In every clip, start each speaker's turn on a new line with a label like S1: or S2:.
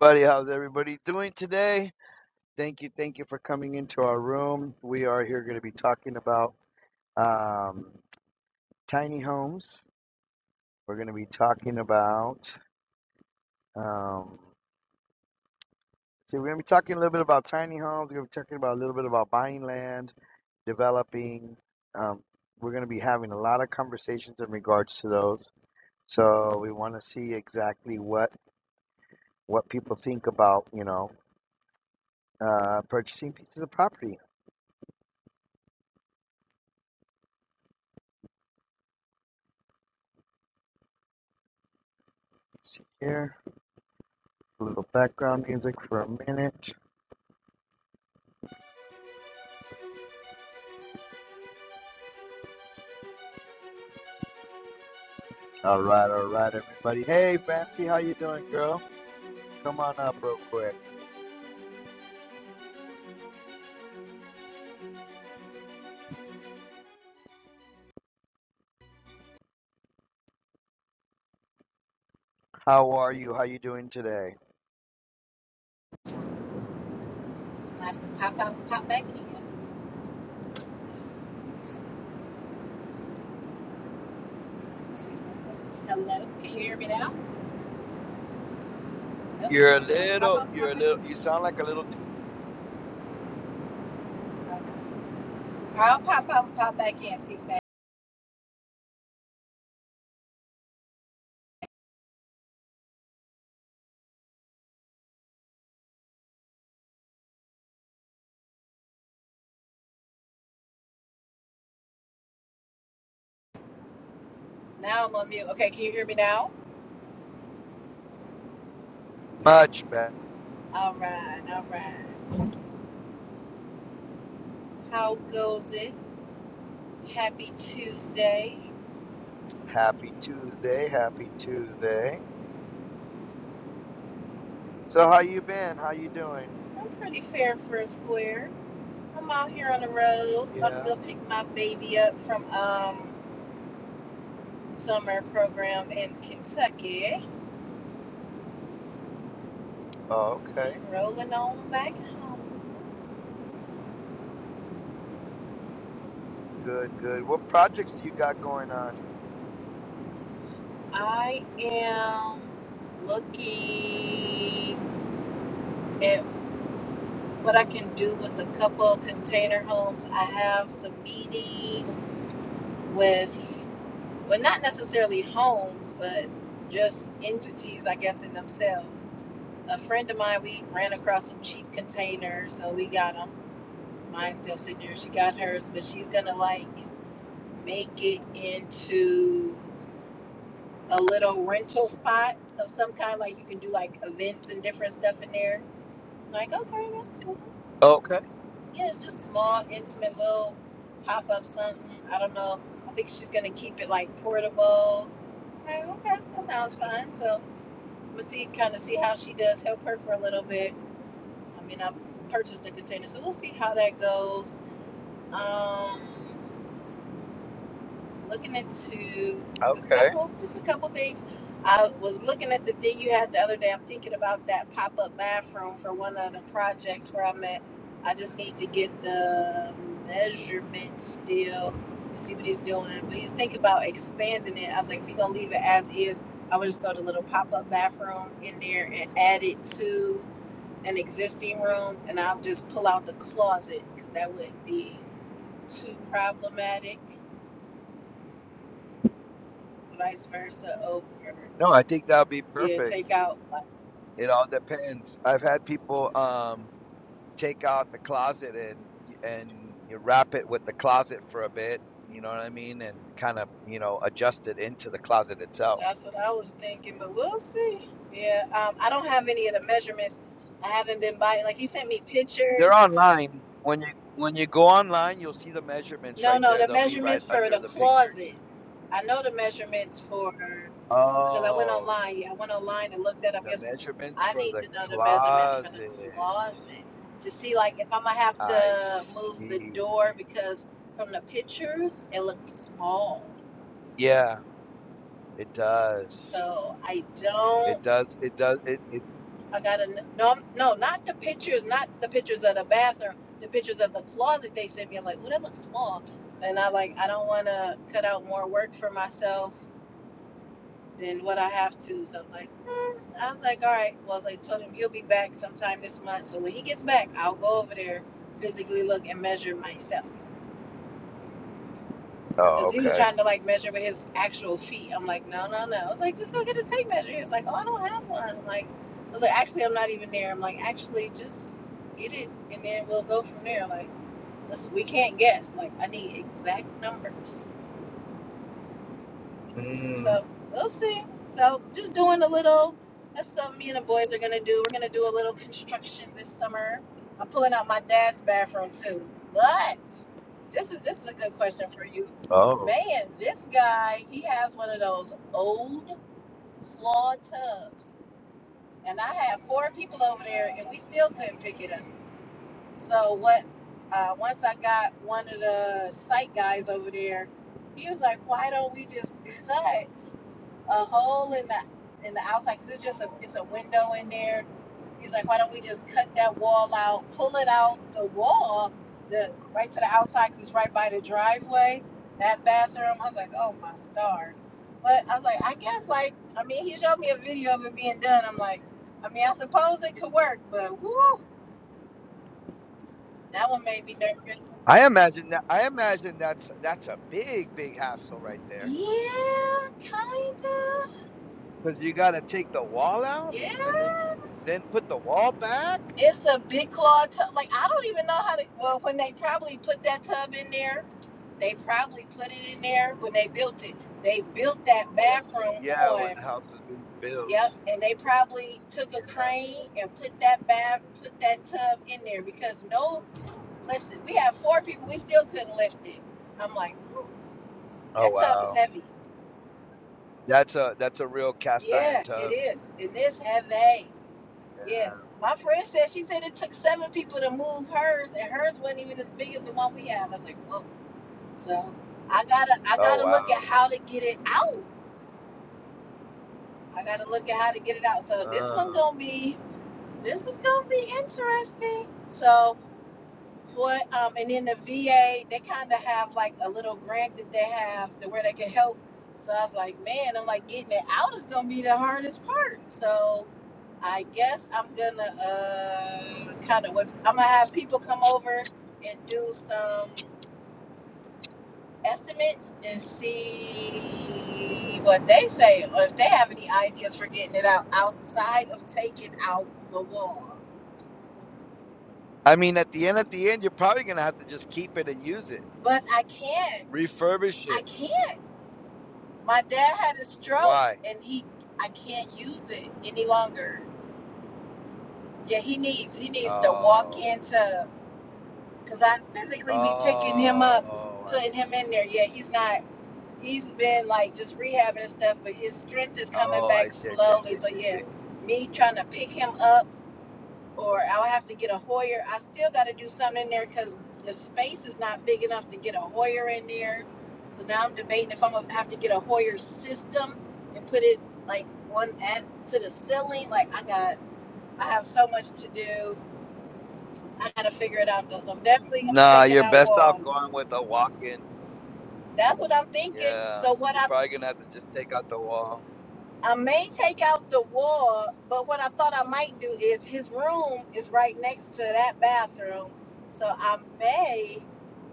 S1: Buddy, how's everybody doing today? Thank you, thank you for coming into our room. We are here going to be talking about um, tiny homes. We're going to be talking about. Um, see, we're going to be talking a little bit about tiny homes. We're going to be talking about a little bit about buying land, developing. Um, we're going to be having a lot of conversations in regards to those. So we want to see exactly what what people think about, you know, uh, purchasing pieces of property. Let's see here. a little background music for a minute. All right, all right, everybody. Hey, Fancy, how you doing, girl? Come on up real quick. How are you? How you doing today?
S2: I have to pop out, and pop back in. Let's See if that works. Hello, can you hear me now? Nope.
S1: You're a
S2: All right, pop
S1: little,
S2: out,
S1: you're
S2: pop
S1: a
S2: back.
S1: little, you sound like a little too
S2: Okay. I'll pop out, and pop back in. See if that. Now I'm on mute. Okay, can you hear me now?
S1: much, but
S2: All right, all right. How goes it? Happy Tuesday.
S1: happy Tuesday, happy Tuesday. So how you been? How you doing?
S2: I'm pretty fair for a square. I'm out here on the road, about to
S1: Yeah.
S2: go pick my baby up from um summer program in Kentucky
S1: Oh, okay.
S2: and rolling on back home.
S1: Good, good. What projects do you got going on?
S2: I am looking at what I can do with a couple of container homes. I have some meetings with, well, not necessarily homes, but just entities, I guess, in themselves. A friend of mine, we ran across some cheap containers, so we got them. Mine's still sitting there. She got hers, but she's gonna like make it into a little rental spot of some kind. Like you can do like events and different stuff in there. Like, okay, that's cool.
S1: Okay,
S2: Yeah, it's just small, intimate little pop up something. I don't know. I think she's gonna keep it like portable. Like, okay, that sounds fun. So I'm gonna see kind of see how she does. Help her for a little bit. I mean, I purchased a container, so we'll see how that goes. Um, looking into a
S1: okay.
S2: couple, just a couple things. I was looking at the thing you had the other day. I'm thinking about that pop up bathroom for one of the projects where I'm at. I just need to get the measurements still to see what he's doing. But he's thinking about expanding it. I was like, if you're going to leave it as is, I would just throw the little pop up bathroom in there and add it to an existing room. And I'll just pull out the closet because that wouldn't be too problematic vice versa over.
S1: No, I think that would be
S2: Yeah,
S1: perfect.
S2: take out. Like,
S1: It all depends. I've had people. Um, take out the closet and and you wrap it with the closet for a bit. You know what I mean, and kind of you know adjust it into the closet itself.
S2: that's what I was thinking, but we'll see. Yeah, um, I don't have any of the measurements. I haven't been buying. Like he sent me
S1: They're
S2: pictures.
S1: online. When you when you go online, you'll see the measurements
S2: No,
S1: right
S2: no,
S1: there.
S2: the
S1: They'll be right
S2: measurements for
S1: under
S2: the
S1: the pictures.
S2: closet. I know the measurements for because I went
S1: Oh,
S2: online. Yeah, I went online and looked that up.
S1: the
S2: Yes,
S1: measurements
S2: I
S1: for
S2: need
S1: the
S2: to know the measurements for the
S1: closet.
S2: closet to see like if I'm gonna have
S1: I
S2: to move the
S1: see.
S2: door because from the pictures it looks small.
S1: Yeah, it does.
S2: So I don't.
S1: It does. It does. It. it
S2: I got a no, no, not the pictures, not the pictures of the bathroom, the pictures of the closet they sent me. I'm like, oh, that looks small, and I like, I don't want to cut out more work for myself than what I have to. So I was like, hmm. I was like, all right. Well, I was like, told him he'll be back sometime this month. So when he gets back, I'll go over there physically look and measure myself.
S1: oh,
S2: Because he was
S1: okay.
S2: trying to like measure with his actual feet. I'm like, no, no, no. I was like, just go get a tape measure. He's like, oh, I don't have one. I'm like, I was like, actually, I'm not even there. I'm like, actually, just get it, and then we'll go from there. Like, listen, we can't guess. Like, I need exact numbers.
S1: Mm,
S2: So we'll see. So just doing a little. That's something me and the boys are gonna do. We're gonna do a little construction this summer. I'm pulling out my dad's bathroom too. But this is this is a good question for you,
S1: oh.
S2: man. This guy he has one of those old claw tubs, and I had four people over there, and we still couldn't pick it up. So what? Uh, once I got one of the site guys over there, he was like, "Why don't we just cut?" a hole in the in the outside because it's just a it's a window in there. He's like, why don't we just cut that wall out, pull it out the wall, the right to the outside because it's right by the driveway. That bathroom, I was like, oh my stars. But I was like, I guess like I mean he showed me a video of it being done. I'm like, I mean I suppose it could work, but woo, that one made me nervous.
S1: I imagine that I imagine that's that's a big big hassle right there
S2: Yeah, kinda.
S1: because you got to take the wall out and then
S2: Yeah.
S1: then put the wall back.
S2: It's a big claw tub. Like I don't even know how to. Well, when they probably put that tub in there, they probably put it in there when they built it. They built that bathroom
S1: Yeah, when
S2: on.
S1: the house was being built.
S2: Yep, and they probably took a
S1: Yeah.
S2: crane and put that bath, put that tub in there because no, listen, we had four people, we still couldn't lift it. I'm like, "Whew,
S1: Oh
S2: that tub is
S1: wow,
S2: heavy.
S1: that's a that's a real cast iron
S2: Yeah, it
S1: tub.
S2: is. It is heavy. Yeah,
S1: man.
S2: my friend said she said it took seven people to move hers, and hers wasn't even as big as the one we have. I was like, whoa. So I gotta, I
S1: Oh
S2: gotta look at
S1: wow.
S2: how to get it out. I gotta look at how to get it out. So this one
S1: Oh.
S2: gonna be, this is gonna be interesting. So What um, and then the VA, they kind of have like a little grant that they have to where they can help. So I was like, man, I'm like getting it out is gonna be the hardest part. So I guess I'm gonna uh kind of I'm gonna have people come over and do some estimates and see what they say or if they have any ideas for getting it out outside of taking out the wall.
S1: I mean, at the end at the end, you're probably gonna have to just keep it and use it,
S2: But I can't.
S1: refurbish
S2: I
S1: it.
S2: can't. My dad had a stroke
S1: Why?
S2: and he I can't use it any longer. Yeah, he needs he needs to walk
S1: Oh,
S2: into cuz I physically be picking him up,
S1: oh, I
S2: putting him in
S1: see.
S2: there. Yeah, he's not he's been like just rehabbing and stuff, but his strength is coming
S1: Oh, I
S2: back
S1: see. I see. I
S2: slowly.
S1: see. I
S2: So
S1: see. I see.
S2: yeah, me trying to pick him up or I'll have to get a Hoyer. I still got to do something in there because the space is not big enough to get a Hoyer in there. So now I'm debating if I'm gonna have to get a Hoyer system and put it like one at to the ceiling. Like I got, I have so much to do. I got to figure it out though. So I'm definitely gonna be
S1: Nah,
S2: taking
S1: you're
S2: out
S1: best off
S2: walls.
S1: going with a walk-in.
S2: That's what I'm thinking.
S1: Yeah,
S2: So what
S1: you're
S2: I
S1: probably gonna have to just take out the wall.
S2: I may take out the wall, but what I thought I might do is his room is right next to that bathroom. So I may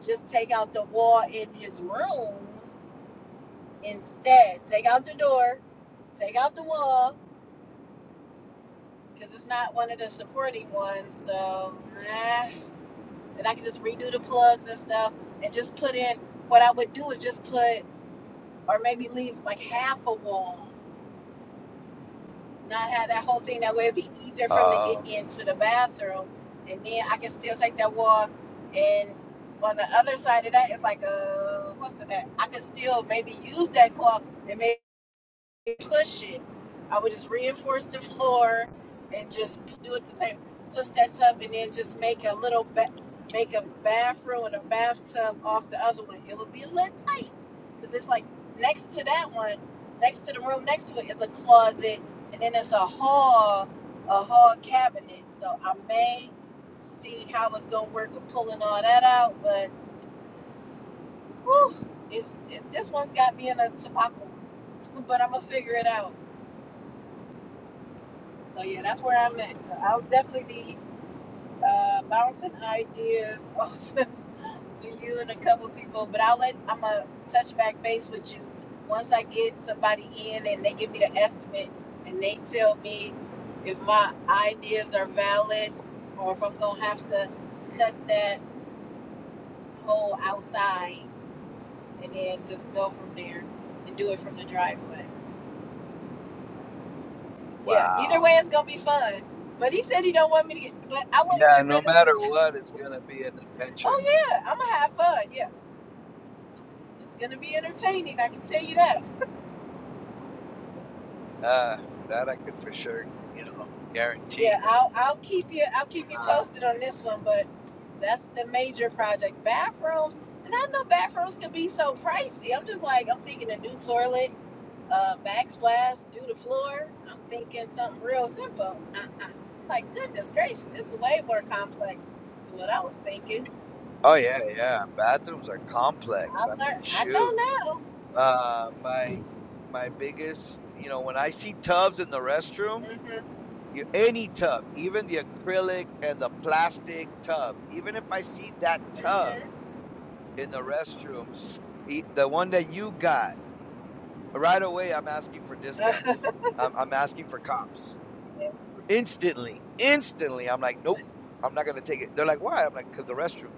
S2: just take out the wall in his room instead. Take out the door, take out the wall, because it's not one of the supporting ones. So, eh. and I can just redo the plugs and stuff and just put in what I would do is just put, or maybe leave like half a wall not have that whole thing. That way, it'd be easier for him to
S1: Oh,
S2: get into the bathroom, and then I can still take that walk. And on the other side of that, it's like uh, what's it that? I can still maybe use that clock and maybe push it. I would just reinforce the floor and just do it the same. Push that tub and then just make a little ba- make a bathroom and a bathtub off the other one. It would be a little tight because it's like next to that one, next to the room next to it is a closet, and then it's a hall, a hall cabinet. So I may see how it's gonna work with pulling all that out, but whew, it's, it's this one's got me in a tobacco, but I'm gonna figure it out. So yeah, that's where I'm at. So I'll definitely be uh, bouncing ideas off of you and a couple people, but I'll let I'm gonna touch back base with you once I get somebody in and they give me the estimate and they tell me if my ideas are valid or if I'm gonna have to cut that hole outside and then just go from there and do it from the driveway. Yeah, either
S1: wow.
S2: way it's gonna be fun. But he said he don't want me to get but I wouldn't
S1: Yeah,
S2: get
S1: no
S2: rid of it.
S1: matter what, it's gonna be an adventure.
S2: Oh yeah, I'm gonna have fun. Yeah, it's gonna be entertaining. I can tell you that.
S1: Uh, that I could for sure, you know,
S2: Yeah,
S1: guarantee.
S2: I'll I'll keep you I'll
S1: It's
S2: keep you
S1: not.
S2: posted on this one, but that's the major project. Bathrooms, and I know bathrooms can be so pricey. I'm just like I'm thinking a new toilet, uh, backsplash, do the floor. I'm thinking something real simple. Uh-uh. Like goodness gracious, this is way more complex than what I was thinking.
S1: Oh yeah, yeah. Bathrooms are
S2: I
S1: complex. I mean,
S2: learned. I
S1: shoot.
S2: know now.
S1: Uh, my my biggest, you know, when I see tubs in the restroom, you, any tub, even the acrylic and the plastic tub, even if I see that tub.
S2: Mhm.
S1: in the restroom, e- the one that you got, right away, I'm asking for
S2: Mhm.
S1: discounts. I'm, I'm asking for cops instantly. Instantly, I'm like, nope, I'm not gonna take it. They're like, why? I'm like, cause the restroom.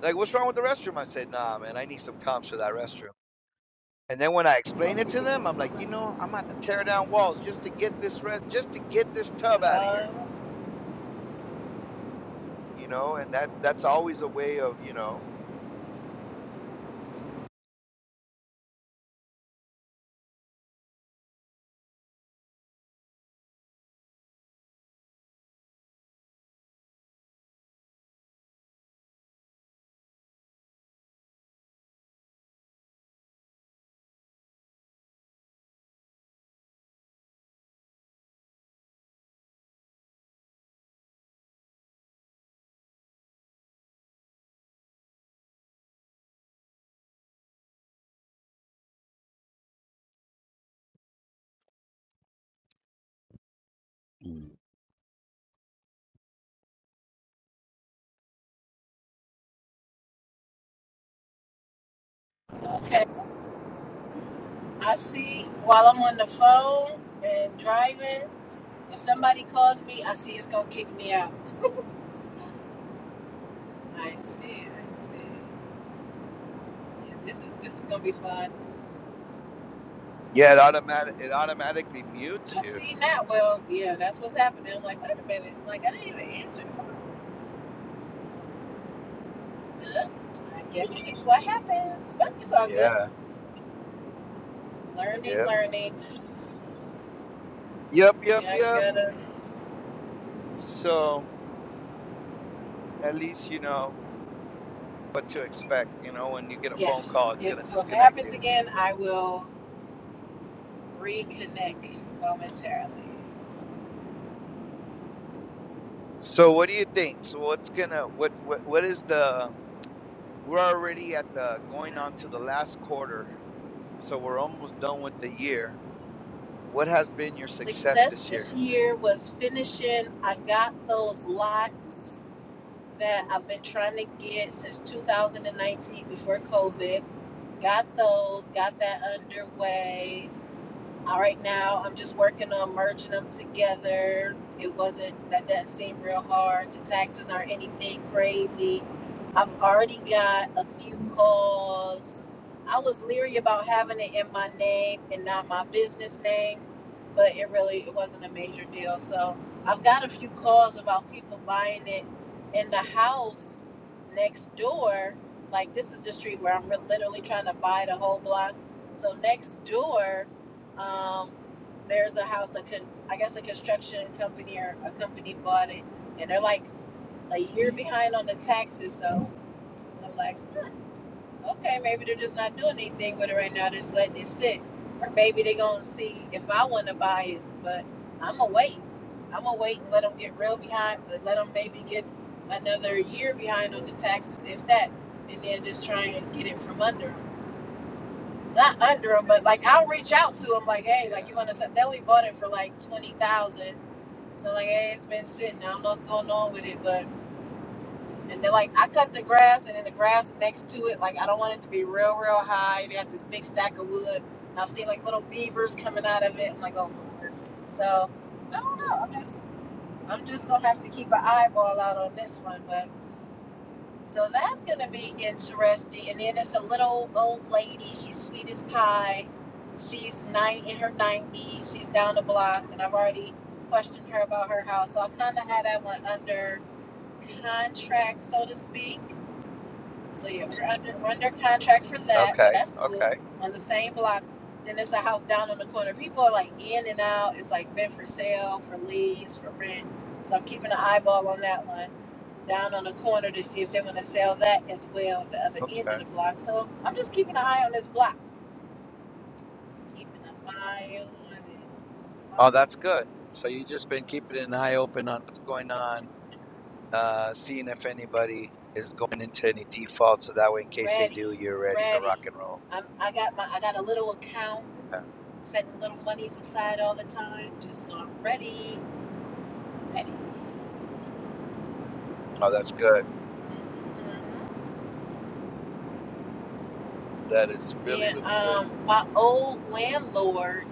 S1: They're like, what's wrong with the restroom? I said, nah, man, I need some comps for that restroom. And then when I explain it to them, I'm like, you know, I'm about to tear down walls just to get this red, just to get this tub out of here.
S2: Uh,
S1: You know, and that that's always a way of, you know, Mm.
S2: okay. I see while I'm on the phone and driving, if somebody calls me, I see it's gonna kick me out. I see, I see. Yeah, this is this is gonna be fun.
S1: yeah, it automatic it automatically mutes
S2: I
S1: you.
S2: see now. Well, yeah, that's what's happening. I'm like, wait a minute. I'm like, I didn't even answer the phone. Huh? I guess that's what happens, but it's all good.
S1: Yeah, yeah.
S2: Learning, learning.
S1: Yep, yep,
S2: Yeah, I
S1: yep.
S2: gotta.
S1: So at least you know what to expect. You know, when you get a phone
S2: Yes.
S1: call, it's gonna
S2: If, so if it
S1: disconnect
S2: happens
S1: you.
S2: again, I will reconnect momentarily.
S1: So what do you think? So what's gonna what what what is the? We're already at the going on to the last quarter, so we're almost done with the year. What has been your success
S2: Success
S1: this year?
S2: this year was finishing. I got those lots that I've been trying to get since 2019 before COVID. Got those, got that underway. All right, now I'm just working on merging them together. It wasn't that doesn't seem real hard. The taxes aren't anything crazy. I've already got a few calls. I was leery about having it in my name and not my business name, but it really it wasn't a major deal. So I've got a few calls about people buying it in the house next door. Like this is the street where I'm literally trying to buy the whole block. So next door um, there's a house that can, I guess, a construction company or a company bought it, and they're like a year behind on the taxes. So I'm like, huh, okay, maybe they're just not doing anything with it right now. They're just letting it sit, or maybe they're gonna see if I want to buy it. But I'm gonna wait. I'm gonna wait and let them get real behind. Let them maybe get another year behind on the taxes, if that, and then just try and get it from under 'em not under them, but like I'll reach out to them, like, hey,
S1: Yeah.
S2: like you want to They only bought it for like twenty thousand, dollars. so like, hey, it's been sitting. I don't know what's going on with it, but and then like I cut the grass, and then the grass next to it, like I don't want it to be real, real high. They got this big stack of wood, and I've seen like little beavers coming out of it. I'm like, oh lord. So I don't know. I'm just I'm just gonna have to keep an eyeball out on this one, but. So that's going to be interesting. And then it's a little old lady. She's sweet as pie. She's nine in her 90s. She's down the block, and I've already questioned her about her house. So I kind of had that one under contract, so to speak. So yeah, we're under we're under contract for that, so
S1: Okay.
S2: that's
S1: Okay.
S2: cool. On the same block, then there's a house down on the corner. People are like in and out. It's like been for sale, for lease, for rent. So I'm keeping an eyeball on that one down on the corner to see if they want to sell that as well at the other end
S1: Okay.
S2: of the block. So I'm just keeping an eye on this block, keeping an eye on it.
S1: Oh, that's good. So you've just been keeping an eye open on what's going on uh, seeing if anybody is going into any defaults, so that way, in case they
S2: Ready,
S1: do, you're ready to
S2: ready.
S1: rock and roll.
S2: I'm, I got my I got a little account,
S1: Yeah.
S2: setting little monies aside all the time, just so I'm ready, ready.
S1: Oh, that's good.
S2: Mm-hmm.
S1: That is really,
S2: Then
S1: really good.
S2: um, my old landlord,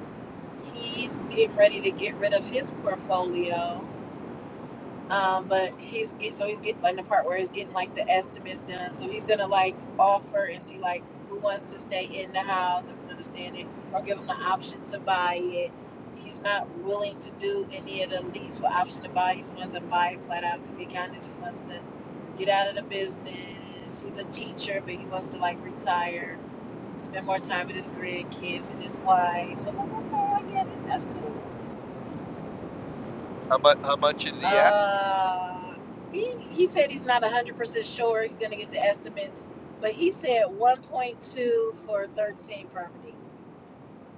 S2: he's getting ready to get rid of his portfolio. Um, but he's get so he's getting like the part where he's getting like the estimates done. So he's gonna like offer and see like who wants to stay in the house if you understand it, or give them the option to buy it. He's not willing to do any of the lease with option to buy. He just wants to buy it flat out because he kind of just wants to get out of the business. He's a teacher, but he wants to like retire Spend more time with his grandkids and his wife. So blah, I get it. That's cool.
S1: How much? How much is he asking?
S2: Uh, he, he said he's not 100% sure he's going to get the estimates, but he said 1.2 for 13 properties.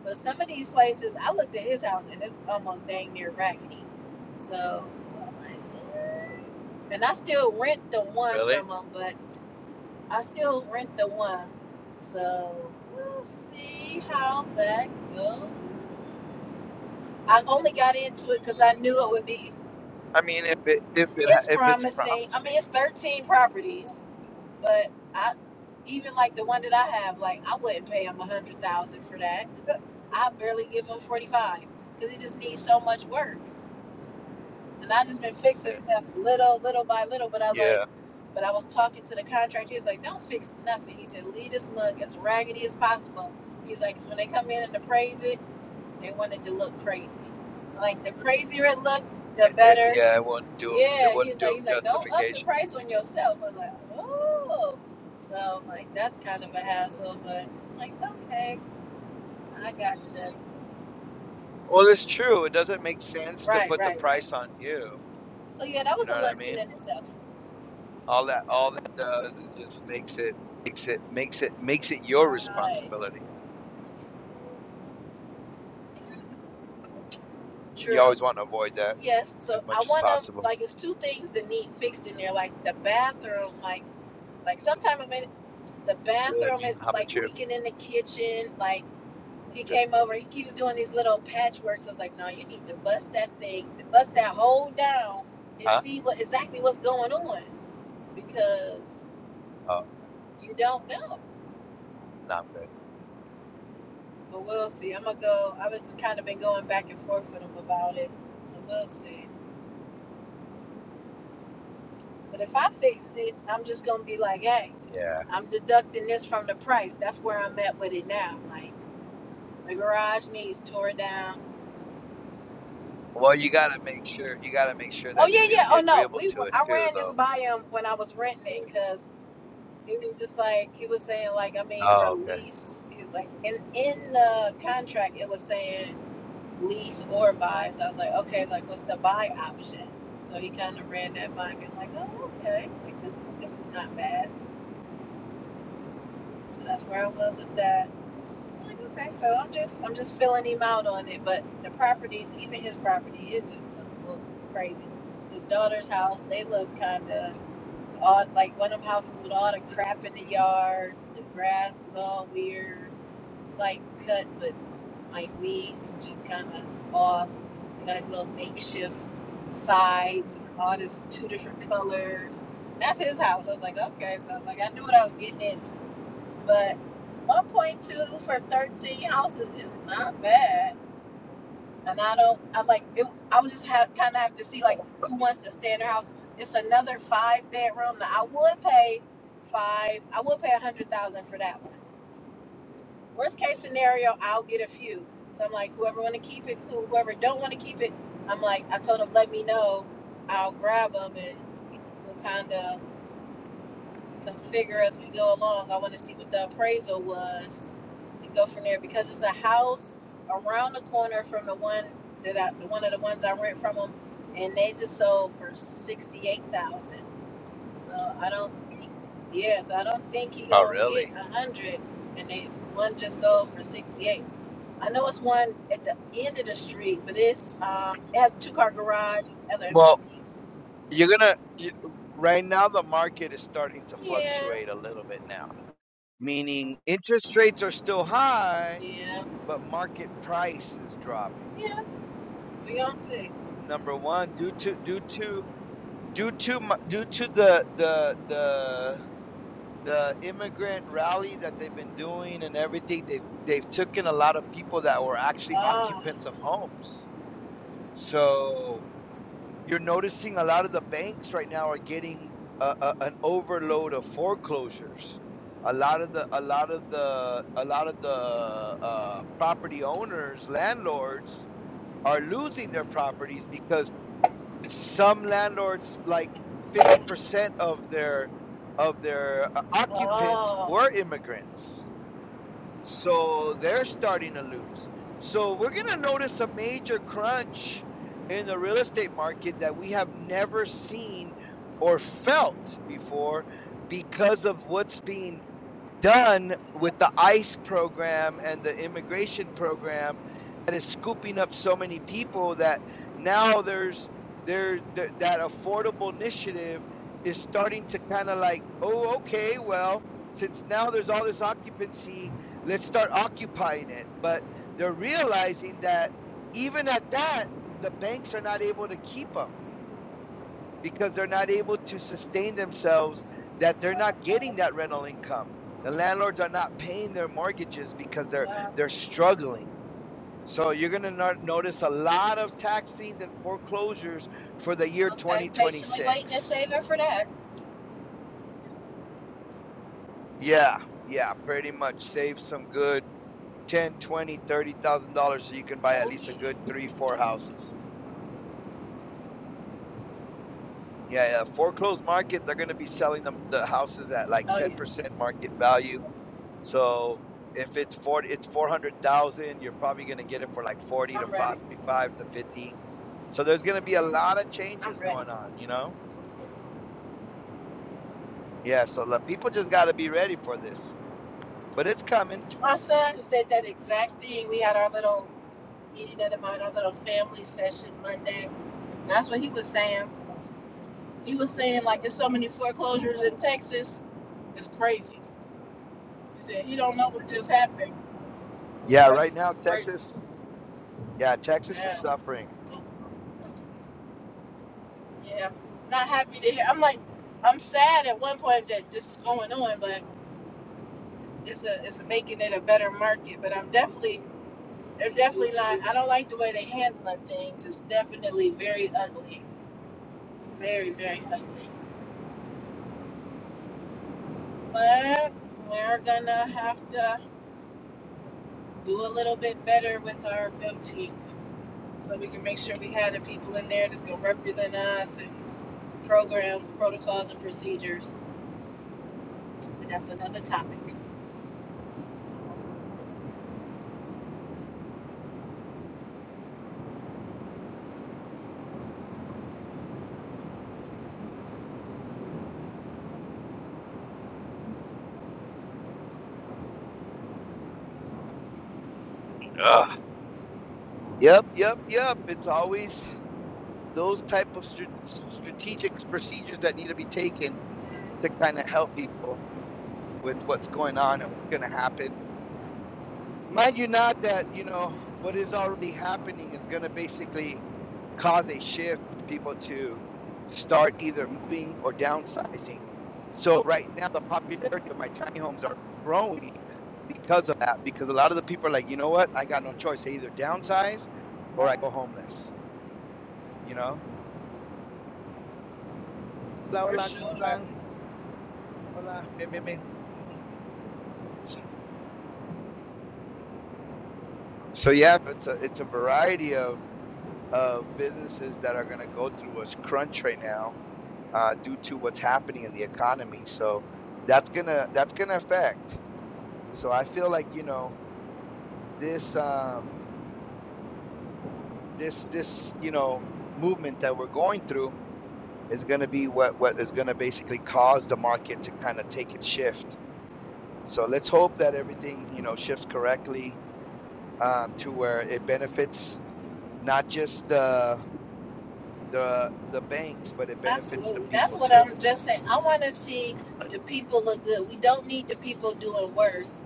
S2: But some of these places, I looked at his house and it's almost dang near raggedy. So, like, "Eh." and I still rent the one
S1: Really?
S2: from him, but I still rent the one. So, we'll see how that goes. I only got into it because I knew it would be.
S1: I mean, if it if it
S2: It's
S1: if it's
S2: promising. I
S1: promising,
S2: mean, it's 13 properties, but I even like the one that I have, like I wouldn't pay him a hundred thousand for that. I barely give him 45 because it just needs so much work. And I just been fixing
S1: yeah,
S2: stuff little, little by little. But I was like,
S1: yeah,
S2: but I was talking to the contractor. He was like, don't fix nothing. He said, leave this mug as raggedy as possible. He's like, because when they come in and appraise it, they want it to look crazy. Like the crazier it looked, the
S1: it,
S2: better
S1: yeah, it wouldn't do him. It
S2: Yeah,
S1: wouldn't
S2: he's
S1: do
S2: like, he's
S1: him
S2: like, don't up the
S1: justification.
S2: price on yourself. I was like, oh, so like that's kind of a hassle, but I'm like, okay, I got you.
S1: Well, it's true. It doesn't make sense to
S2: Right,
S1: put the
S2: right, right.
S1: price on you.
S2: So yeah, that
S1: You
S2: was
S1: know
S2: a
S1: what I
S2: lesson
S1: mean?
S2: in itself.
S1: All that all that does is just makes it makes it makes it makes it your
S2: Right.
S1: responsibility. Mm-hmm. You
S2: True.
S1: always want to avoid that.
S2: Yes.
S1: as
S2: So I
S1: much as
S2: want to
S1: possible.
S2: like, it's two things that need fixed in there, like the bathroom, like like sometimes I'm in the
S1: Good,
S2: bathroom
S1: me.
S2: is
S1: How about
S2: like
S1: you?
S2: leaking in the kitchen, like. He
S1: Good.
S2: came over. He keeps doing these little patchworks. I was like, no, you need to bust that thing, bust that hole down, and
S1: Huh?
S2: see what exactly what's going on because
S1: Oh,
S2: you don't know.
S1: no, I'm good.
S2: But we'll see. I'm gonna go. I've just kind of been going back and forth with him about it. But we'll see. But if I fix it, I'm just gonna be like, hey,
S1: Yeah.
S2: I'm deducting this from the price. That's where I'm at with it now. Like the garage needs tore down.
S1: Well, you gotta make sure you gotta make sure
S2: Oh
S1: that
S2: yeah,
S1: he's gonna
S2: yeah.
S1: be
S2: Oh no,
S1: agreeable
S2: we
S1: to it
S2: I
S1: too,
S2: ran this
S1: though.
S2: by him when I was renting it because. He was just like he was saying like I mean for
S1: Oh, okay.
S2: lease he was like in in the contract it was saying lease or buy so I was like okay like what's the buy option so he kind of ran that by me like oh okay like this is this is not bad so that's where I was with that I'm like okay so I'm just I'm just filling him out on it but the properties even his property it just looked, looked crazy his daughter's house they look kinda on like one of them houses with all the crap in the yards. The grass is all weird. It's like cut, but like weeds just kind of off. Nice little makeshift sides and all this two different colors. That's his house. I was like, okay. So I was like, I knew what I was getting into. But 1.2 for 13 houses is not bad and I don't. I like it. I would just have kind of have to see like who wants to stay in their house. It's another five bedroom. Now I would pay five. I would pay a hundred thousand for that one. Worst case scenario, I'll get a few. So I'm like, whoever want to keep it, cool. Whoever don't want to keep it, I'm like, I told them let me know. I'll grab them and we'll kind of to figure as we go along. I want to see what the appraisal was and go from there because it's a house around the corner from the one that I, one of the ones I rent from them, and they just sold for sixty eight thousand. So I don't think, yes, I don't think he
S1: Oh,
S2: gonna
S1: really?
S2: get a hundred, and they one just sold for sixty eight. I know it's one at the end of the street, but it's um, it has a two car garage, and other
S1: Well,
S2: amenities.
S1: you're gonna you, right now the market is starting to
S2: Yeah,
S1: fluctuate a little bit now, meaning interest rates are still high,
S2: yeah,
S1: but market price is dropping.
S2: yeah. We gonna see.
S1: Number one, due to due to due to mu- due to the the the the immigrant rally that they've been doing and everything they've they've taken a lot of people that were actually
S2: Ah,
S1: occupants of homes so you're noticing a lot of the banks right now are getting a, a, an overload of foreclosures a lot of the a lot of the a lot of the uh, property owners landlords are losing their properties because some landlords like 50% of their of their uh, occupants
S2: Oh,
S1: were immigrants so they're starting to lose so we're going to notice a major crunch in the real estate market that we have never seen or felt before because of what's being done with the ICE program and the immigration program that is scooping up so many people that now there's there's th- that affordable initiative is starting to kind of like oh okay well since now there's all this occupancy let's start occupying it but they're realizing that even at that the banks are not able to keep them because they're not able to sustain themselves, that they're not getting that rental income. The landlords are not paying their mortgages because they're
S2: wow.
S1: they're struggling. So you're going to not notice a lot of tax liens and foreclosures for the year
S2: Okay, patiently waiting and
S1: 2026.
S2: saving for that.
S1: Yeah, yeah, pretty much save some good ten, twenty, thirty thousand dollars so you can buy at
S2: Oh,
S1: least a
S2: yeah.
S1: good 3, 4 houses. Yeah, yeah, foreclosed market, they're going to be selling them the houses at like
S2: Oh,
S1: 10%
S2: yeah.
S1: market value So if it's four, it's four hundred thousand. You're probably going to get it for like forty to
S2: I'm ready.
S1: fifty-five to fifty. So there's going to be a
S2: i
S1: lot of
S2: I'm
S1: changes
S2: ready.
S1: going on, you know. Yeah. So the people just got to be ready for this, but it's coming.
S2: My son said that exact thing. We had our little meeting of the mind, our little family session Monday. That's what he was saying. He was saying, like, there's so many foreclosures in Texas. It's crazy. He said, he don't know what just happened.
S1: Yeah. Right
S2: Texas
S1: now,
S2: is crazy.
S1: Texas. Yeah, Texas is
S2: Yeah.
S1: suffering.
S2: Yeah, not happy to hear. I'm like, I'm sad at one point that this is going on, but it's a it's making it a better market. But I'm definitely, they're definitely not. I don't like the way they handling things. It's definitely very ugly, very very ugly. But we're gonna have to do a little bit better with our voting, so we can make sure we have the people in there that's gonna represent us and programs, protocols, and procedures. But that's another topic
S1: Ugh. Yep. Yep. Yep. It's always those type of str- strategic procedures that need to be taken to kind of help people with what's going on and what's going to happen mind you not that you know what is already happening is going to basically cause a shift people to start either moving or downsizing so right now the popularity of my tiny homes are growing because of that because a lot of the people are like you know what i got no choice i either downsize or i go homeless you know hola
S2: for
S1: hola ¿cómo
S2: sure.
S1: están? hola bien, bien, bien. so yeah it's a it's a variety of of businesses that are going to go through a crunch right now uh, due to what's happening in the economy. So that's gonna that's gonna affect. So I feel like you know this um, this this you know movement that we're going through is gonna be what what is gonna basically cause the market to kind of take its shift. So let's hope that everything you know shifts correctly um, to where it benefits not just the the the banks, but it benefits the
S2: Absolutely. That's
S1: people
S2: what
S1: too.
S2: I'm just saying. I want to see the people look good. We don't need the people doing worse,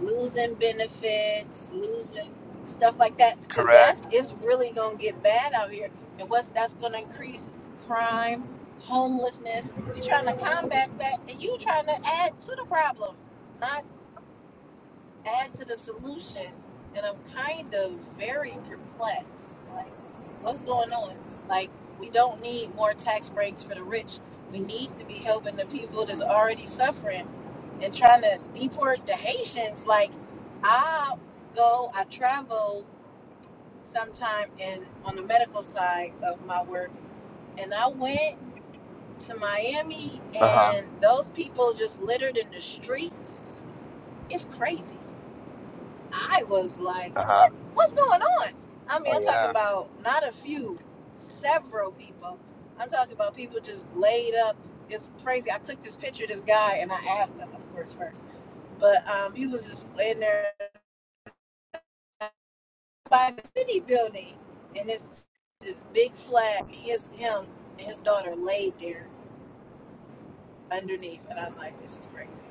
S2: losing benefits, losing stuff like that, because that's
S1: Correct.
S2: it's really gonna get bad out here. And what's that's gonna increase crime, homelessness. We trying to combat that, and you trying to add to the problem. Not add to the solution and i'm kind of very perplexed like what's going on like we don't need more tax breaks for the rich we need to be helping the people that's already suffering and trying to deport the haitians like i go i travel sometime and on the medical side of my work and i went to miami
S1: Uh huh.
S2: and those people just littered in the streets it's crazy I was like,
S1: Uh huh.
S2: what what's going on? I mean,
S1: Oh
S2: I'm
S1: yeah.
S2: talking about not a few, several people. I'm talking about people just laid up. It's crazy. I took this picture of this guy and I asked him, of course, first. But um, he was just laying there by the city building and it's this big flag. his him and his daughter laid there underneath. And I was like, this is crazy.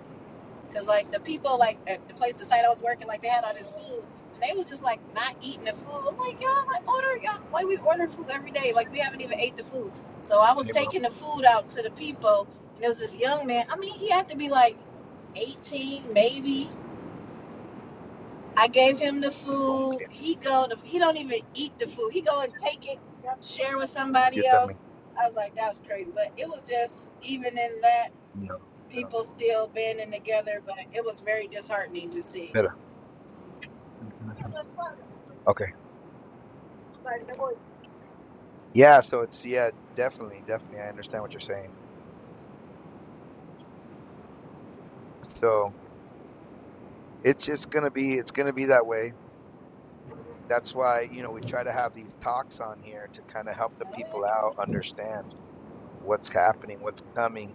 S2: Cause like the people like at the place the site I was working, like they had all this food and they was just like not eating the food. I'm like, y'all like order y'all like we order food every day. Like we haven't even ate the food. So I was taking the food out to the people and there was this young man. I mean he had to be like eighteen maybe. I gave him the food. He go the, he don't even eat the food. He go and take it, share with somebody
S1: Same.
S2: else. I was like, that was crazy. But it was just even in that
S1: you know,
S2: people still banding together, but it was very disheartening to see.
S1: better. Okay. Yeah, so it's yeah, definitely, definitely I understand what you're saying. So it's just gonna be it's gonna be that way. That's why, you know, we try to have these talks on here to kind of help the
S2: Oh yeah,
S1: people out understand what's happening, what's coming,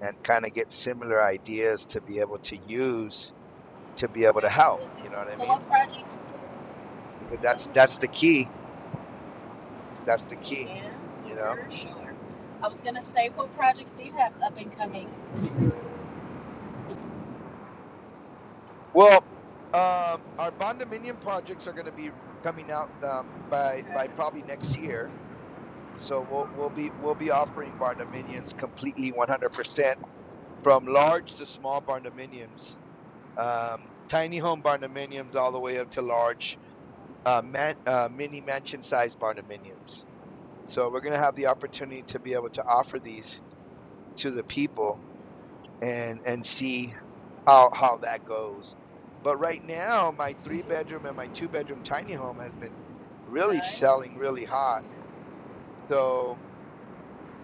S1: and kind of get similar ideas to be able to use to be able to help.
S2: absolutely.
S1: You know what I
S2: So what
S1: mean?
S2: projects?
S1: Because that's that's the key. That's the key.
S2: Yeah,
S1: You know.
S2: for sure. I was gonna say, what projects do you have up and coming?
S1: Well, um, our bondominium projects are going to be coming out um, by
S2: Okay.
S1: by probably next year. So we'll we'll be we'll be offering barndominiums completely 100% from large to small barndominiums, um, tiny home barndominiums all the way up to large uh, man, uh, mini mansion sized barndominiums. So we're going to have the opportunity to be able to offer these to the people and and see how how that goes. But right now, my three bedroom and my two bedroom tiny home has been really selling really hot.
S2: Nice.
S1: So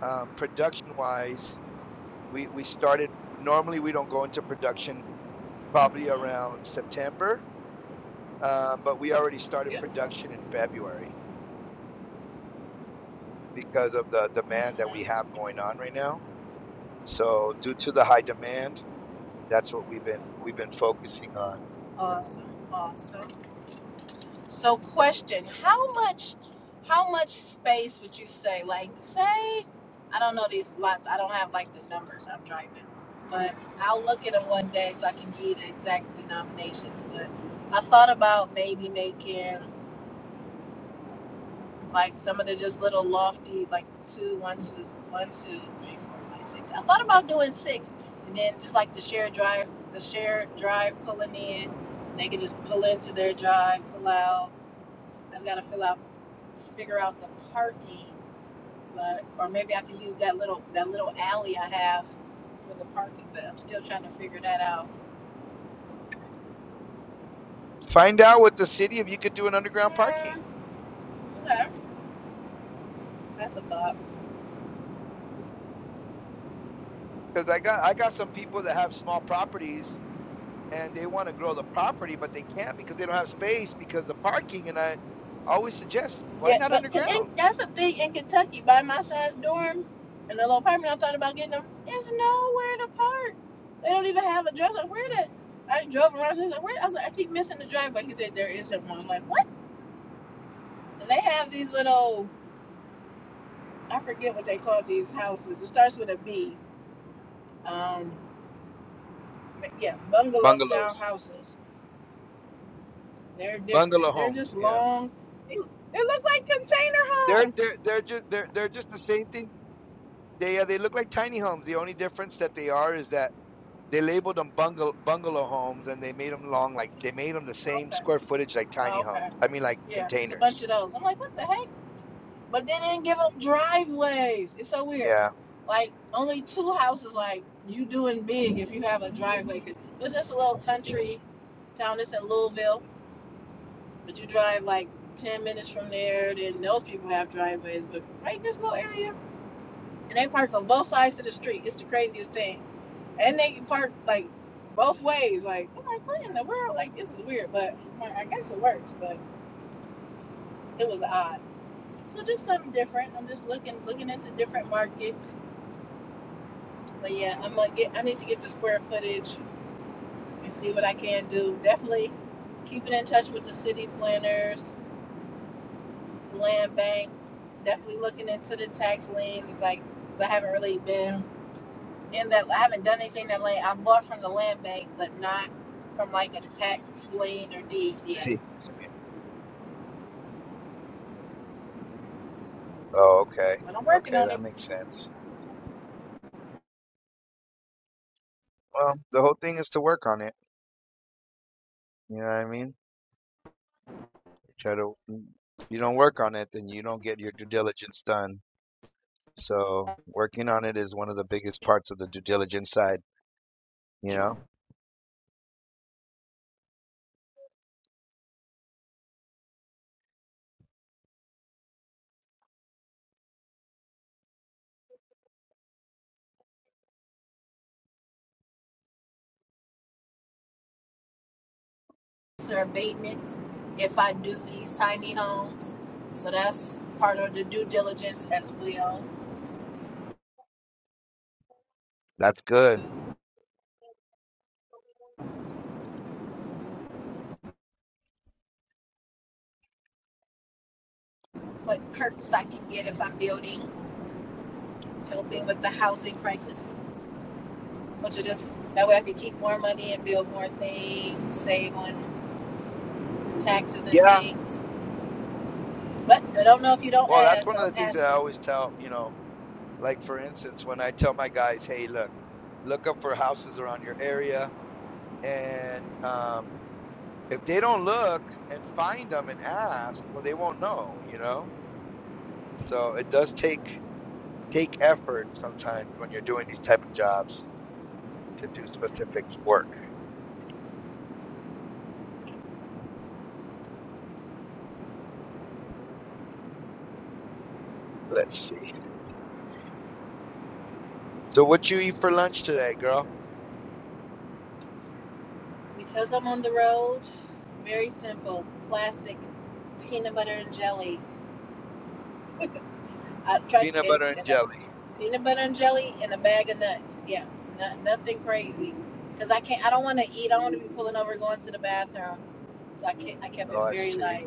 S1: um, production wise, we we started. Normally, we don't go into production probably
S2: Mhm.
S1: around September, um, but we already started
S2: Beautiful.
S1: production in February because of the demand that we
S2: Mhm.
S1: have going on right now. So due to the high demand, that's what we've been we've been focusing on.
S2: Awesome. Awesome. So question: How much? How much space would you say? Like, say, I don't know these lots. I don't have like the numbers. I'm driving, but I'll look at them one day so I can give you the exact denominations. But I thought about maybe making. like some of the just little lofty like two one two one two three four five six i thought about doing six and then just like the shared drive the shared drive pulling in they could just pull into their drive pull out i just gotta fill out figure out the parking but or maybe i could use that little that little alley i have for the parking but i'm still trying to figure that out
S1: Find out with the city if you could do an underground parking.
S2: Hmm, okay that's a thought
S1: because I got I got some people that have small properties and they want to grow the property, but they can't because they don't have space because the parking. And I always suggest why
S2: Yeah,
S1: not
S2: but K-
S1: underground
S2: in- that's a thing in Kentucky. By my son's dorm and the little apartment, I thought about getting them. There's nowhere to park. They don't even have a drive. I was Like, where the? I drove around. She's like, where? I was like, I keep missing the driveway. He said there isn't one. I'm like, what? They have these little. I forget what they call these houses. It starts with a B. Um, yeah, bungalow style
S1: bungalows,
S2: houses. They're
S1: bungalow
S2: different. They're
S1: homes.
S2: just
S1: Yeah,
S2: long. They, they look like container
S1: they're
S2: homes.
S1: they're they're just they're they're just the same thing. They uh, they look like tiny homes. The only difference that they are is that they labeled them bungalow bungalow homes and they made them long like they made them the same
S2: Okay.
S1: square footage like tiny
S2: Okay.
S1: homes. I mean like
S2: Yeah, it's a
S1: containers.
S2: bunch of those. I'm like, what the heck? But they didn't give them driveways. It's so weird.
S1: Yeah.
S2: Like only two houses. Like you doing big if you have a driveway. It was just a little country town. It's in Louisville, but you drive like ten minutes from there. Then those people have driveways. But right in this little area, and they park on both sides of the street. It's the craziest thing. And they park like both ways. Like I'm like, what in the world? Like this is weird. But like, I guess it works. But it was odd. So just something different. I'm just looking looking into different markets But yeah, I'm gonna get. I need to get the square footage and see what I can do. Definitely keeping in touch with the city planners, the land bank. Definitely looking into the tax liens. It's like because I haven't really been in that. I haven't done anything that land. I bought from the land bank, but not from like a tax lien or deed yet.
S1: See. Oh, okay.
S2: But I'm working
S1: Okay,
S2: on it.
S1: that makes sense. Well, the whole thing is to work on it. You know what I mean? Try to. mm, If you don't work on it, then you don't get your due diligence done. So working on it is one of the biggest parts of the due diligence side. You know,
S2: These are abatements if I do these tiny homes. So that's part of the due diligence as well.
S1: that's good.
S2: What perks I can get if I'm building. helping with the housing crisis, which will just that way I could keep more money and build more things, save on taxes and
S1: Yeah.
S2: things. But I don't know if you don't
S1: Well, that's
S2: ask,
S1: one
S2: so
S1: of the
S2: I'm
S1: things that I
S2: asking
S1: always tell. You know, like for instance, when I tell my guys, "Hey, look, look up for houses around your area," and um, if they don't look and find them and ask, well, they won't know. You know. So it does take take effort sometimes when you're doing these type of jobs to do specific work. Let's see. So what you eat for lunch today, girl?
S2: because I'm on the road. Very simple, classic peanut butter and jelly. I tried
S1: Peanut
S2: and,
S1: butter and
S2: and a
S1: jelly.
S2: peanut butter and jelly and a bag of nuts. Yeah, no, nothing crazy. Cause I can't. I don't want to eat. I want to be pulling over, going to the bathroom. So I can't. I kept
S1: Oh,
S2: it
S1: I
S2: very
S1: see.
S2: light,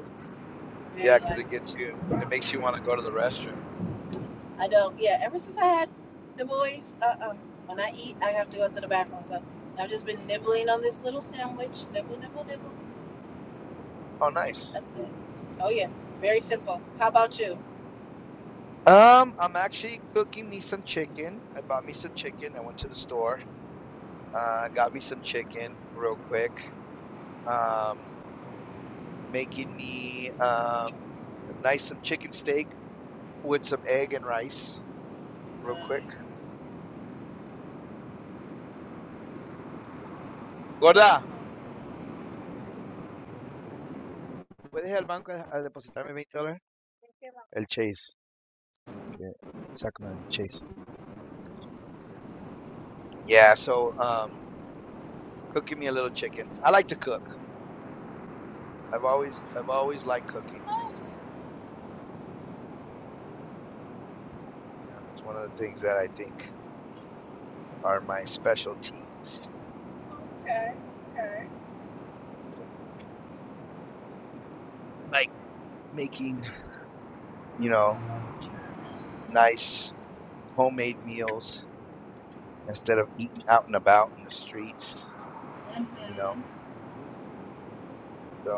S1: Yeah,
S2: very
S1: because it
S2: light.
S1: gets you. It makes you want to go to the restroom.
S2: I don't. Yeah, ever since I had the boys, uh, uh when I eat, I have to go to the bathroom. So I've just been nibbling on this little sandwich. Nibble, nibble, nibble.
S1: Oh, nice.
S2: That's it. Oh yeah, very simple. How about you?
S1: Um, I'm actually cooking me some chicken. I bought me some chicken. I went to the store. Uh, got me some chicken real quick. Um, making me um nice some chicken steak with some egg and rice real quick.
S2: Nice. Very
S1: Gorda,
S2: nice.
S1: puedes ir al banco a a depositarme 20 dólares? El Chase. que- Sacame Chase. Yeah, so um, cooking me a little chicken. I like to cook. I've always I've always liked cooking.
S2: Nice.
S1: You know, it's one of the things that I think are my specialties.
S2: Okay. Okay.
S1: Like making, you know, nice homemade meals instead of eating out and about in the streets, you know.
S2: hmm
S1: So,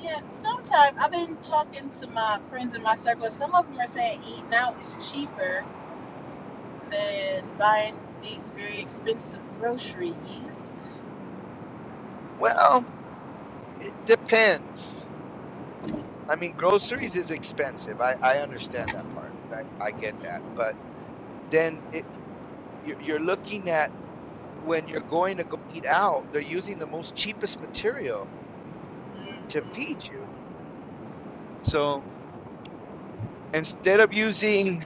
S2: Yeah. Sometimes I've been talking to my friends in my circle. Some of them are saying eating out is cheaper than buying these very expensive groceries.
S1: well, it depends. I mean, groceries is expensive. I, I understand that part. I, I get that. But then it, you're you're looking at when you're going to go eat out, they're using the most cheapest material to feed you. So instead of using,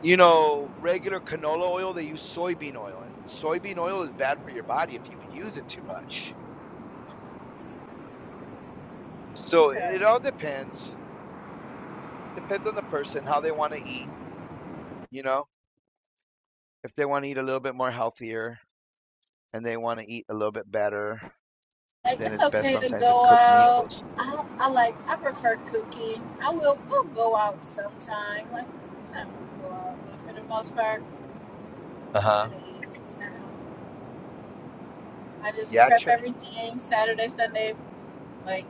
S1: you know, regular canola oil, they use soybean oil. And soybean oil is bad for your body if you use it too much. So
S2: Okay.
S1: it all depends. Depends on the person, how they want to eat, you know. If they want to eat a little bit more healthier and they want to eat a little bit better,
S2: Like
S1: then
S2: it's
S1: it's best
S2: okay to
S1: sometimes to
S2: go
S1: cook
S2: out.
S1: meals.
S2: I, I like I prefer cooking. I will we'll go out sometime. Like sometime we'll go out, but for the most part, I'm
S1: Uh huh.
S2: gonna eat. at home. I just
S1: Yeah, I
S2: prep
S1: try,
S2: everything Saturday, Sunday, like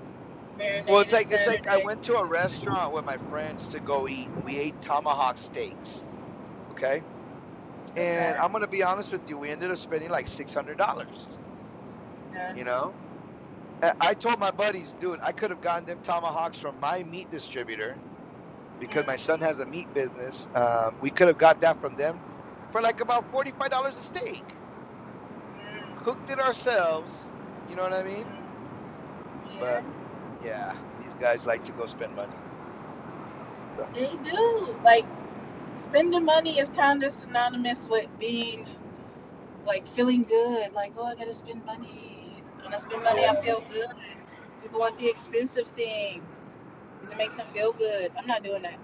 S1: Well, it's
S2: marinated
S1: like it's like I
S2: Saturday.
S1: went to
S2: Cook
S1: a
S2: it something.
S1: restaurant with my friends to go eat, and we ate tomahawk steaks. Okay, and
S2: Okay.
S1: I'm gonna be honest with you, we ended up spending like six hundred dollars.
S2: Uh-huh.
S1: You know, I, I told my buddies, dude, I could have gotten them tomahawks from my meat distributor because my son
S2: Mm-hmm.
S1: has a meat business. Um, we could have got that from them for like about forty five dollars a steak.
S2: Mm-hmm.
S1: Cooked it ourselves. You know what I mean?
S2: Mm-hmm.
S1: But
S2: Yeah.
S1: yeah, these guys like to go spend money. So,
S2: They do. Like spending money is kind of synonymous with being like feeling good, like, oh, I gotta spend money. When I spend money,
S1: yeah,
S2: I feel good. People want the expensive things because it makes them feel good. I'm not doing that.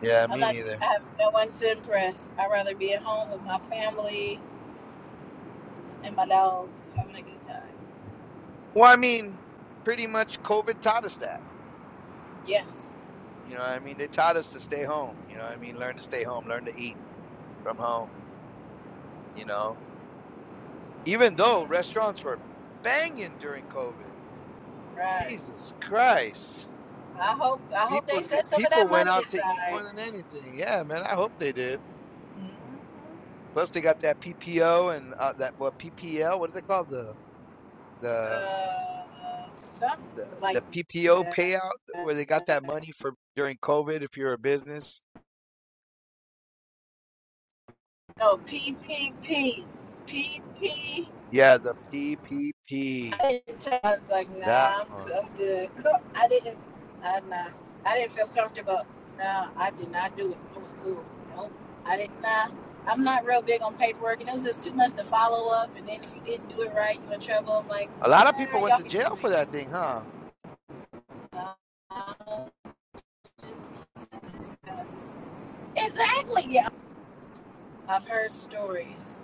S1: yeah,
S2: I'm
S1: me
S2: not,
S1: neither.
S2: I have no one to impress. I'd rather be at home with my family and my dog having a good time.
S1: Well, I mean, pretty much COVID taught us that.
S2: Yes.
S1: You know what I mean? They taught us to stay home. You know what I mean? Learn to stay home, learn to eat from home, you know? Even though
S2: hmm
S1: restaurants were banging during COVID.
S2: Right.
S1: Jesus Christ.
S2: I hope, I hope they
S1: People di-
S2: set some of
S1: people
S2: that
S1: went
S2: money
S1: out to eat
S2: aside.
S1: more than anything. Yeah, man, I hope they did.
S2: Mhm.
S1: Plus they got that PPO and uh, that what PPL, what is it called? The the
S2: Uh, something
S1: the
S2: like
S1: the PPO
S2: that.
S1: payout where they got that money for during COVID if you're a business.
S2: No, P. P. P. P. P.
S1: Yeah, the PPP.
S2: I didn't tell. I was like,
S1: That
S2: nah, I'm,
S1: one.
S2: I'm good. Co- I didn't. I nah. I didn't feel comfortable. Nah, I did not do it. It was cool. Nope. I didn't. Nah. I'm not real big on paperwork, and it was just too much to follow up. And then if you didn't do it right, you in trouble. I'm like,
S1: A lot of
S2: nah,
S1: people went
S2: y'all
S1: to
S2: can keep
S1: jail
S2: me.
S1: for that thing, huh?
S2: Nah, just- keep it. exactly. Yeah. I've heard stories,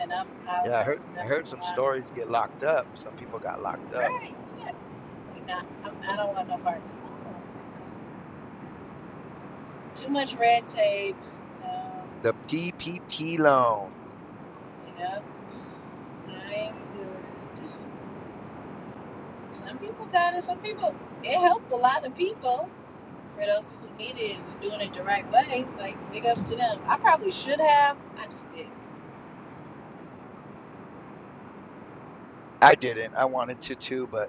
S2: and I'm. I
S1: Yeah,
S2: was
S1: I heard
S2: like, nah.
S1: I heard some
S2: nah.
S1: stories get locked up. Some people got
S2: All
S1: locked up.
S2: right. Yeah. Nah. I'm, I don't want no parts. too much red tape. Um,
S1: The PPP loan.
S2: you know, trying to. Some people got it. Some people it helped a lot of people. For those who needed it, was doing it the right way. Like big ups to them. I probably should have. I just didn't.
S1: I didn't. I wanted to too, but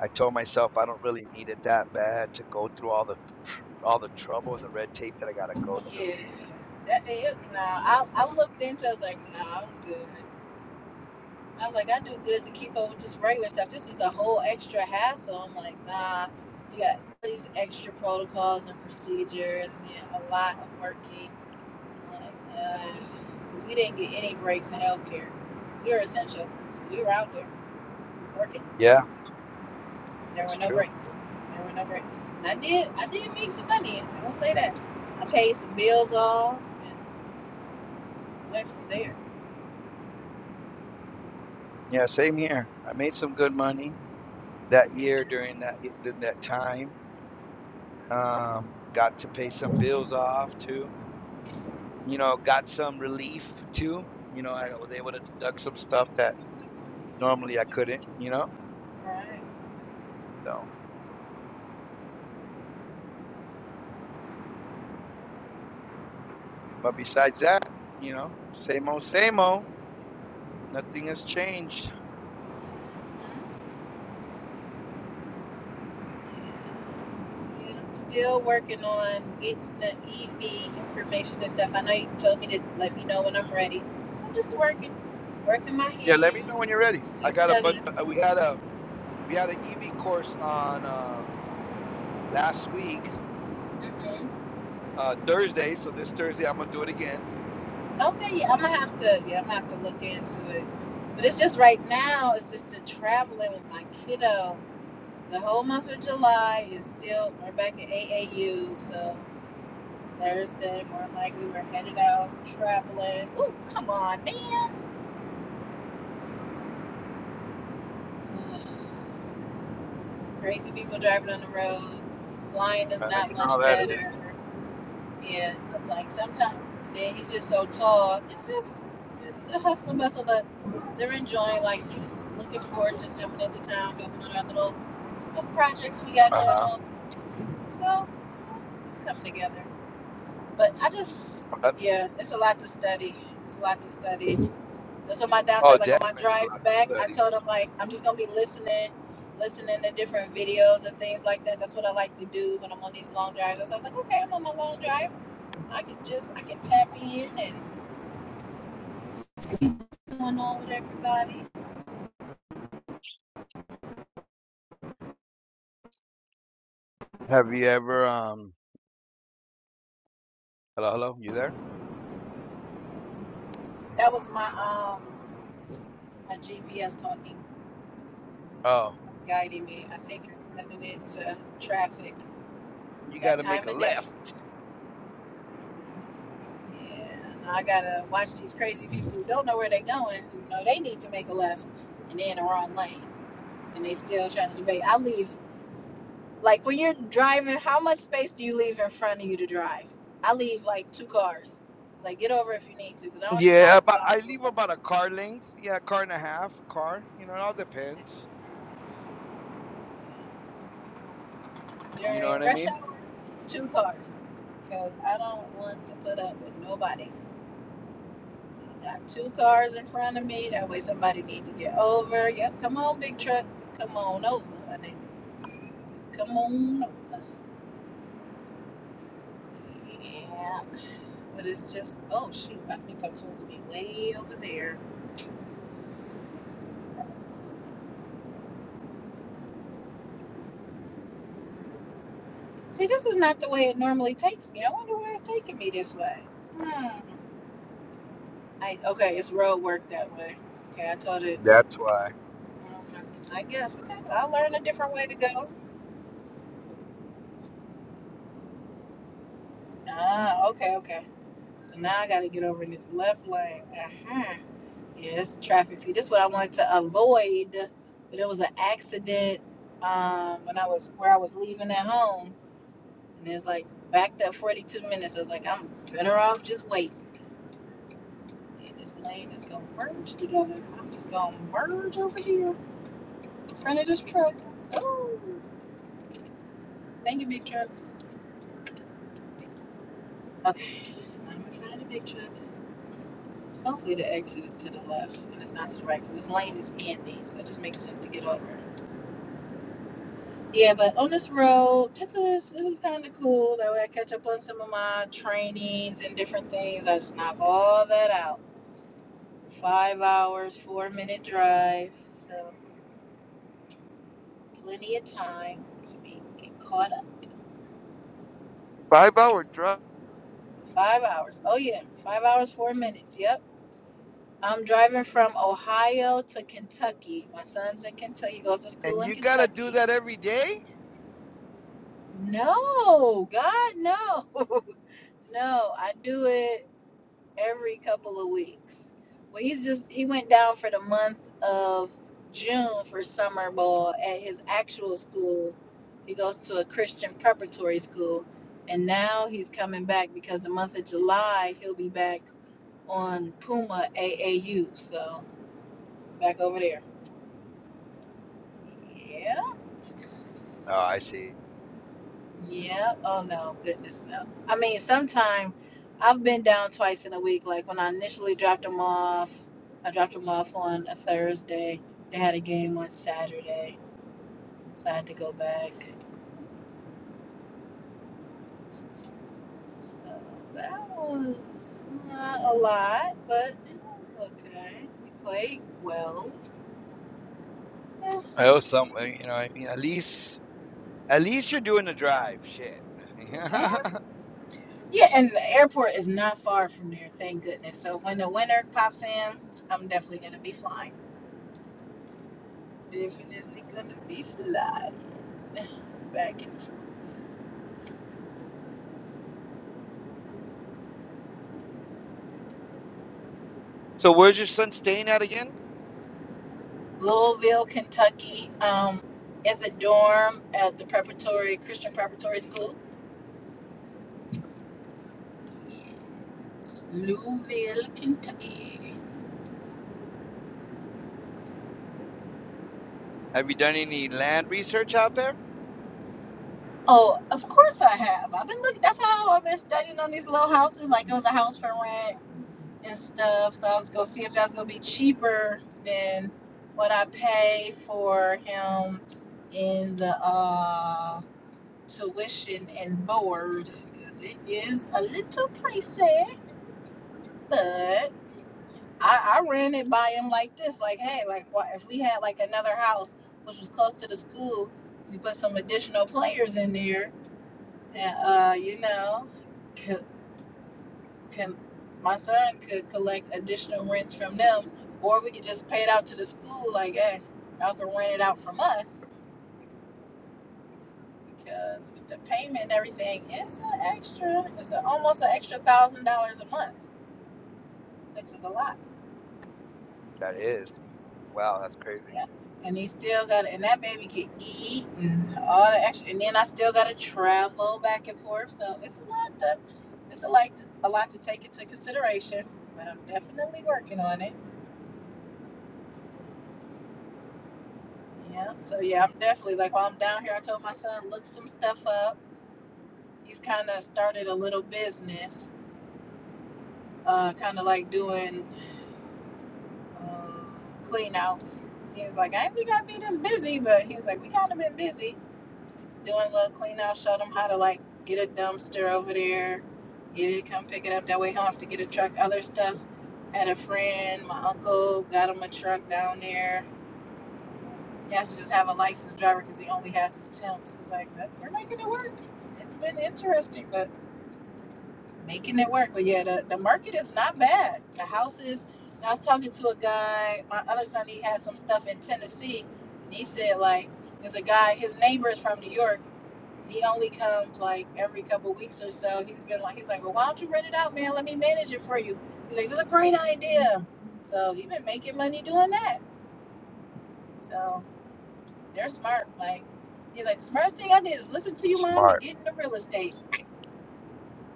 S1: I told myself I don't really need it that bad to go through all the all the trouble and the red tape that I gotta go through.
S2: Yeah. That, it, nah, I, I looked into. it, I was like, nah, I'm good. I was like, I do good to keep up with this regular stuff. This is a whole extra hassle. I'm like, nah, you got all these extra protocols and procedures and a lot of working. because uh, we didn't get any breaks in healthcare. 'Cause we were essential. So we were out there working.
S1: Yeah,
S2: There were
S1: that's
S2: no
S1: true.
S2: breaks. There were no breaks. And I did I did make some money. I won't say that. I paid some bills off and went from there.
S1: Yeah, same here. I made some good money that year during that y- during that time. Um, got to pay some bills off too. you know, got some relief too. You know, I was able to deduct some stuff that normally I couldn't, you know.
S2: All Right.
S1: So, but besides that, you know, same old, same old. Nothing has changed.
S2: Yeah, i still working on getting the EV information and stuff. I know you told me to let me know when I'm ready. So I'm just working, working my
S1: Yeah, let me know
S2: hands,
S1: when you're ready. I
S2: still
S1: got a bunch.
S2: studying.
S1: uh, We had a we had an EV course on uh, last week
S2: mm Mhm.
S1: uh, Thursday. So this Thursday I'm gonna do it again.
S2: Okay, yeah, I'm gonna have to. Yeah, I'm gonna have to look into it. But it's just right now. It's just the traveling with my kiddo. The whole month of July is still. We're back at AAU, so Thursday more than likely we're headed out traveling. Ooh, come on, man! Ugh, Crazy people driving on the road. Flying is
S1: Uh,
S2: not
S1: you know how
S2: much
S1: that is.
S2: better. Yeah, I'm like sometimes then he's just so tall. It's just it's the hustle and bustle, but they're enjoying. Like he's looking forward to coming into town, helping on our little, little projects we got going
S1: Uh-huh.
S2: on. So it's coming together. But I just
S1: Uh,
S2: yeah, it's a lot to study. It's a lot to study. That's on my
S1: Oh,
S2: downside. Like on
S1: definitely.
S2: my
S1: There's a lot
S2: drive
S1: to
S2: back, I
S1: study.
S2: told him like I'm just gonna be listening, listening to different videos and things like that. That's what I like to do when I'm on these long drives. So I was like, okay, I'm on my long drive. I can just I can tap in and see what's going on with everybody.
S1: Have you ever um? Hello, hello. You there?
S2: That was my um my GPS talking,
S1: Oh,
S2: guiding me. I think I'm running into traffic. It's
S1: you got
S2: that
S1: to make
S2: time
S1: a
S2: of day.
S1: left.
S2: Yeah, I gotta watch these crazy people who don't know where they're going. Who know they need to make a left and they're in the wrong lane and they still trying to debate. I leave like when you're driving. How much space do you leave in front of you to drive? I leave like two cars. Like get over if you need to, because I don't want you
S1: Yeah,
S2: knocking me
S1: but
S2: off
S1: I
S2: the
S1: leave about
S2: road.
S1: a car length. Yeah, car and a half, car. You know, it all depends. You know
S2: during
S1: what I
S2: rush
S1: mean?
S2: hour, two cars. Because I don't want to put up with nobody. Got two cars in front of me. That way somebody need to get over. Yep, come on, big truck. Come on over. And they come on over. Yeah. But it's just, oh, shoot, I think I'm supposed to be way over there. See, this is not the way it normally takes me. I wonder why it's taking me this way. Hmm. I, okay, it's road work that way. Okay, I told it.
S1: That's why.
S2: mm, I guess. Okay, I'll learn a different way to go. Ah, okay, okay. So now I gotta get over in this left lane. Uh-huh. Yeah, it's traffic. See, this is what I wanted to avoid, but it was an accident um, when I was where I was leaving at home, and it's like backed up 42 minutes. I was like, I'm better off just wait. Yeah, this lane is gonna merge together. I'm just gonna merge over here in front of this truck. Oh, thank you, big truck. Okay, I'm gonna find a big truck. Hopefully the exit is to the left and it's not to the right because this lane is ending, so it just makes sense to get over. Yeah, but on this road, this is this is kind of cool. That way I catch up on some of my trainings and different things. I just knock all that out. Five hours, four minute drive, so plenty of time to be get caught up.
S1: Five hour drive.
S2: Five hours. Oh yeah, five hours, four minutes. Yep. I'm driving from Ohio to Kentucky. My son's in Kentucky. He goes to school
S1: And
S2: in
S1: you gotta do
S2: Kentucky
S1: that every day?
S2: No, God, no. no, I do it every couple of weeks. Well, he's just, he went down for the month of June for summer ball at his actual school. He goes to a Christian preparatory school. And now he's coming back because the month of July, he'll be back on Puma AAU. So back over there. Yeah.
S1: Oh, I see.
S2: Yeah. Oh no, goodness no. I mean, sometime I've been down twice in a week. Like when I initially dropped them off, I dropped them off on a Thursday. They had a game on Saturday, so I had to go back. So that was not a lot, but it was okay. We played well. Eh,
S1: Oh, some uh, you know, I mean at least at least you're doing the drive. Shit.
S2: Yeah, and the airport is not far from there. Thank goodness. So when the winter pops in, I'm definitely gonna be flying. Definitely gonna be flying. back in
S1: so where's your son staying at again?
S2: Louisville, Kentucky, um, in the dorm at the preparatory Christian preparatory school. Yes, Louisville, Kentucky.
S1: Have you done any land research out there?
S2: Oh, of course I have. I've been looking. That's how I've been studying on these little houses. Like it was a house for rent and stuff. So I was gonna see if that's gonna be cheaper than what I pay for him in the uh, tuition and board because it is a little pricey. But I, I ran it by him like this, like, hey, like, what if we had like another house which was close to the school? We put some additional players in there, and uh, you know, could, can my son could collect additional rents from them, or we could just pay it out to the school, like, hey, y'all can rent it out from us because with the payment and everything, it's an extra, it's a, almost an extra thousand dollars a month, which is a lot.
S1: That is. Wow, that's crazy.
S2: Yeah. And he still got and that baby can eat and all the extra and then I still gotta travel back and forth. So it's a lot to it's a like a lot to take into consideration. But I'm definitely working on it. Yeah. So yeah, I'm definitely like while I'm down here I told my son look some stuff up. He's kinda started a little business, uh kinda like doing um clean outs. He's like, I didn't think I'd be this busy, but he's like, we kind of been busy. doing a little clean out, show them how to like get a dumpster over there, get it, come pick it up. That way, he'll have to get a truck. Other stuff had a friend, my uncle got him a truck down there. He has to just have a licensed driver because he only has his temps. It's like we're making it work. It's been interesting, but making it work. But yeah, the, the market is not bad. The houses. I was talking to a guy. My other son, he had some stuff in Tennessee, and he said like, there's a guy. His neighbor is from New York he only comes like every couple of weeks or so. He's been like, he's like, well, why don't you rent it out, man? Let me manage it for you. He's like, this is a great idea. So he's been making money doing that. So they're smart. Like, he's like, smartest thing I did is listen to you,
S1: That's
S2: mom, and
S1: smart.
S2: get into real estate.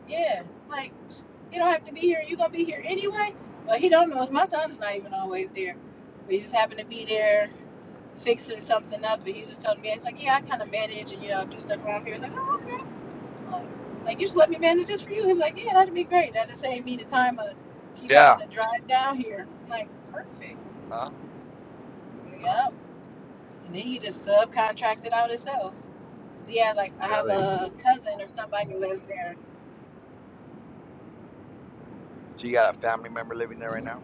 S2: Yeah, like you don't have to be here. You're gonna be here anyway. But he don't know. My son is not even always there. But he just happened to be there fixing something up, and he was just telling me, it's like, yeah, I kind of manage and you know do stuff around here. It's like, oh, okay. Like, like you just let me manage this for you. He's like, yeah, that'd be great. That'd save me the time of keep
S1: Yeah.
S2: having to drive down here. I'm like, perfect.
S1: Huh? huh
S2: Yep. And then he just subcontracted out himself. Cause he has like, I have
S1: Really?
S2: a cousin or somebody who lives there.
S1: So you got a family member living there right now?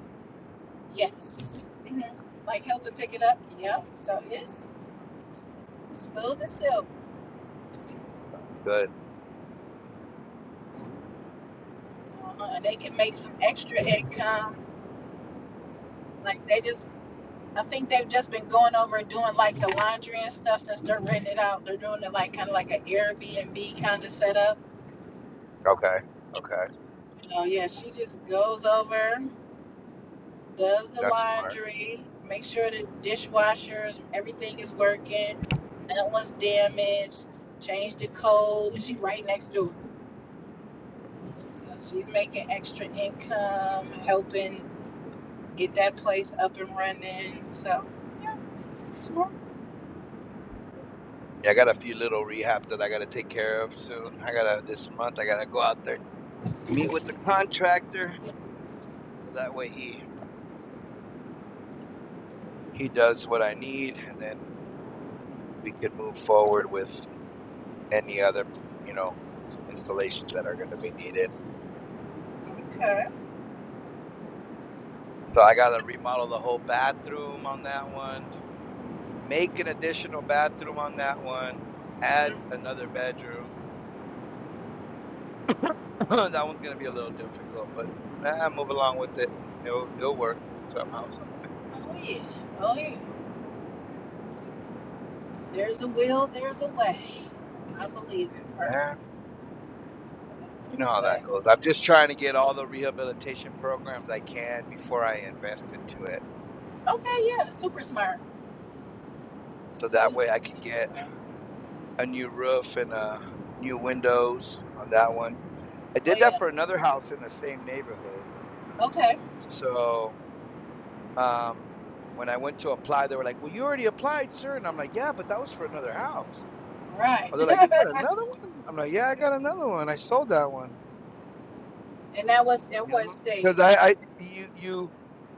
S2: Yes. Like help to pick it up. Yep. So it's smooth as silk.
S1: Good.
S2: Uh-huh. And they can make some extra income. Like they just, I think they've just been going over and doing like the laundry and stuff since they're renting it out. They're doing it like kind of like an Airbnb kind of setup
S1: Okay. Okay.
S2: So yeah, she just goes over, does the
S1: That's smart.
S2: laundry, make sure the dishwashers, everything is working, nothing was damaged, change the code, and she right next door. So she's making extra income, helping get that place up and running. So yeah, it's working.
S1: Yeah, I got a few little rehabs that I gotta take care of soon. I gotta this month. I gotta go out there and meet with the contractor. So that way he he does what I need, and then we can move forward with any other you know installations that are gonna be needed.
S2: Okay.
S1: So I gotta remodel the whole bathroom on that one. Make an additional bathroom on that one. Add
S2: Mm.
S1: another bedroom. that one's gonna be a little difficult, but eh, move along with it. It'll it'll work somehow, somewhere.
S2: Oh yeah. Oh yeah. If There's a will, there's a way. I believe in her.
S1: You know
S2: That's
S1: how that
S2: why.
S1: goes. I'm just trying to get all the rehabilitation programs I can before I invest into it.
S2: Okay, yeah, super smart.
S1: So that
S2: Super
S1: way I can get
S2: smart.
S1: a new roof and uh new windows on that one. I
S2: Oh
S1: did that for
S2: yes.
S1: another house in the same neighborhood.
S2: Okay.
S1: So um when I went to apply, they were like, Well you already applied, sir and I'm like, Yeah, but that was for another house.
S2: Right.
S1: Oh, they're like, You got another one? I'm like, Yeah, I got another one. I sold that one.
S2: and that was in
S1: You
S2: what
S1: know?
S2: state?
S1: Because I, I you you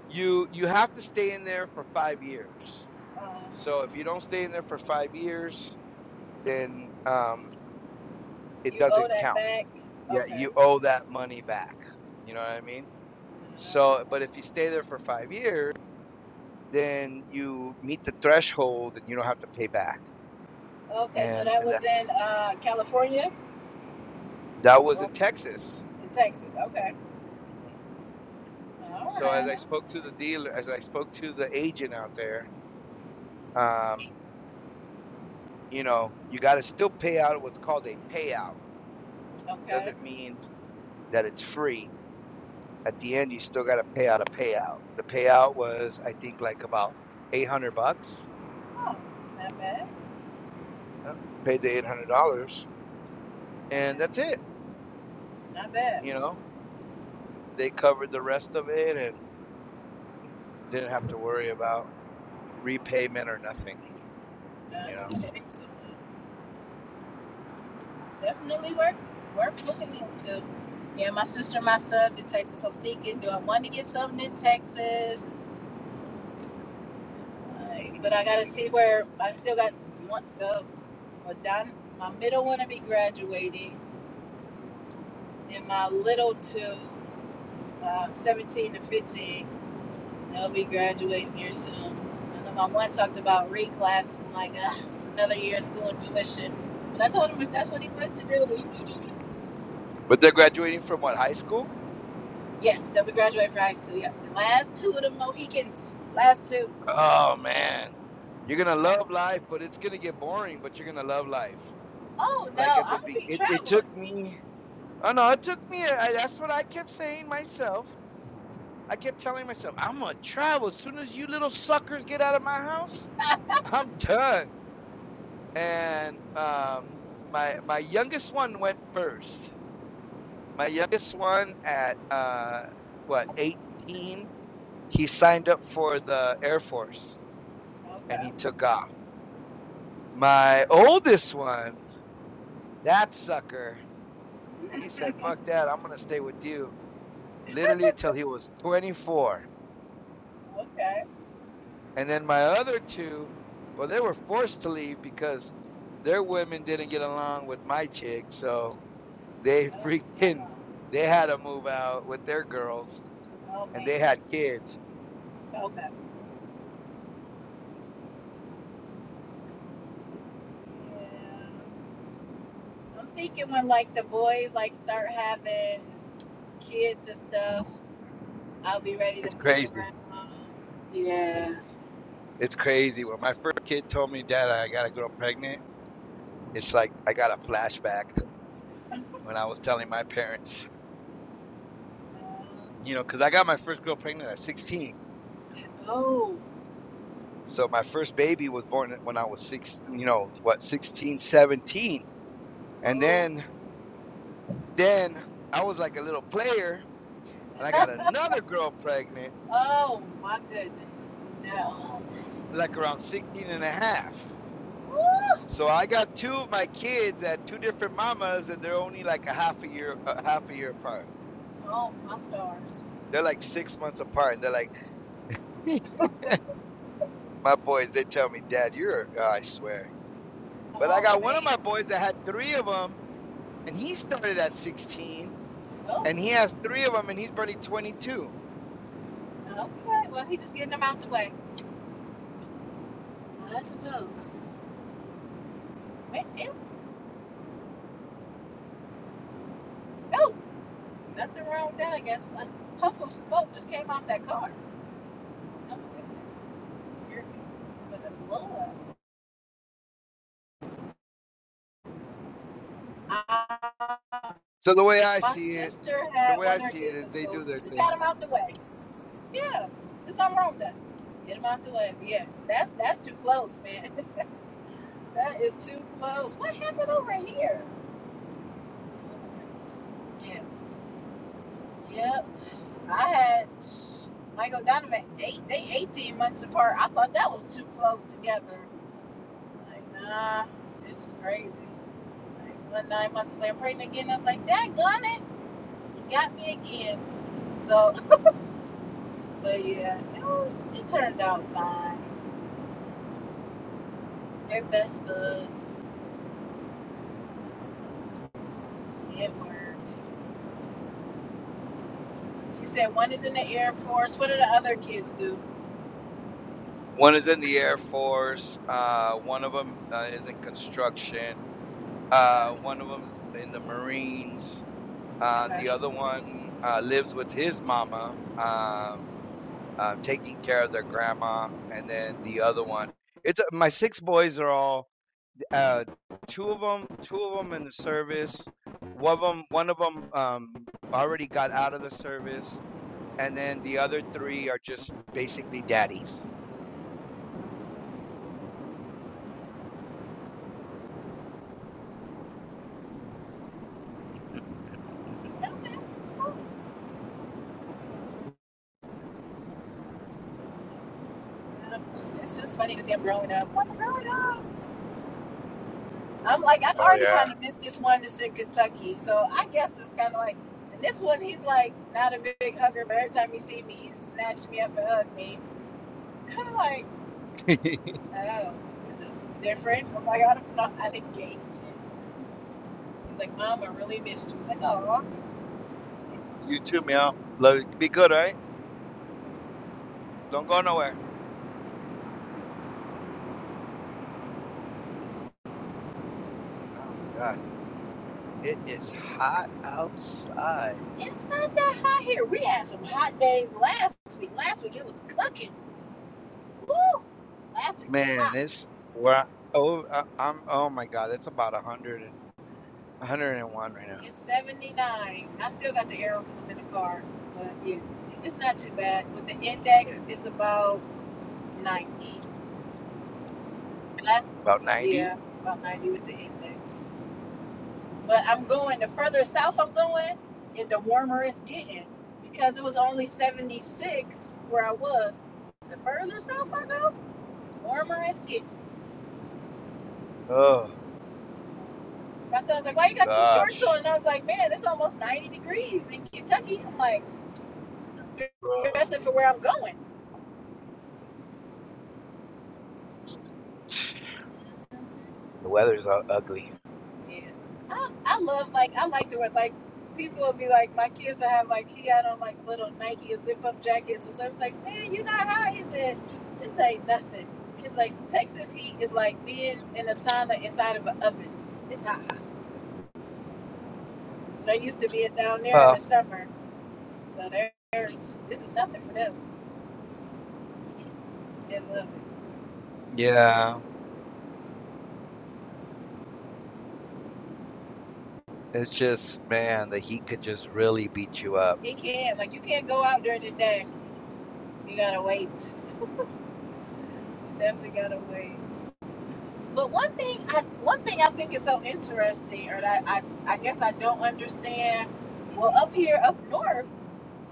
S1: you you have to stay in there for five years
S2: Um,
S1: So if you don't stay in there for five years, then um, it
S2: you owe
S1: doesn't
S2: that
S1: count.
S2: back.
S1: Yeah,
S2: Okay.
S1: you owe that money back. You know what I mean? So,
S2: Uh,
S1: but if you stay there for five years, then you meet the threshold and you don't have to pay back.
S2: okay. So
S1: And,
S2: that
S1: and that,
S2: was in uh, California
S1: that was
S2: or
S1: in Texas.
S2: in Texas. Okay.
S1: Mm-hmm.
S2: All
S1: So as
S2: right.
S1: I spoke to the dealer, as I spoke to the agent out there, um, you know, you got to still pay out what's called a payout.
S2: Okay.
S1: Doesn't mean that it's free at the end you still got to pay out a payout. The payout was I think like about eight hundred bucks.
S2: Oh, it's not bad.
S1: Yeah, paid the eight hundred dollars,
S2: All
S1: and
S2: right.
S1: that's it.
S2: Not bad.
S1: You know, they covered the rest of it and didn't have to worry about repayment or nothing. You
S2: That's
S1: know,
S2: excellent. Definitely worth worth looking into. Yeah, my sister and my son's in Texas. I'm thinking, do I want to get something in Texas? Alright, but I gotta see where I still got one. Uh, well, Don, my middle one to be graduating, and my little two, uh, 17 to 15, they'll be graduating here soon. I know my one talked about reclass, and I'm like, uh, it's another year of school and tuition. But I told him if that's what he wants to do,
S1: but they're graduating from what high school?
S2: yes, they'll be graduating from high school. Yeah, the last two of the Mohicans, last two.
S1: Oh man, you're gonna
S2: Uh,
S1: love life, but it's gonna get boring. But you're gonna love life.
S2: oh
S1: Like
S2: no,
S1: at the
S2: I'm gonna
S1: be-
S2: be
S1: it, it took
S2: traveling.
S1: me. Oh no, it took me. I, that's what I kept saying myself. I kept telling myself, I'm gonna travel as soon as you little suckers get out of my house. I'm done. And um, my my youngest one went first. My youngest one at uh, what 18, he signed up for the Air Force and
S2: Okay,
S1: he took off. My oldest one, that sucker, he said, "Fuck that! I'm gonna stay with you." Literally until he was 24
S2: okay.
S1: And then my other two, well, they were forced to leave because their women didn't get along with my chick. So they
S2: Oh, no,
S1: freaking,
S2: no.
S1: they had to move out with their girls
S2: oh
S1: and
S2: man,
S1: they had kids.
S2: okay. Yeah. I'm thinking when like the boys like start having kids and stuff, I'll be ready to
S1: It's
S2: move
S1: crazy.
S2: around. Yeah.
S1: It's crazy. When my first kid told me, Dad, I got a girl pregnant, it's like I got a flashback when I was telling my parents, you know, because I got my first girl pregnant at 16.
S2: Oh,
S1: So my first baby was born when I was six, you know, what, 16, 17, And
S2: oh,
S1: then Then I was like a little player and I got another girl pregnant,
S2: oh my goodness. No.
S1: like around 16 and a half.
S2: Woo!
S1: So I got two of my kids at two different mamas and they're only like a half a year, a half a year apart.
S2: Oh my stars.
S1: They're like six months apart and they're like, my boys, they tell me, Dad, you're, a-" I swear. But I
S2: Oh
S1: got one of
S2: man.
S1: my boys that had three of them, and he started at 16,
S2: Oh,
S1: and he has three of them, and he's barely 22.
S2: okay. Well, he just getting them out the way. I suppose. Man, it's, oh, nothing wrong with that, I guess. A puff of smoke just came off that car. I'm a witness. It scared me. But the blow up. I,
S1: So the way I
S2: my
S1: see it,
S2: sister
S1: the
S2: had
S1: way I
S2: one of her
S1: see it
S2: kids
S1: is
S2: in
S1: they
S2: school.
S1: do their
S2: Just
S1: thing.
S2: got him out the way. Yeah, there's nothing wrong with that. Get him out the way. But yeah, that's that's too close, man. that is too close. What happened over here? Yeah, yep. I had Michael Donovan. Eight, they 18 months apart. I thought that was too close together. Like, nah, this is crazy. Like, one nine months, I was like, pregnant again. I was like, that gun You got me again. So, but yeah, it was. It turned out fine. They're best buds. It works. She said one is in the Air Force. What do the other kids do?
S1: One is in the Air Force. Uh, one of them uh, is in construction.
S2: Okay.
S1: Uh, one of them's in the Marines. Uh,
S2: Okay.
S1: the other one uh, lives with his mama, uh, uh, taking care of their grandma. And then the other one, it's uh, my six boys are all uh, two of them, two of them in the service. One of them, one of them um, already got out of the service, and then the other three are just basically daddies.
S2: Okay, cool. It's just funny to see them growing up. What growing up? I'm like, I
S1: Oh
S2: already kind of missed this one that's in Kentucky. So I guess it's kind of like, and this one, he's like not a big hugger, but every time he sees me, he snatches me up and hugs me. I'm like,
S1: yeah.
S2: oh, this is different. I'm like, I don't know how to gauge it. He's like, Mom, I really missed you. He's like, oh,
S1: You too, meow. Love you. Be good, all right? Don't go nowhere. Oh my God, it is hot outside.
S2: it's not that hot here. We had some hot days last week. Last week it was cooking. Last week it was
S1: Man,
S2: hot.
S1: it's where oh I, I'm. Oh my God, it's about a hundred and a hundred and one right now.
S2: It's 79. I still got the arrow because I'm in the car. But yeah, it's not too bad. With the
S1: Yeah,
S2: index, it's about 90. Last,
S1: about ninety.
S2: yeah, about 90 with the index. But I'm going, the further south I'm going, it, the warmer it's getting. Because it was only 76 where I was. The further south I go, warmer as kittens.
S1: Oh
S2: My son's
S1: my
S2: like, why you got them shorts on?
S1: gosh,
S2: And I was like, man, it's almost 90 degrees in Kentucky. I'm like,
S1: Ugh.
S2: dressing for where I'm going.
S1: the weather's all ugly.
S2: Yeah. I, I love, like, I like to wear, like, people will be like, my kids will have, like, he had on, like, little Nike zip up jackets. So I was like, man, you not hot, is it? This ain't nothing. He's like, Texas heat is like being in a sauna inside of an oven. It's hot, hot. So they used to being down there in
S1: Well,
S2: the summer. So they're, this is nothing for them. They love it.
S1: yeah, it's just man, the heat could just really beat you up.
S2: It can. not Like you can't go out during the day. You gotta wait. Definitely gotta wait. But one thing I one thing I think is so interesting, or that I, I guess I don't understand. Well, up here up north,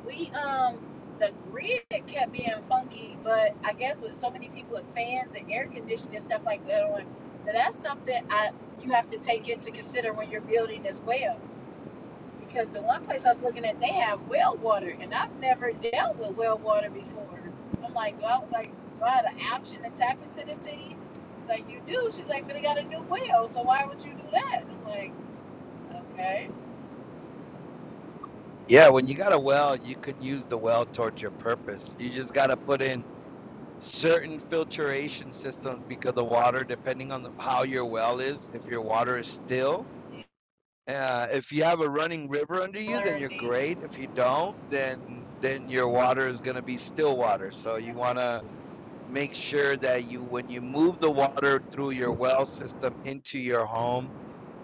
S2: we um the grid kept being funky, but I guess with so many people with fans and air conditioning and stuff like that on, that that's something I you have to take into consider when you're building as well because the one place I was looking at, they have well water, and I've never dealt with well water before. I'm like, well, I was like, do I have an option to tap into the city? She's like, you do. She's like, but it got a new well, so why would you do that? I'm like, okay,
S1: Yeah, when you got a well, you can use the well towards your purpose. You just got to put in. certain filtration systems because the water, depending on the, how your well is, if your water is still, uh, if you have a running river under you, then you're
S2: learning
S1: great. If you don't, then then your water is going to be still water. So you want to make sure that you, when you move the water through your well system into your home,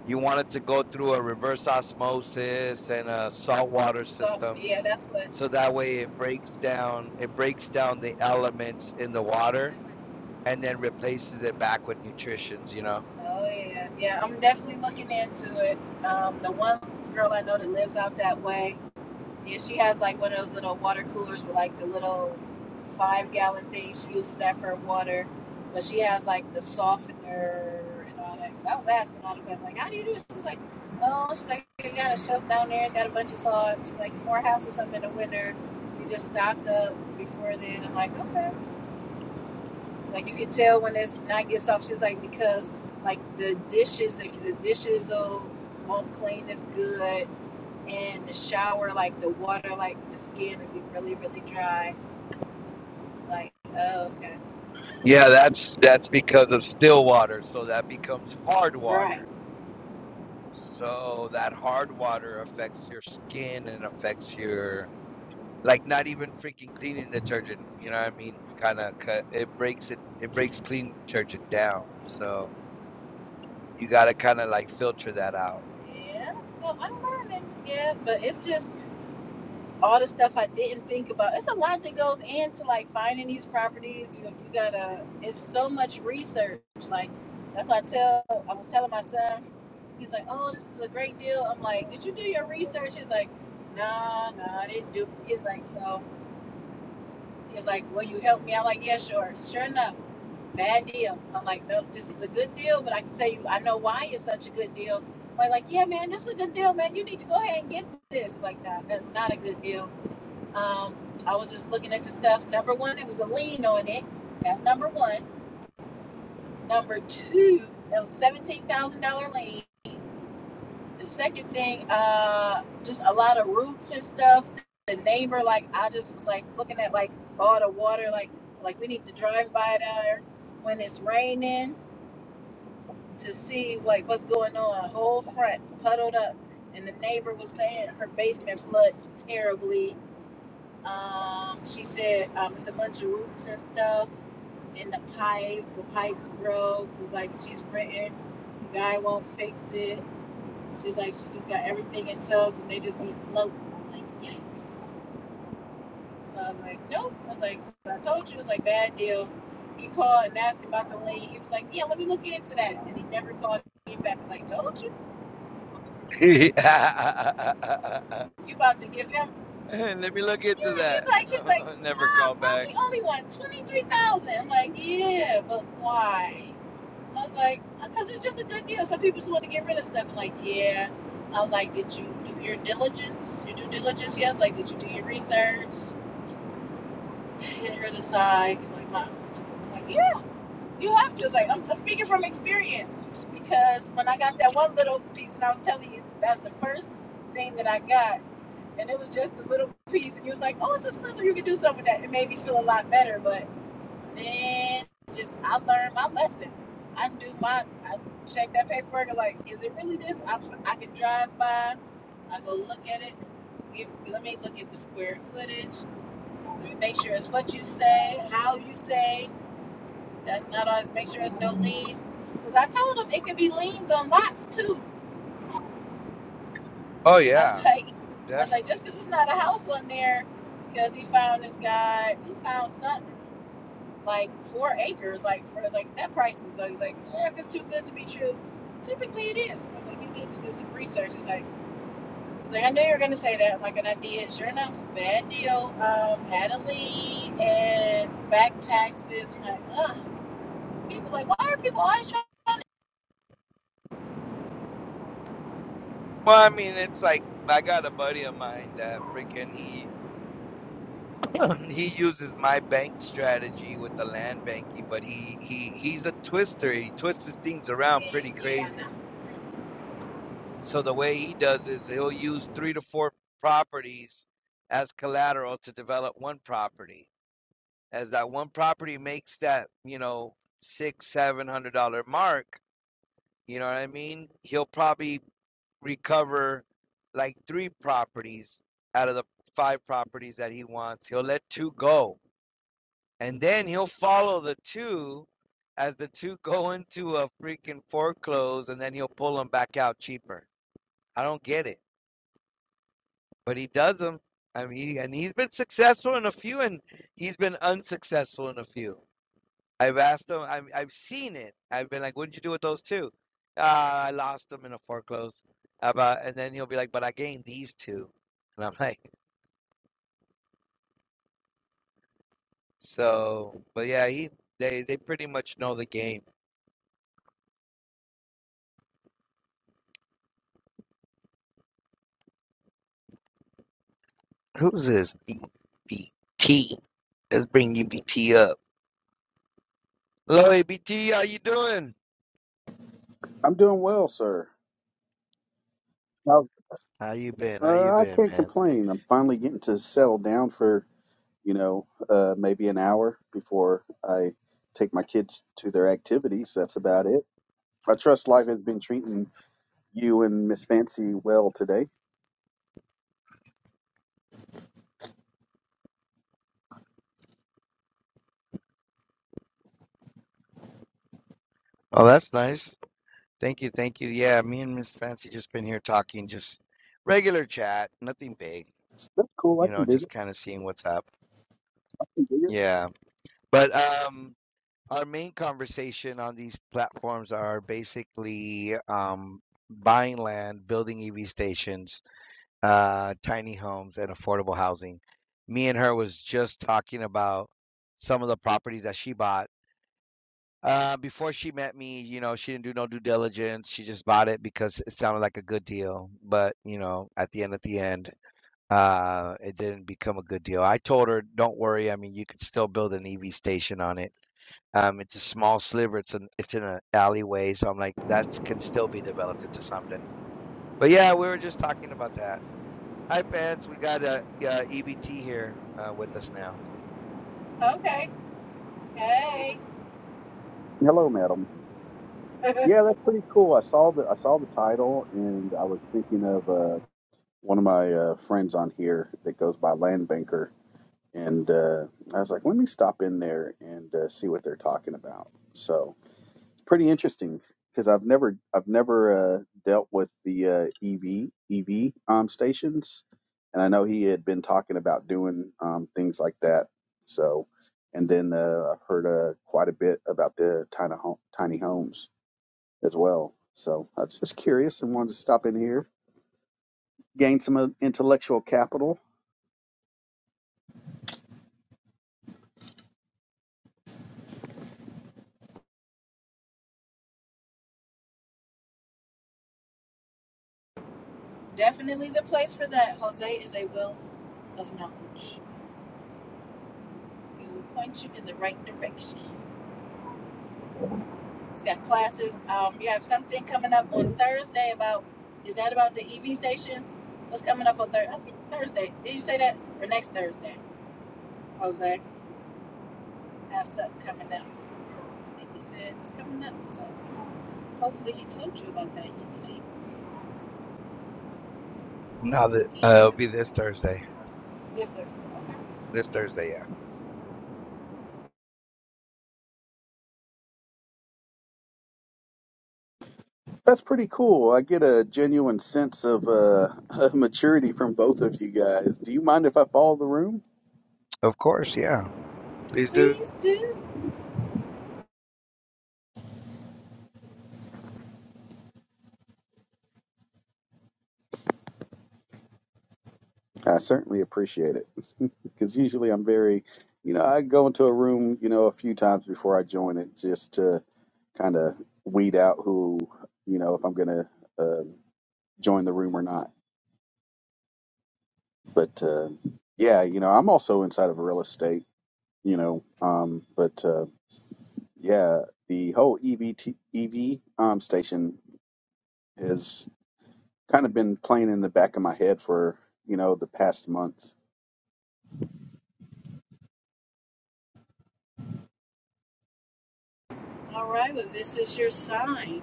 S1: you want it to go through a reverse osmosis and a saltwater
S2: stuff.
S1: system.
S2: Yeah, that's what.
S1: So that way it breaks down it breaks down the elements in the water and then replaces it back with nutritions, you know?
S2: Oh yeah, yeah. I'm definitely looking into it. Um, the one girl I know that lives out that way, Yeah, she has like one of those little water coolers with like the little five gallon thing. She uses that for water, but she has like the softener and all that. Because I was asking all the questions, like, how do you do this? She's like, oh, she's like, you got a shelf down there. It's got a bunch of salt. She's like, it's more hassle or something in the winter, so you just stock up before then. I'm like, okay. Like you can tell when it's not gets off. She's like, because like the dishes, like the dishes will won't clean as good in the shower, like the water, like the skin would be really, really dry. Like, oh, okay.
S1: Yeah, that's that's because of still water, so that becomes hard
S2: Right.
S1: water. So that hard water affects your skin and affects your like not even freaking cleaning detergent, you know what I mean? Kind of cut it breaks it it breaks clean detergent down. So you got to kind of like filter that out.
S2: Yeah. So I'm learning. Yeah. But it's just all the stuff I didn't think about. It's a lot that goes into like finding these properties. You, you gotta, it's so much research. Like, that's why I tell, I was telling my son, he's like, oh, this is a great deal. I'm like, did you do your research? He's like, nah, nah, I didn't do. it. He's like, so. He was like, Will you help me? I'm like, Yeah, sure. Sure enough, bad deal. I'm like, Nope, this is a good deal, but I can tell you, I know why it's such a good deal. I'm like, "Like, yeah, man, this is a good deal, man. You need to go ahead and get this. Like, nah, that's not a good deal. Um, I was just looking at the stuff. Number one, it was a lien on it. That's number one. Number two, that was seventeen thousand dollar lien. The second thing, uh, just a lot of roots and stuff. The neighbor, like I just was like looking at like all the water, like like we need to drive by there when it's raining to see like what's going on. A Whole front puddled up, and the neighbor was saying her basement floods terribly. Um, she said um, it's a bunch of roots and stuff, and the pipes, the pipes broke. It's like she's renting, guy won't fix it She's like, she just got everything in tubs and they just be floating. I'm like, yikes. So I was like, nope. I was like, so I told you it was like bad deal. He called and asked him about the lien. He was like, yeah, let me look into that. And he never called me back. I was like, told you, you about to give him.
S1: Let me look into
S2: Yeah, he's
S1: that.
S2: like, he's like,
S1: Never
S2: mom,
S1: call
S2: I'm
S1: back.
S2: the only one, twenty three thousand. dollars. I'm like, yeah, but why? I was like, because it's just a good deal. Some people just want to get rid of stuff. I'm like, yeah. I'm like, did you do your diligence? Your due diligence? Yes. Like, did you do your research? and her to side. Like, mom, like, yeah, you have to. It's like, I'm speaking from experience because when I got that one little piece, and I was telling you, that's the first thing that I got, and it was just a little piece, and you was like, oh, it's a slither, you can do something with that. It made me feel a lot better, but man, just I learned my lesson. I do my, I check that paperwork, and like, is it really this? I, I can drive by, I go look at it. Give, let me look at the square footage. Make sure it's what you say, how you say. That's not us. Make sure it's no liens. Because I told them it could be liens on lots too.
S1: Oh
S2: I
S1: yeah,
S2: was like, I was like,
S1: definitely.
S2: just because it's not a house on there, because he found this guy, he found something like four acres, like for like that price is. I was like, eh, if it's too good to be true, typically it is. I was like, you need to do some research. It's like, I was like, I knew you were gonna say that. Like, and I did. Sure enough, bad deal. Um, had a lien and back taxes. I'm like, ugh. people like, why are people always trying?
S1: Well, I mean, it's like I got a buddy of mine that freaking he he uses my bank strategy with the land banking, but he he he's a twister. He twists his things around
S2: Yeah,
S1: pretty
S2: yeah,
S1: crazy. So the way he does is he'll use three to four properties as collateral to develop one property. As that one property makes that, you know, six, seven hundred dollar mark, you know what I mean? He'll probably recover like three properties out of the five properties that he wants. He'll let two go. And then he'll follow the two as the two go into a freaking foreclose and then he'll pull them back out cheaper. I don't get it. But he does them. I mean, he, and he's been successful in a few and he's been unsuccessful in a few. I've asked them. I'm, I've seen it. I've been like, what did you do with those two?" Uh, I lost them in a foreclose." About, and then he'll be like, "But I gained these two," and I'm like, "So, but yeah, he they they pretty much know the game." Who's this EBT? Let's bring EBT up. Hello, EBT. How you doing?
S3: I'm doing well, sir. Uh,
S1: How you been? How you
S3: uh, I
S1: been,
S3: can't
S1: man?
S3: complain. I'm finally getting to settle down for, you know, uh, maybe an hour before I take my kids to their activities. That's about it. I trust life has been treating you and Miss Fancy well today.
S1: Oh, that's nice. Thank you, thank you. Yeah, me and Miss Fancy just been here talking, just regular chat, nothing big.
S3: That's cool. I
S1: You
S3: can
S1: know,
S3: dig it.
S1: just kind of seeing what's up.
S3: I can dig it.
S1: Yeah. But um our main conversation on these platforms are basically um buying land, building EV stations, uh tiny homes and affordable housing. Me and her was just talking about some of the properties that she bought. Uh before she met me, you know, she didn't do no due diligence. She just bought it because it sounded like a good deal, but you know, at the end at the end, uh it didn't become a good deal. I told her, "Don't worry. I mean, you could still build an EV station on it." Um, it's a small sliver. It's an it's in an alleyway, so I'm like that can still be developed into something. But yeah, we were just talking about that. Hi, fans. We got uh, uh, EBT here uh, with us now.
S2: no. okay, hey,
S3: Hello, madam. Yeah, that's pretty cool. I saw the I saw the title, and I was thinking of uh, one of my uh, friends on here that goes by Land Banker and uh, I was like, let me stop in there and uh, see what they're talking about. So it's pretty interesting because I've never I've never uh, dealt with the uh, EV EV um, stations, and I know he had been talking about doing um, things like that. So, and then uh, I've heard uh, quite a bit about the tiny home, tiny homes as well. So I was just curious and wanted to stop in here, gain some uh, intellectual capital
S2: definitely the place for that. Jose is a wealth of knowledge. He will point you in the right direction. He's got classes. Um, you have something coming up on Thursday about. Is that about the EV stations? What's coming up on Thursday? I think Thursday. Did you say that or next Thursday? Jose, I have something coming up. I think he said it's coming up. So hopefully he told you about that EVT.
S1: Now that
S2: Would be
S1: uh, it'll
S2: into
S1: be
S2: it.
S1: this Thursday.
S2: this Thursday. Okay.
S1: This Thursday, yeah.
S3: That's pretty cool. I get a genuine sense of uh, maturity from both of you guys. Do you mind if I follow the room?
S1: Of course, yeah. Please do.
S2: Please do.
S3: I certainly appreciate it because usually I'm very, you know, I go into a room, you know, a few times before I join it just to kind of weed out who, you know, if I'm gonna uh, join the room or not. But uh, yeah, you know, I'm also inside of real estate, you know, um, but uh, yeah, the whole EV EV um, station is. kind of been playing in the back of my head for you know the past month.
S2: All right, well, this is your sign.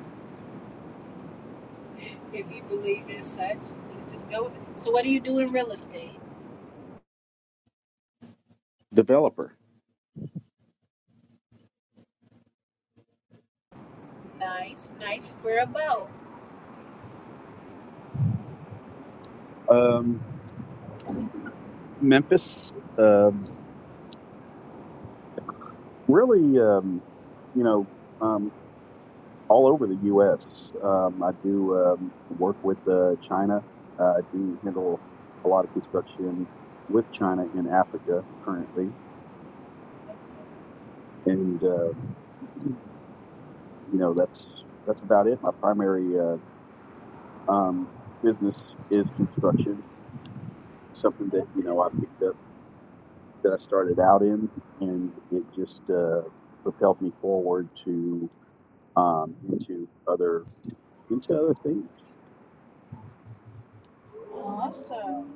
S2: If you believe in such, to just go with it. So, what do you do in real estate?
S3: Developer,
S2: Nice, nice. Where about?
S3: um, Memphis, um, really, um, you know, um, all over the U.S. Um, I do um, work with uh, China. Uh, I do handle a lot of construction with China in Africa currently, and um, you know that's that's about it. My primary uh, um, business is construction, something that you
S2: Okay.
S3: know I picked up that I started out in, and it just uh, propelled me forward to um, into other into other things.
S2: Awesome.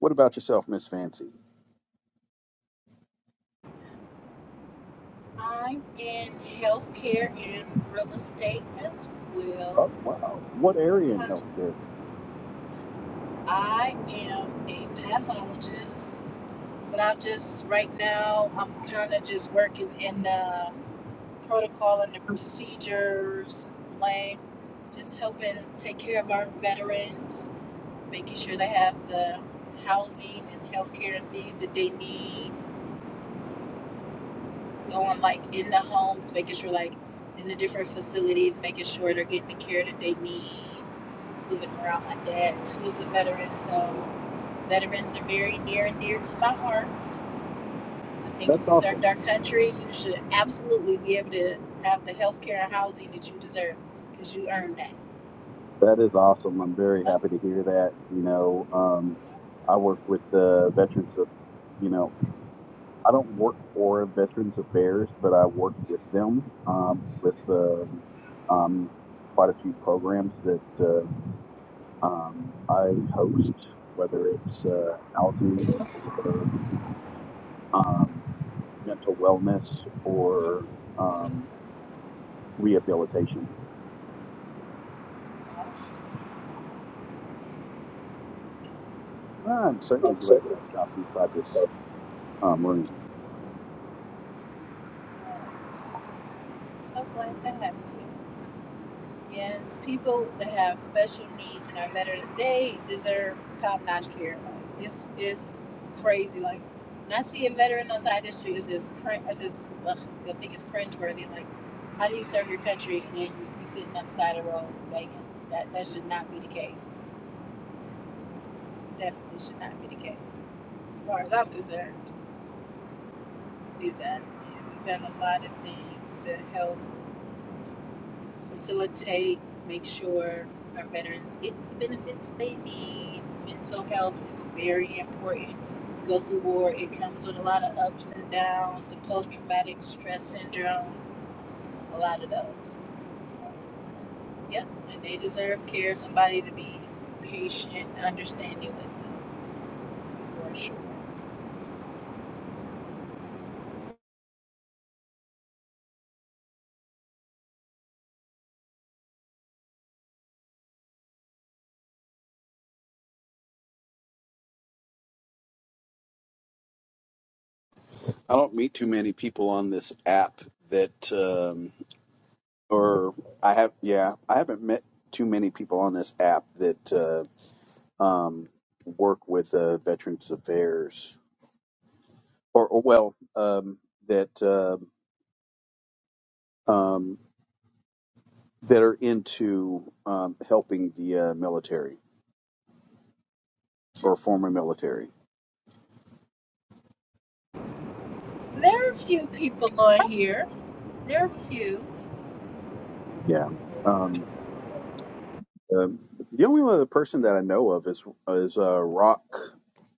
S3: What about yourself, Miss Fancy?
S2: I'm in healthcare and real estate as well.
S3: Oh wow, what area in healthcare?
S2: I am a pathologist, but I'm just right now. I'm kind of just working in the protocol and the procedures, like just helping take care of our veterans, making sure they have the housing and healthcare and things that they need, going like in the homes, making sure like in the different facilities, making sure they're getting the care that they need, moving around. My dad too is a veteran, so veterans are very near and dear to my heart. I think
S3: That's
S2: if you served
S3: awesome.
S2: our country, you should absolutely be able to have the healthcare and housing that you deserve because you earned that.
S3: That is awesome. I'm very
S2: Stuff,
S3: happy to hear that. You know, um, I work with the veterans of, you know, I don't work for Veterans Affairs, but I work with them um, with uh, um, quite a few programs that uh, um, I host, whether it's uh, housing or um, mental wellness or um, rehabilitation.
S2: awesome.
S3: I'm certainly glad that I stopped inside this
S2: Yes.
S3: um, room.
S2: Stuff like that. Yes, people that have special needs in our veterans, they deserve top notch care. Like, it's it's crazy. Like when I see a veteran outside the street, it's just cringe. I just ugh, I think it's cringeworthy. Like how do you serve your country and then you, you sitting up the side of the road begging? That that should not be the case. Definitely should not be the case, as far as I'm concerned. We've done you know, we've done a lot of things to help facilitate, make sure our veterans get the benefits they need. Mental health is very important. You go through war, it comes with a lot of ups and downs, the post traumatic stress syndrome, a lot of those. So, yep, and they deserve care, somebody to be patient, understanding with them for sure.
S3: I don't meet too many people on this app that, um, or I have, yeah, I haven't met too many people on this app that uh, um, work with uh, Veterans Affairs, or, or well, um, that uh, um, that are into um, helping the uh, military or former military.
S2: There are a few people on here. There are a few.
S3: Yeah. Um, um, the only other person that I know of is is uh, Rock,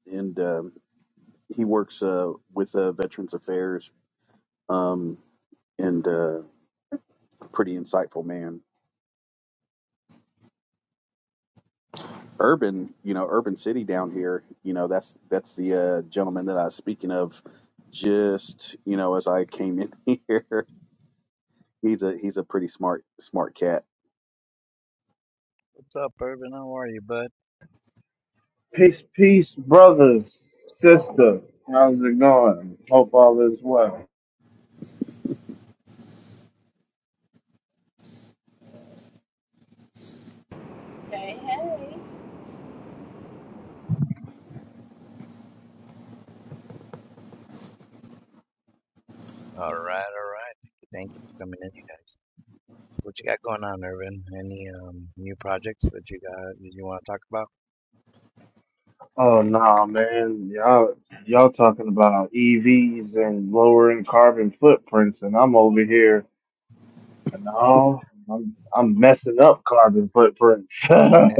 S3: and um he works uh, with uh, Veterans Affairs, um, and uh, pretty insightful man. Urban, you know, Urban City down here, you know, that's that's the uh, gentleman that I was speaking of. Just you know, as I came in here, he's a he's a pretty smart smart cat
S1: What's up, Irvin? How are you, bud?
S4: Peace, peace, brothers, sister. How's it going? Hope all is well.
S2: Hey, hey.
S1: All right, all right. Thank you for coming in, you guys. What you got going on, Irvin? Any um new projects that you got that you want to talk about?
S4: Oh nah, man, y'all y'all talking about EVs and lowering carbon footprints, and I'm over here. No, I'm I'm messing up carbon footprints. Sorry.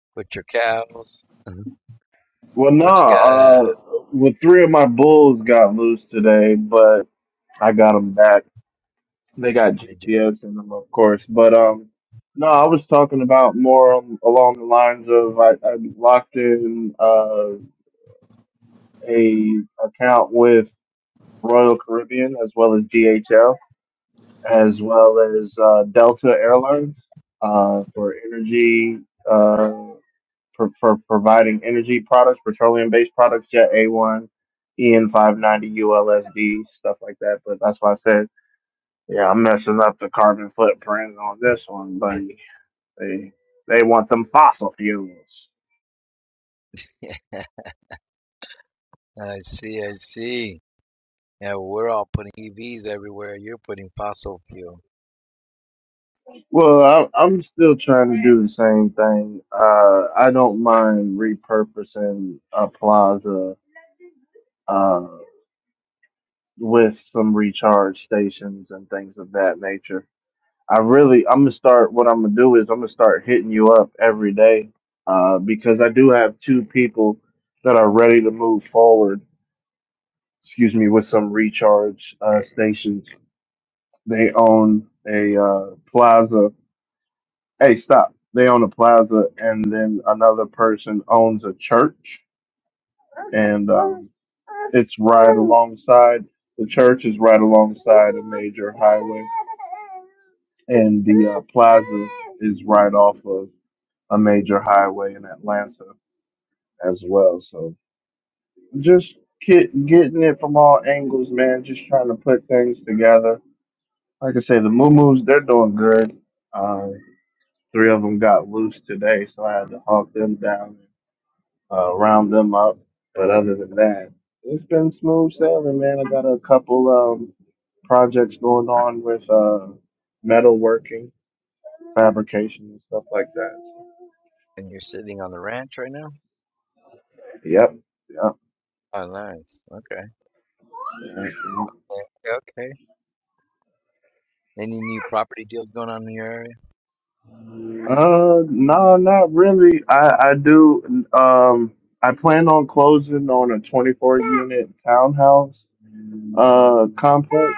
S1: With your cows?
S4: Well, nah.
S1: What you got?
S4: Uh, well, three of my bulls got loose today, but I got 'em back. They got
S1: Did
S4: GPS in them, of course. But um, no, I was talking about more um, along the lines of I, I locked in uh, a account with Royal Caribbean as well as DHL as well as uh, Delta Airlines uh, for energy uh, for, for providing energy products, petroleum based products, Jet A1, EN590, ULSD, stuff like that. But that's why I said. Yeah, I'm messing up the carbon footprint on this one, buddy. They they want them fossil fuels.
S1: you? Yeah, I see, I see. Yeah, we're all putting EVs everywhere. You're putting fossil fuel,
S4: Well, I, I'm still trying to do the same thing. Uh, I don't mind repurposing a plaza uh, with some recharge stations and things of that nature. I really, I'm gonna start. What I'm gonna do is I'm gonna start hitting you up every day uh, because I do have two people that are ready to move forward excuse me, with some recharge uh, stations They own a uh, plaza. Hey, stop. They own a plaza, and then another person owns a church, and um, it's right alongside. The church is right alongside a major highway, and the uh, plaza is right off of a major highway in Atlanta as well. So just get, getting it from all angles, man. Just trying to put things together. Like I say, the Moo Moos, they're doing good. Uh, Three of them got loose today, so I had to hawk them down, uh, round them up. But other than that, it's been smooth sailing, man. I got a couple um, projects going on with uh, metalworking, fabrication, and stuff like that.
S1: and you're sitting on the ranch right now.
S4: Yep. Yep.
S1: Oh, nice. Okay. Yeah, Okay. Any new property deals going on in your area?
S4: Uh, no, not really. I I do. Um, I plan on closing on a 24 unit townhouse uh complex.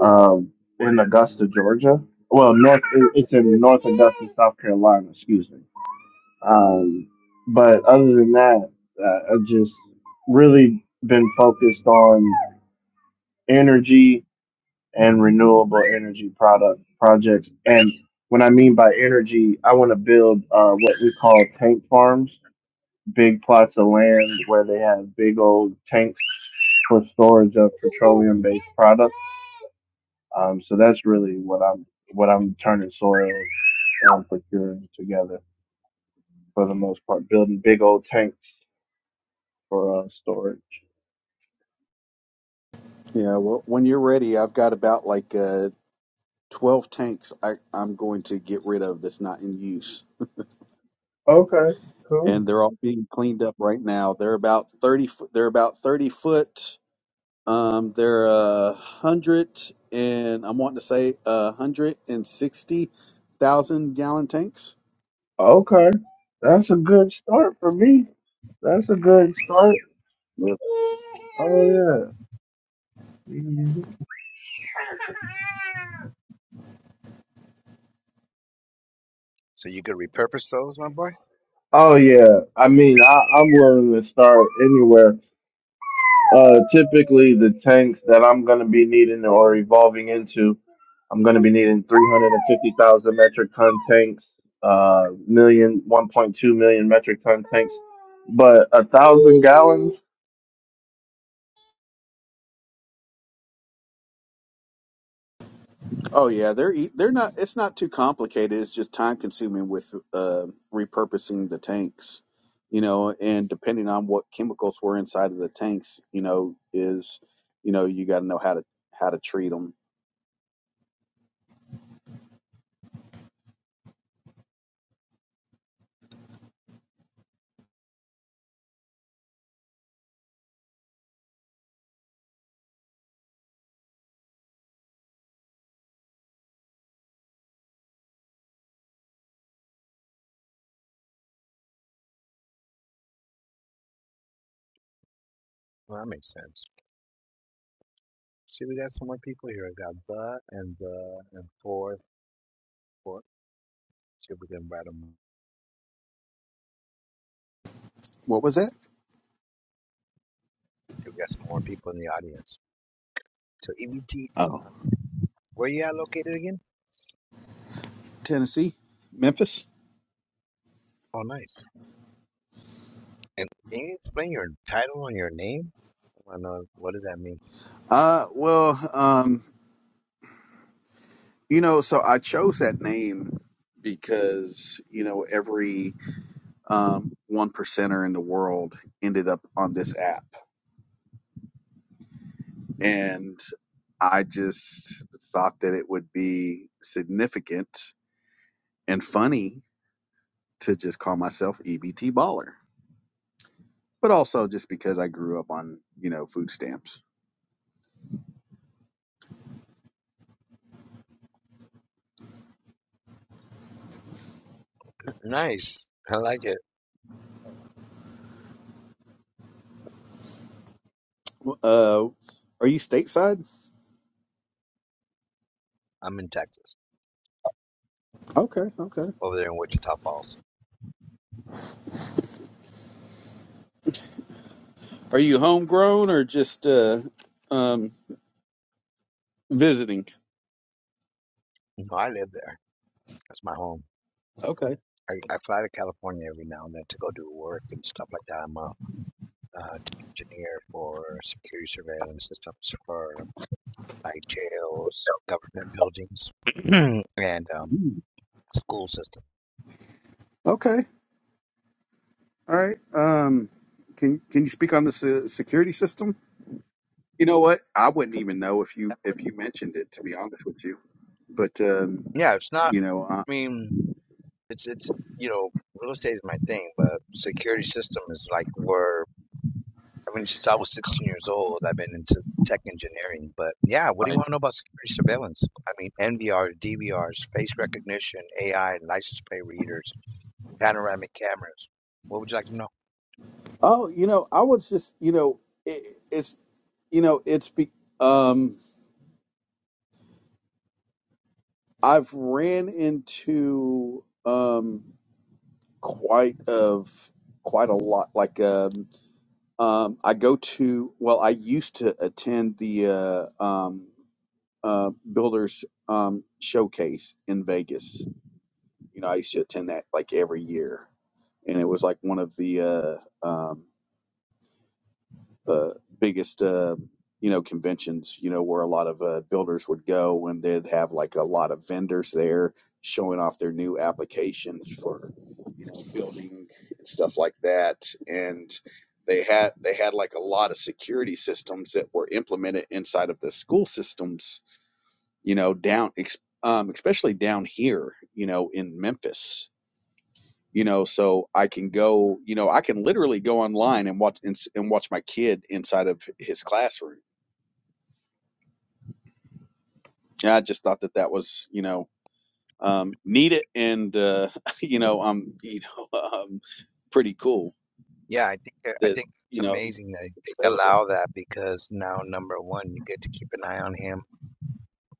S4: um, in Augusta, Georgia. Well, north it- it's in North Augusta, South Carolina. Excuse me. Um, but other than that, uh, I've just really been focused on energy and renewable energy product projects. And when I mean by energy, I want to build uh, what we call tank farms, big plots of land where they have big old tanks for storage of petroleum-based products Um, so that's really what I'm what I'm turning soil and procuring together for the most part, building big old tanks for uh, storage.
S3: Yeah, well, when you're ready, I've got about like uh, 12 tanks I, I'm going to get rid of that's not in use.
S4: Okay,
S3: And
S4: cool.
S3: they're all being cleaned up right now. They're about 30 foot, they're about 30 foot. Um, they're uh, 100 and I'm wanting to say uh, 160,000 gallon tanks.
S4: Okay, that's a good start for me. That's a good start. Oh yeah. Mhm.
S1: So you could repurpose those, my boy.
S4: Oh yeah. I mean, I, I'm willing to start anywhere. Uh, typically, the tanks that I'm going to be needing or evolving into, I'm going to be needing 350,000 metric ton tanks, uh, million, one point two million metric ton tanks, but a thousand gallons.
S3: Oh yeah, they're ea- they're not. It's not too complicated. It's just time consuming with uh, repurposing the tanks, you know, and depending on what chemicals were inside of the tanks, you know, is you know you got to know how to how to treat them.
S1: Well, that makes sense. See, we got some more people here. I got the and the and fourth, fourth. See if we can write them.
S3: What was that?
S1: See, we got some more people in the audience. So EVT,
S3: Oh,
S1: where you at located again?
S3: Tennessee, Memphis.
S1: Oh, nice. And can you explain your title and your name? I want to know what does that mean.
S3: Uh, well, um, you know, so I chose that name because you know every um one percenter in the world ended up on this app and I just thought that it would be significant and funny to just call myself EBT baller, but also just because I grew up on you know food stamps.
S1: Nice. I like it.
S3: Uh, are you stateside?
S1: I'm in Texas,
S3: Okay, okay.
S1: over there in Wichita Falls.
S3: Are you homegrown or just uh, um, visiting?
S1: No, I live there. That's my home.
S3: Okay.
S1: I, I fly to California every now and then to go do work and stuff like that. I'm a uh, tech engineer for security surveillance systems for like jails, government buildings, and um,
S3: Hmm.
S1: school system.
S3: Okay. All right. Um, can can you speak on the se- security system? You know what? I wouldn't even know if you if you mentioned it, to be honest with you. But um,
S1: Yeah, it's not.
S3: you know, uh,
S1: I mean, it's it's you know, real estate is my thing, but security system is like where I mean, since I was 16 years old, I've been into tech engineering. But yeah, what do you
S3: Right.
S1: want to know about security surveillance? I mean, NVR, DVRs, face recognition, AI, license plate readers, panoramic cameras. What would you like to know?
S3: oh, you know, I was just, you know, it, it's, you know, it's be, um, I've ran into um quite of quite a lot. Like um, um, I go to, well, I used to attend the uh, um, uh, Builders um showcase in Vegas You know, I used to attend that like every year, and it was like one of the uh, um, uh, biggest uh, you know conventions. You know, where a lot of uh, builders would go, and they'd have like a lot of vendors there showing off their new applications for you know building and stuff like that, and. They had they had like a lot of security systems that were implemented inside of the school systems, you know, down ex, um, especially down here, you know, in Memphis you know so i can go you know i can literally go online and watch and, and watch my kid inside of his classroom and i just thought that that was you know um neat it and uh you know um you know um pretty cool
S1: Yeah, I think uh, I
S3: that
S1: think it's
S3: you know
S1: amazing that
S3: it's
S1: they
S3: available
S1: allow that because now number one, you get to keep an eye on him.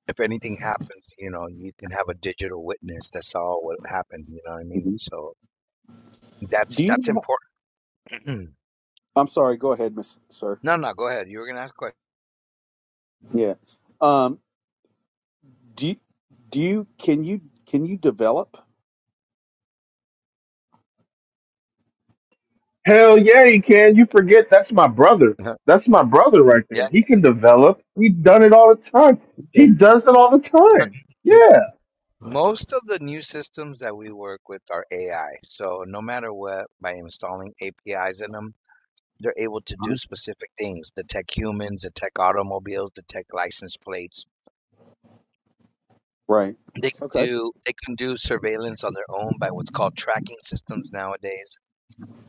S1: If anything happens, you know, you can have a digital witness that saw what happened. You know what I mean?
S3: Mhm.
S1: So that's
S3: do you
S1: that's
S3: know
S1: important.
S3: i'm sorry go ahead miss sir
S1: no, no, go ahead. You were gonna ask a
S3: yeah um do you, do you can you can you develop
S4: Hell yeah, he can. You forget that's my brother.
S1: question.
S4: That's my brother right
S1: yeah.
S4: there. He can develop. He done it all the time.
S3: Okay.
S4: He does it all the
S1: I can.
S4: time. Yeah.
S1: Most of the new systems that we work with are AI. So no matter what, by installing APIs in them, they're able to
S3: Uh-huh.
S1: do specific things. The tech humans, the tech automobiles, the tech license plates.
S3: right
S1: They
S3: okay
S1: do they can do surveillance on their own by what's called tracking systems nowadays.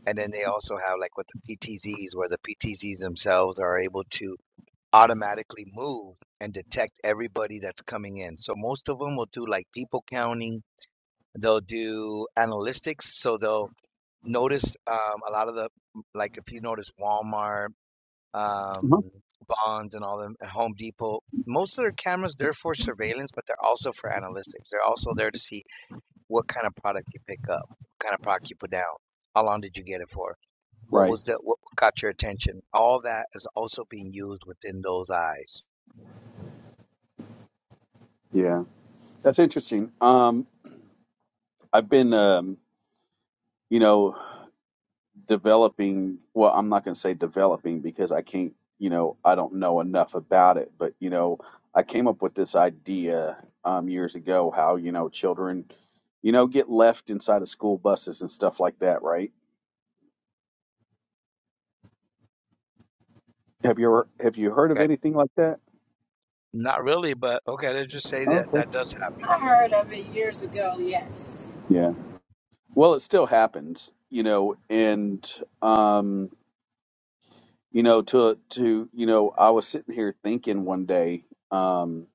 S1: And then they also have like what the PTZs, where the PTZs themselves are able to automatically move and detect everybody that's coming in. So most of them will do like people counting. They'll do analytics, so they'll noticed um, a lot of the like if you notice Walmart,
S3: Uh-huh.
S1: um, Bonds, and all them, and Home Depot. Most of their cameras they're for surveillance, but they're also for analytics. They're also there to see what kind of product you pick up, what kind of product you put down, how long did you get it for, what
S3: right
S1: was the what got your attention. All that is also being used within those eyes.
S3: yeah that's interesting um i've been um you know, developing, well, I'm not going to say developing because I can't, you know, I don't know enough about it, but, you know, I came up with this idea um, years ago how, you know, children, you know, get left inside of school buses and stuff like that, right? Have you ever, have you heard of
S1: Okay,
S3: anything like that?
S1: not really, but okay, let's just say that
S3: Okay.
S1: that does happen.
S2: I heard of it years ago, yes.
S3: Yeah. Well, it still happens, you know, and, um, you know, to, to, you know, I was sitting here thinking one day, um,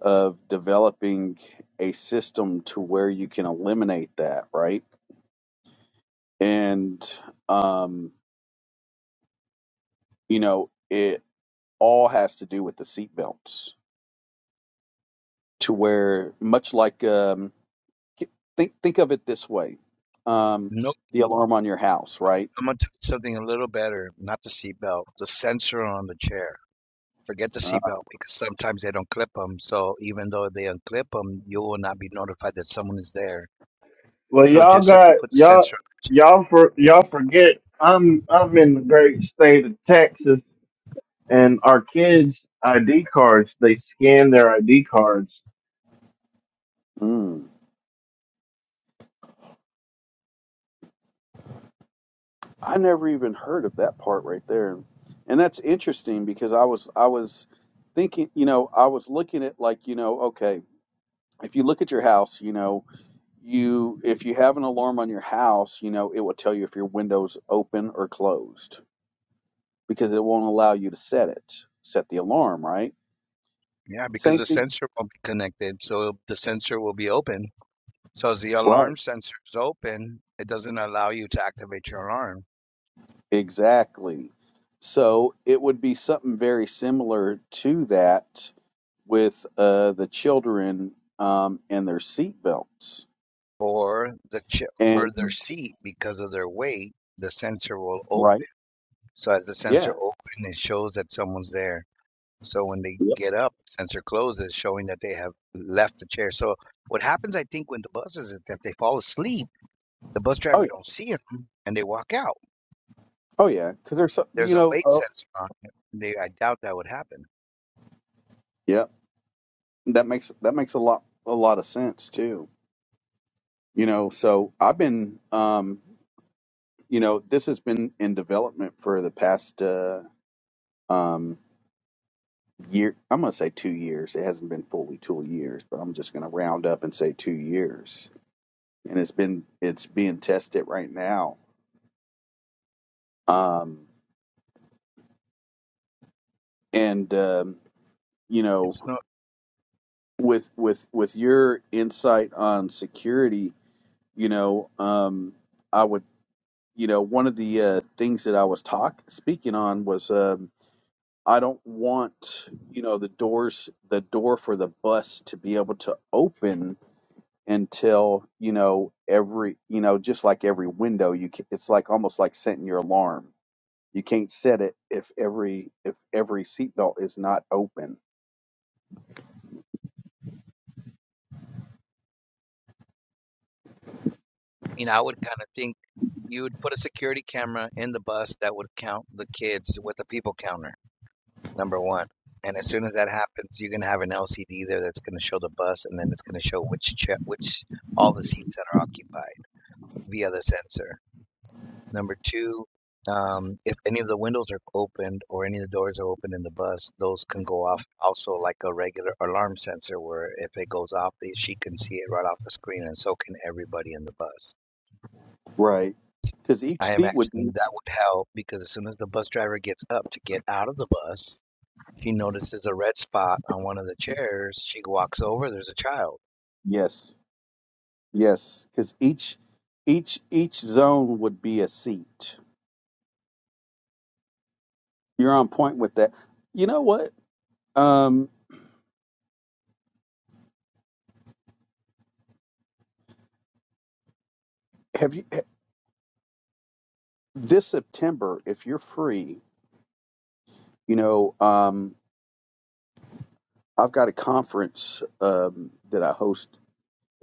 S3: of developing a system to where you can eliminate that, right? And um, you know, it all has to do with the seatbelts, to where much like um, think think of it this way: um,
S1: No,
S3: the alarm on your house, right?
S1: I'm gonna tell something a little better. Not the seatbelt, the sensor on the chair forget the
S3: Uh,
S1: seatbelt because sometimes they don't clip them. So even though they unclip them, you will not be notified that someone is there.
S4: Well,
S1: So
S4: y'all
S1: just if you
S4: got
S1: put the
S4: y'all
S1: sensor,
S4: y'all for y'all forget. I'm I'm in the great state of Texas And our kids' ID cards, they scan their ID cards.
S3: mm, I never even heard of that part right there, and that's interesting because I was I was thinking, you know, I was looking at like you know, okay, if you look at your house, you know. You, if you have an alarm on your house, you know, it will tell you if your window's open or closed because it won't allow you to set it, set the alarm, right?
S1: yeah, because
S3: Same
S1: the
S3: thing.
S1: sensor won't be connected, so the sensor will be open. So as the
S3: Right.
S1: alarm sensor is open, it doesn't allow you to activate your alarm
S3: Exactly. So it would be something very similar to that with uh, the children um, and their seat belts.
S1: or the ch- or
S3: And
S1: their seat because of their weight. The sensor will
S3: right.
S1: open. So as the sensor
S3: Yeah.
S1: open, it shows that someone's there. So when they
S3: Yep.
S1: get up, sensor closes, showing that they have left the chair. So what happens, I think, when the buses is that if they fall asleep, the bus
S3: Oh
S1: driver
S3: yeah.
S1: don't see them and they walk out.
S3: Oh yeah. Because there's some,
S1: There's
S3: you
S1: a
S3: know.
S1: weight
S3: Uh,
S1: sensor on it. They, I doubt that would happen.
S3: yeah. That makes that makes a lot a lot of sense too. you know so i've been um you know this has been in development for the past uh um year i'm gonna say two years it hasn't been fully two years but i'm just gonna round up and say two years and it's been it's being tested right now um and um you know
S1: It's not.
S3: with with with your insight on security you know um i would you know one of the uh things that i was talk speaking on was Um, I don't want, you know, the doors, the door for the bus to be able to open until, you know, every, you know, just like every window, you can, it's like almost like setting your alarm. You can't set it if every, if every seatbelt is not open.
S1: I mean, I would kind of think you would put a security camera in the bus that would count the kids with a people counter. Number one. And as soon as that happens, you're gonna have an LCD there that's gonna show the bus, and then it's gonna show which cha- which all the seats that are occupied via the sensor. Number two, um, if any of the windows are opened or any of the doors are open in the bus, those can go off also like a regular alarm sensor where if it goes off, eh, she can see it right off the screen and so can everybody in the bus.
S3: Right. Cause each
S1: I
S3: seat would be,
S1: imagine that would help because as soon as the bus driver gets up to get out of the bus, she notices a red spot on one of the chairs. She walks over, there's a child.
S3: yes, yes. Cause each, each, each zone would be a seat. You're on point with that. You know what? Um, have you, eh, this September, if you're free, You know, um, I've got a conference um, that I host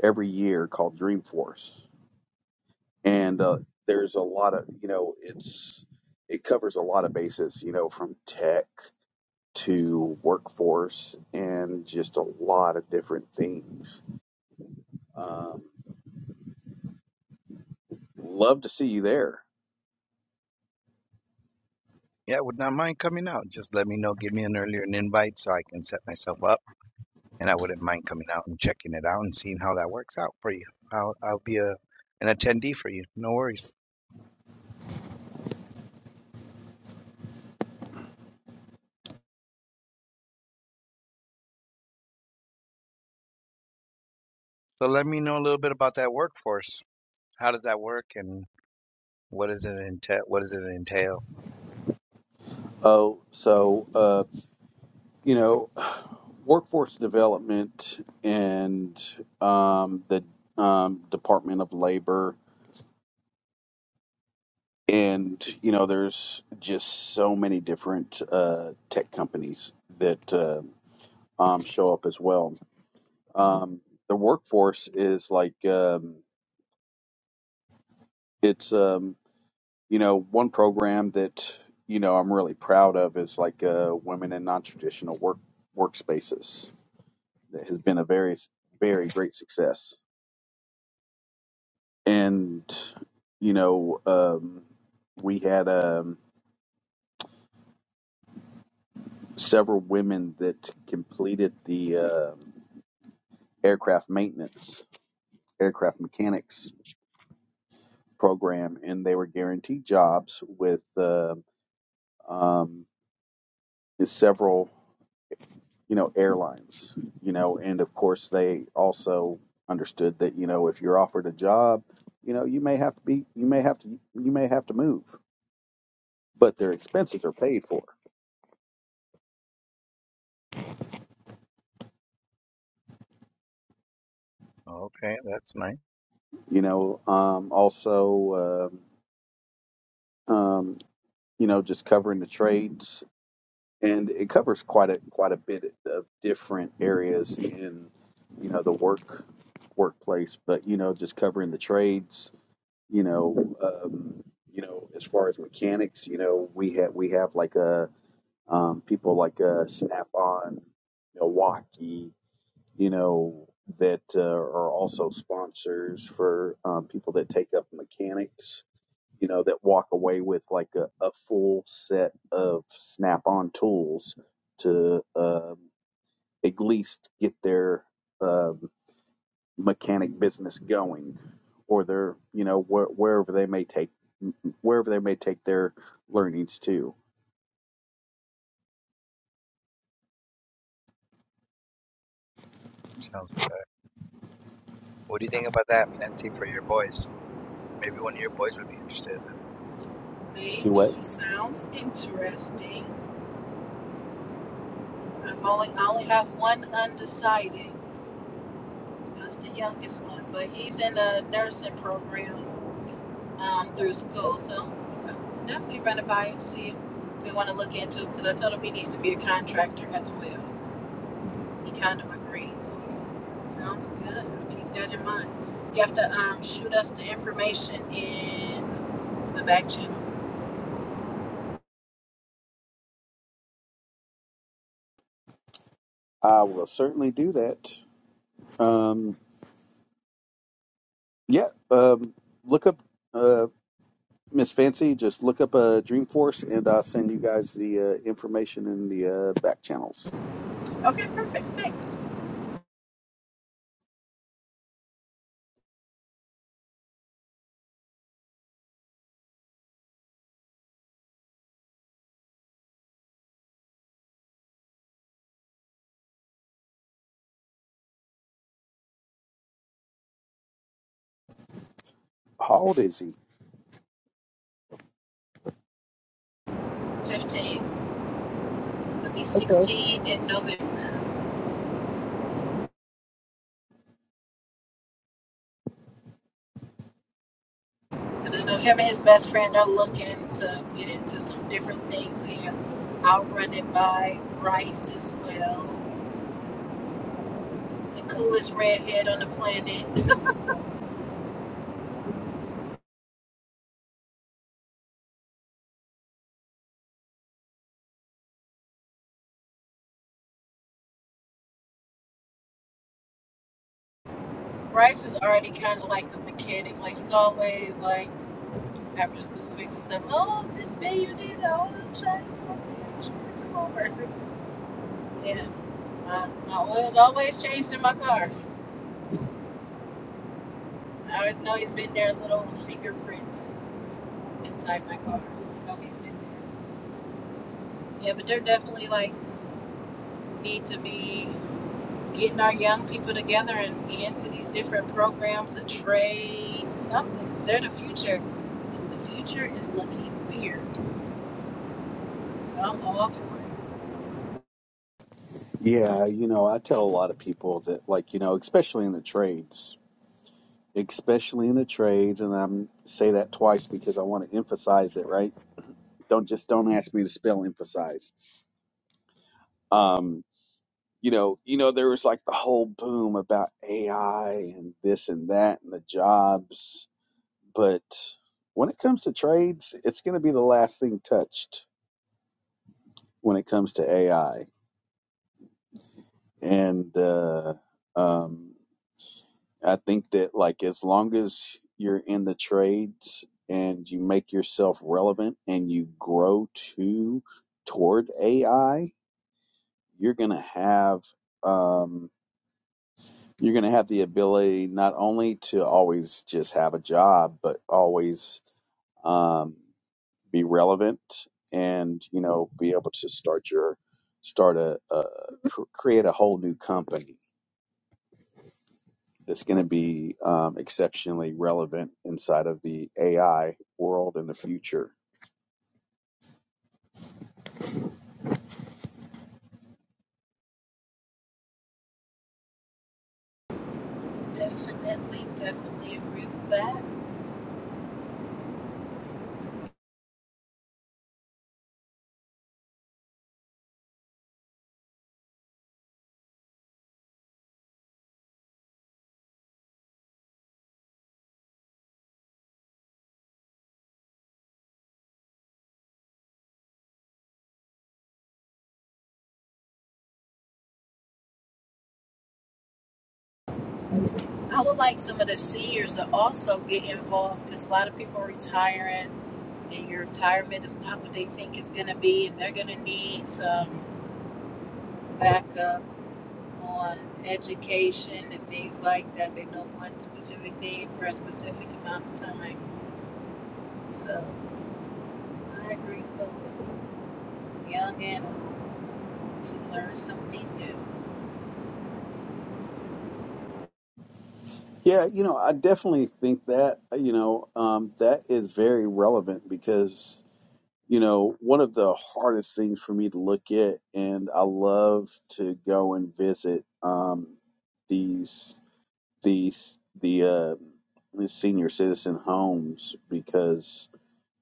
S3: every year called Dreamforce, and uh, there's a lot of you know, it's it covers a lot of bases. You know, from tech to workforce and just a lot of different things. Um, love to see you there.
S1: Yeah, would not mind coming out. Just let me know, give me an earlier an invite so I can set myself up and I wouldn't mind coming out and checking it out and seeing how that works out for you. I'll I'll be a an attendee for you. No worries. So let me know a little bit about that workforce. How does that work and what does it entail? What does it entail?
S3: Oh, so uh, you know, workforce development and um, the um, Department of Labor and you know there's just so many different uh, tech companies that uh, um, show up as well um, the workforce is like um, it's um, you know one program that you know i'm really proud of is like uh, women in non-traditional work workspaces that has been a very very great success and you know um, we had um, several women that completed the um aircraft maintenance, aircraft mechanics program, and they were guaranteed jobs with uh, um, several, you know, airlines, you know, and of course they also understood that you know if you're offered a job, you know, you may have to be, you may have to, you may have to move, but their expenses are paid for,
S1: Okay, that's nice.
S3: you know. Um, also, um um, you know, just covering the trades and it covers quite a quite a bit of different areas in you know the work workplace but you know just covering the trades you know um you know as far as mechanics you know we have we have like a um people like uh snap on milwaukee you know that uh, are also sponsors for um, people that take up mechanics you know, that walk away with like a, a full set of snap on tools to um, at least get their um, mechanic business going or their, you know, wh- wherever they may take, wherever they may take their learnings to.
S1: Sounds good. What do you think about that, Nancy, for your boys? Maybe one of your boys would be interested.
S3: Do
S2: Maybe.
S3: what?
S2: Sounds interesting. I've only I only have one undecided. That's the youngest one, but he's in a nursing program um, through school. So I'll definitely run it by him to see if we want to look into it because I told him he needs to be a contractor as well. He kind of agreed. So sounds good. I'll keep that in mind. You have to um, shoot us the information in the back channel.
S3: I will certainly do that. Um, yeah, um, look up uh, Miss Fancy. Just look up uh, Dreamforce, and I'll send you guys the uh, information in the uh, back channels.
S2: Okay, perfect. Thanks.
S3: How old is he?
S2: 15. He'll be 16 in November. And I know him and his best friend are looking to get into some different things. And I'll run it by Bryce as well. The coolest redhead on the planet. Bryce is already kind of like the mechanic. Like he's always like after school fixes stuff. Oh, Miss B, you did the oil change. Oh, yeah, sure, come over. Yeah, my, my oil's always changed in my car. I always know he's been there. Little fingerprints inside my car, so I know he's been there. Yeah, but there definitely like need to be getting our young people together and be into these different programs, a trade, something. 'cause They're the future, and the future is looking weird. So I'm all for it.
S3: Yeah, you know, I tell a lot of people that, like, you know, especially in the trades, especially in the trades, and I'm say that twice because I want to emphasize it, right? Don't just don't ask me to spell emphasize. Um, you know, you know, there was like the whole boom about AI and this and that and the jobs, but when it comes to trades, it's going to be the last thing touched. when it comes to AI. And uh, um, I think that like as long as you're in the trades and you make yourself relevant and you grow to toward AI, you're gonna have um, you're gonna have the ability not only to always just have a job, but always um, be relevant and you know be able to start your start a, a create a whole new company that's going to be um, exceptionally relevant inside of the AI world in the future.
S2: Definitely, definitely agree with that. I would like some of the seniors to also get involved because a lot of people are retiring, and your retirement is not what they think it's going to be, and they're going to need some backup on education and things like that. They know one specific thing for a specific amount of time. So I agree fully. Young and old can learn something new.
S3: Yeah, you know, I definitely think that, you know, um, that is very relevant because, you know, one of the hardest things for me to look at, and I love to go and visit um, these, these, the, uh, the senior citizen homes because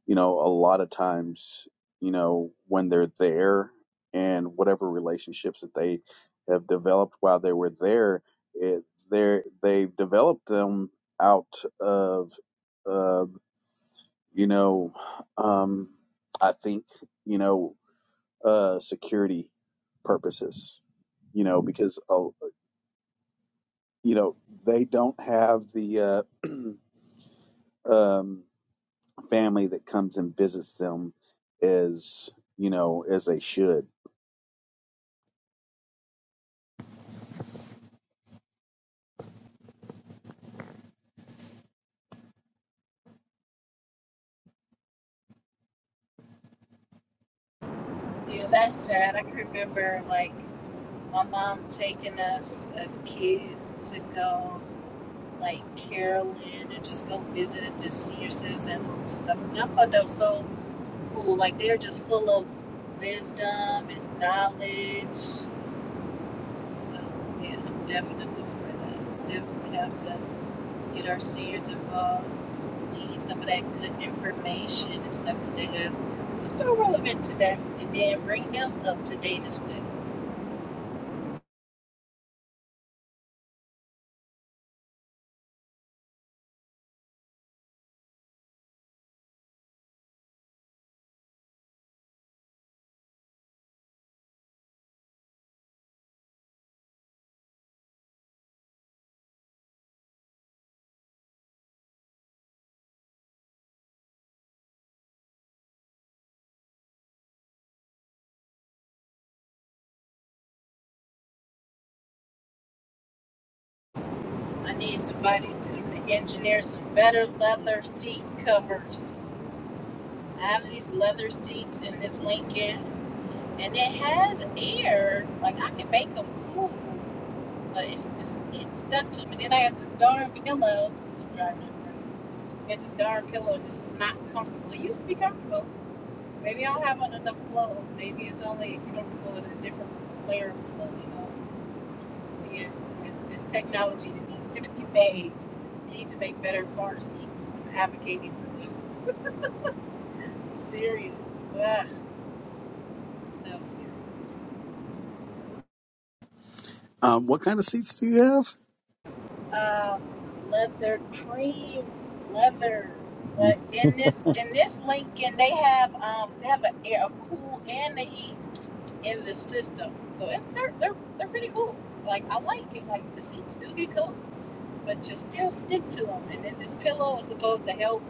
S3: you know, a lot of times, you know, when they're there and whatever relationships that they have developed while they were there, it, they're, they've developed them out of, uh, you know, um, I think, you know, uh, security purposes, you know, because, uh, you know, they don't have the, uh, um, family that comes and visits them as you know as they should.
S2: Yeah, that's sad. I can remember like my mom taking us as kids to go like Carolyn and just go visit at the senior citizen homes and stuff. And I thought that was so cool. Like they're just full of wisdom and knowledge So yeah, I'm definitely for that. Definitely have to get our seniors involved, need some of that good information and stuff that they have that's still relevant to them, and then bring them up to date as well. I need somebody to engineer some better leather seat covers. I have these leather seats in this Lincoln, and it has air. Like I can make them cool, but it's just it's stuck to me. And Then I have this darn pillow 'cause I'm driving. It's just darn pillow just not comfortable. It used to be comfortable. Maybe I don't have enough clothes. Maybe it's only comfortable in a different layer of clothes, you know. But yeah, this, this technology just needs to be made. We need to make better car seats. I'm advocating for this. I'm Serious. Ugh, so serious.
S3: Um, what kind of seats do you have?
S2: Um, leather cream, leather. But
S3: I
S2: in this in this Lincoln, they have um they have a, a cool and the heat in the system. So it's they're they're they're pretty cool. Like I like it. Like the seats do get cool, but you still stick to them. And then this pillow is supposed to help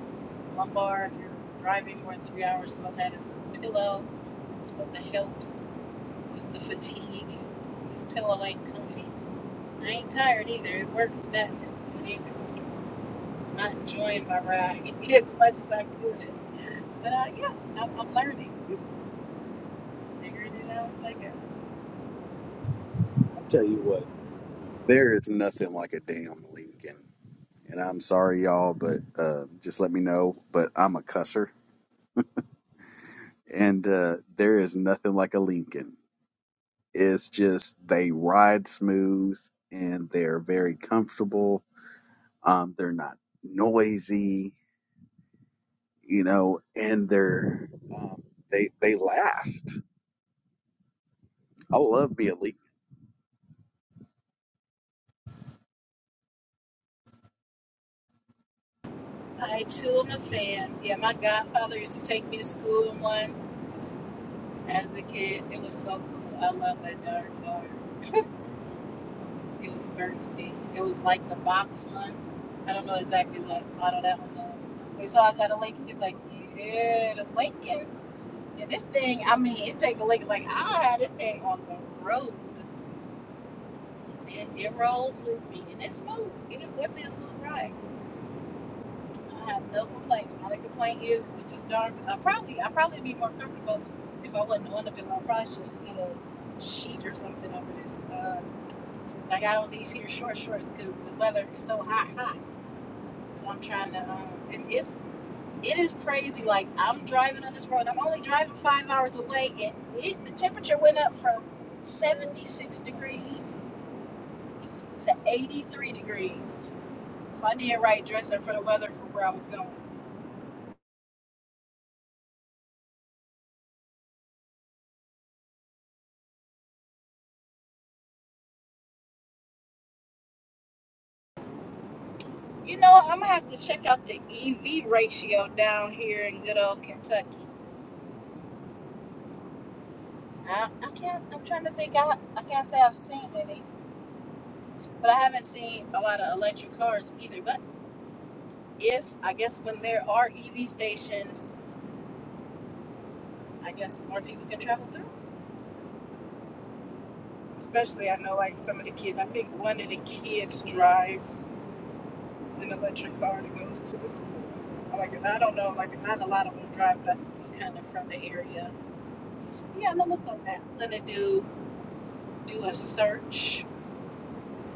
S2: lumbar if you're driving more than three hours. Supposed to have this pillow. It's supposed to help with the fatigue. This pillow ain't comfy. I ain't tired either. It works in that sense, but it ain't cool. I'm not enjoying my ride as much as I could. But uh, yeah, I'm, I'm learning, figuring it out as I go.
S3: tell you what, there is nothing like a damn Lincoln. And I'm sorry, y'all, but uh, just let me know. But I'm a cusser, and uh, there is nothing like a Lincoln. It's just they ride smooth, and they're very comfortable. Um, they're not noisy, you know, and they're um, they they last. I love being Lincoln
S2: I too am a fan. Yeah, my godfather used to take me to school in one as a kid. It was so cool. I love that darn color. It was burgundy. It was like the box one. I don't know exactly what model that one was. We saw I got a Lincoln. He's like, yeah, the Lincolns. And this thing, I mean, it take a Lincoln. Like, I had this thing on the road. It, it rolls with me. And it's smooth. It is definitely a smooth ride. I have no complaints. My only complaint is with this darn. I probably I probably be more comfortable if I wasn't on the pillow. I probably just need a sheet or something over this. Uh, like I don't these here short shorts because the weather is so hot, hot. So I'm trying to. Um, and it's it is crazy. Like I'm driving on this road. I'm only driving five hours away, and it the temperature went up from 76 degrees to 83 degrees. So I did right dressing for the weather from where I was going. You know, what? I'm gonna have to check out the EV ratio down here in good old Kentucky. I, I can't. I'm trying to think. I I can't say I've seen any, but I haven't seen a lot of electric cars either. But if I guess when there are EV stations, I guess more people can travel through. Especially, I know like some of the kids. I think one of the kids drives an electric car that goes to the school. Like I don't know, like not a lot of them drive, but I think he's kind of from the area. Yeah, I'm gonna look on that. I'm gonna do. do a search.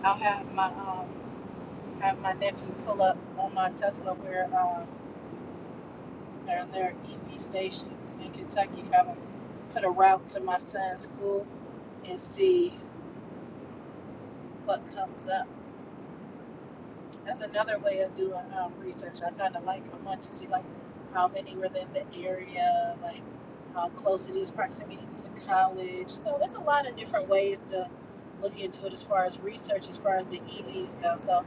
S2: I'll have my um, have my nephew pull up on my Tesla where um, there are EV stations in Kentucky. Have him put a route to my son's school and see what comes up. That's another way of doing um, research. I kind of like. I want to see like how many were in the area, like how close it is, proximity to the college. So there's a lot of different ways to look into it as far as research, as far as the EVs go. So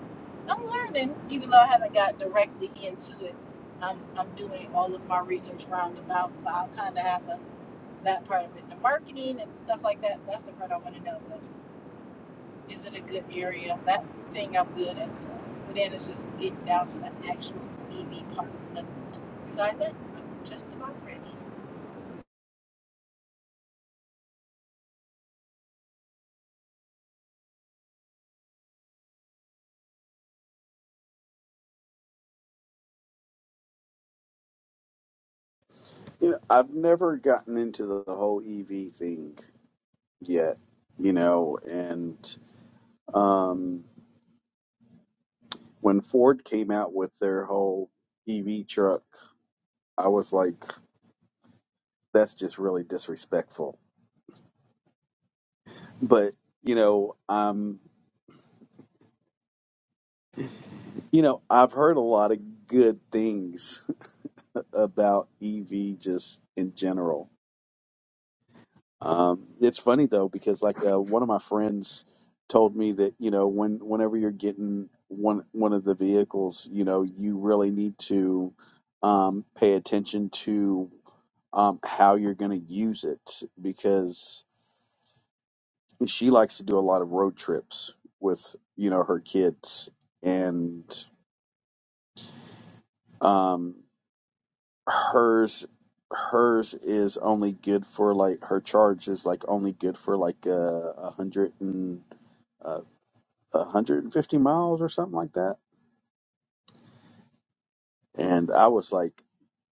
S2: I'm learning, even though I haven't got directly into it. I'm I'm doing all of my research roundabout, so I'll kind of have a, that part of it. The marketing and stuff like that. That's the part I want to know. But is it a good area? That thing I'm good at. So, but then it's just getting down to the actual EV part. But besides that, I'm just about ready.
S3: You know, I've never gotten into the whole EV thing yet, you know, and um, when Ford came out with their whole EV truck, I was like, that's just really disrespectful. But, you know, um, you know, I've heard a lot of good things about EV just in general Um, it's funny though because like uh, one of my friends told me that you know when whenever you're getting one one of the vehicles, you know you really need to um, pay attention to um, how you're going to use it because she likes to do a lot of road trips with you know her kids and um, hers hers is only good for like her charge is like only good for like uh, a hundred uh, 150 miles or something like that. And I was like,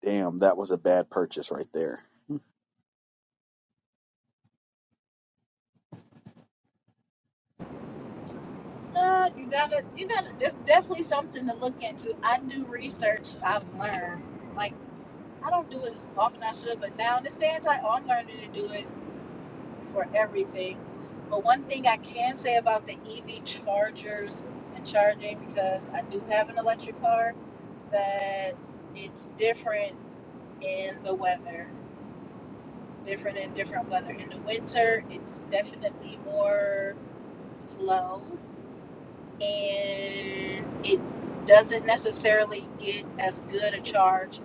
S3: damn, that was a bad purchase right there.
S2: Uh, you gotta, you gotta. It's definitely something to look into. I do research. I've learned. Like I don't do it as often as I should, but now in this day and time, I'm learning to do it for everything. But one thing I can say about the EV chargers and charging, because I do have an electric car, that it's different and the weather. It's different in different weather. In the winter, it's definitely more slow and it doesn't necessarily get as good a charge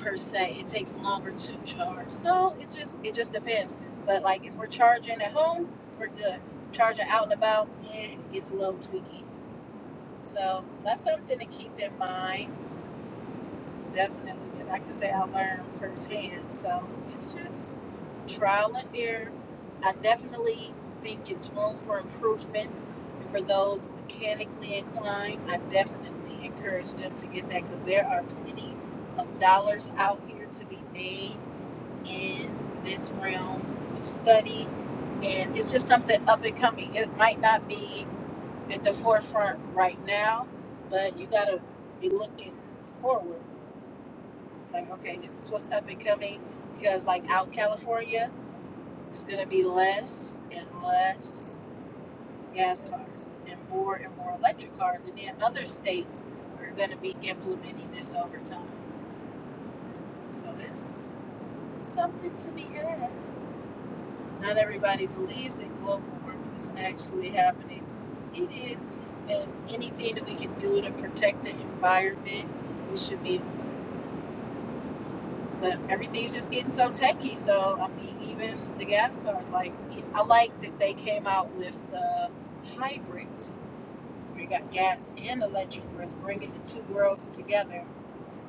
S2: per se. It takes longer to charge. So it's just it just depends. But like if we're charging at home, we're good. Charging out and about, eh, it gets a little tweaky. So that's something to keep in mind. definitely. And I can say I learned firsthand. So it's just trial and error. I definitely think it's room for improvement. And for those mechanically inclined, I definitely encourage them to get that because there are plenty of dollars out here to be made in this realm of study. And it's just something up and coming. It might not be at the forefront right now, but you got to be looking forward like, okay, this is what's up and coming because, like, out California, it's going to be less and less gas cars and more and more electric cars. And then other states are going to be implementing this over time. So it's something to be had. Not everybody believes that global warming is actually happening. It is. And anything that we can do to protect the environment, we should be but everything's just getting so techy. So I mean, even the gas cars, like I like that they came out with the hybrids. We got gas and electric for us, bringing the two worlds together.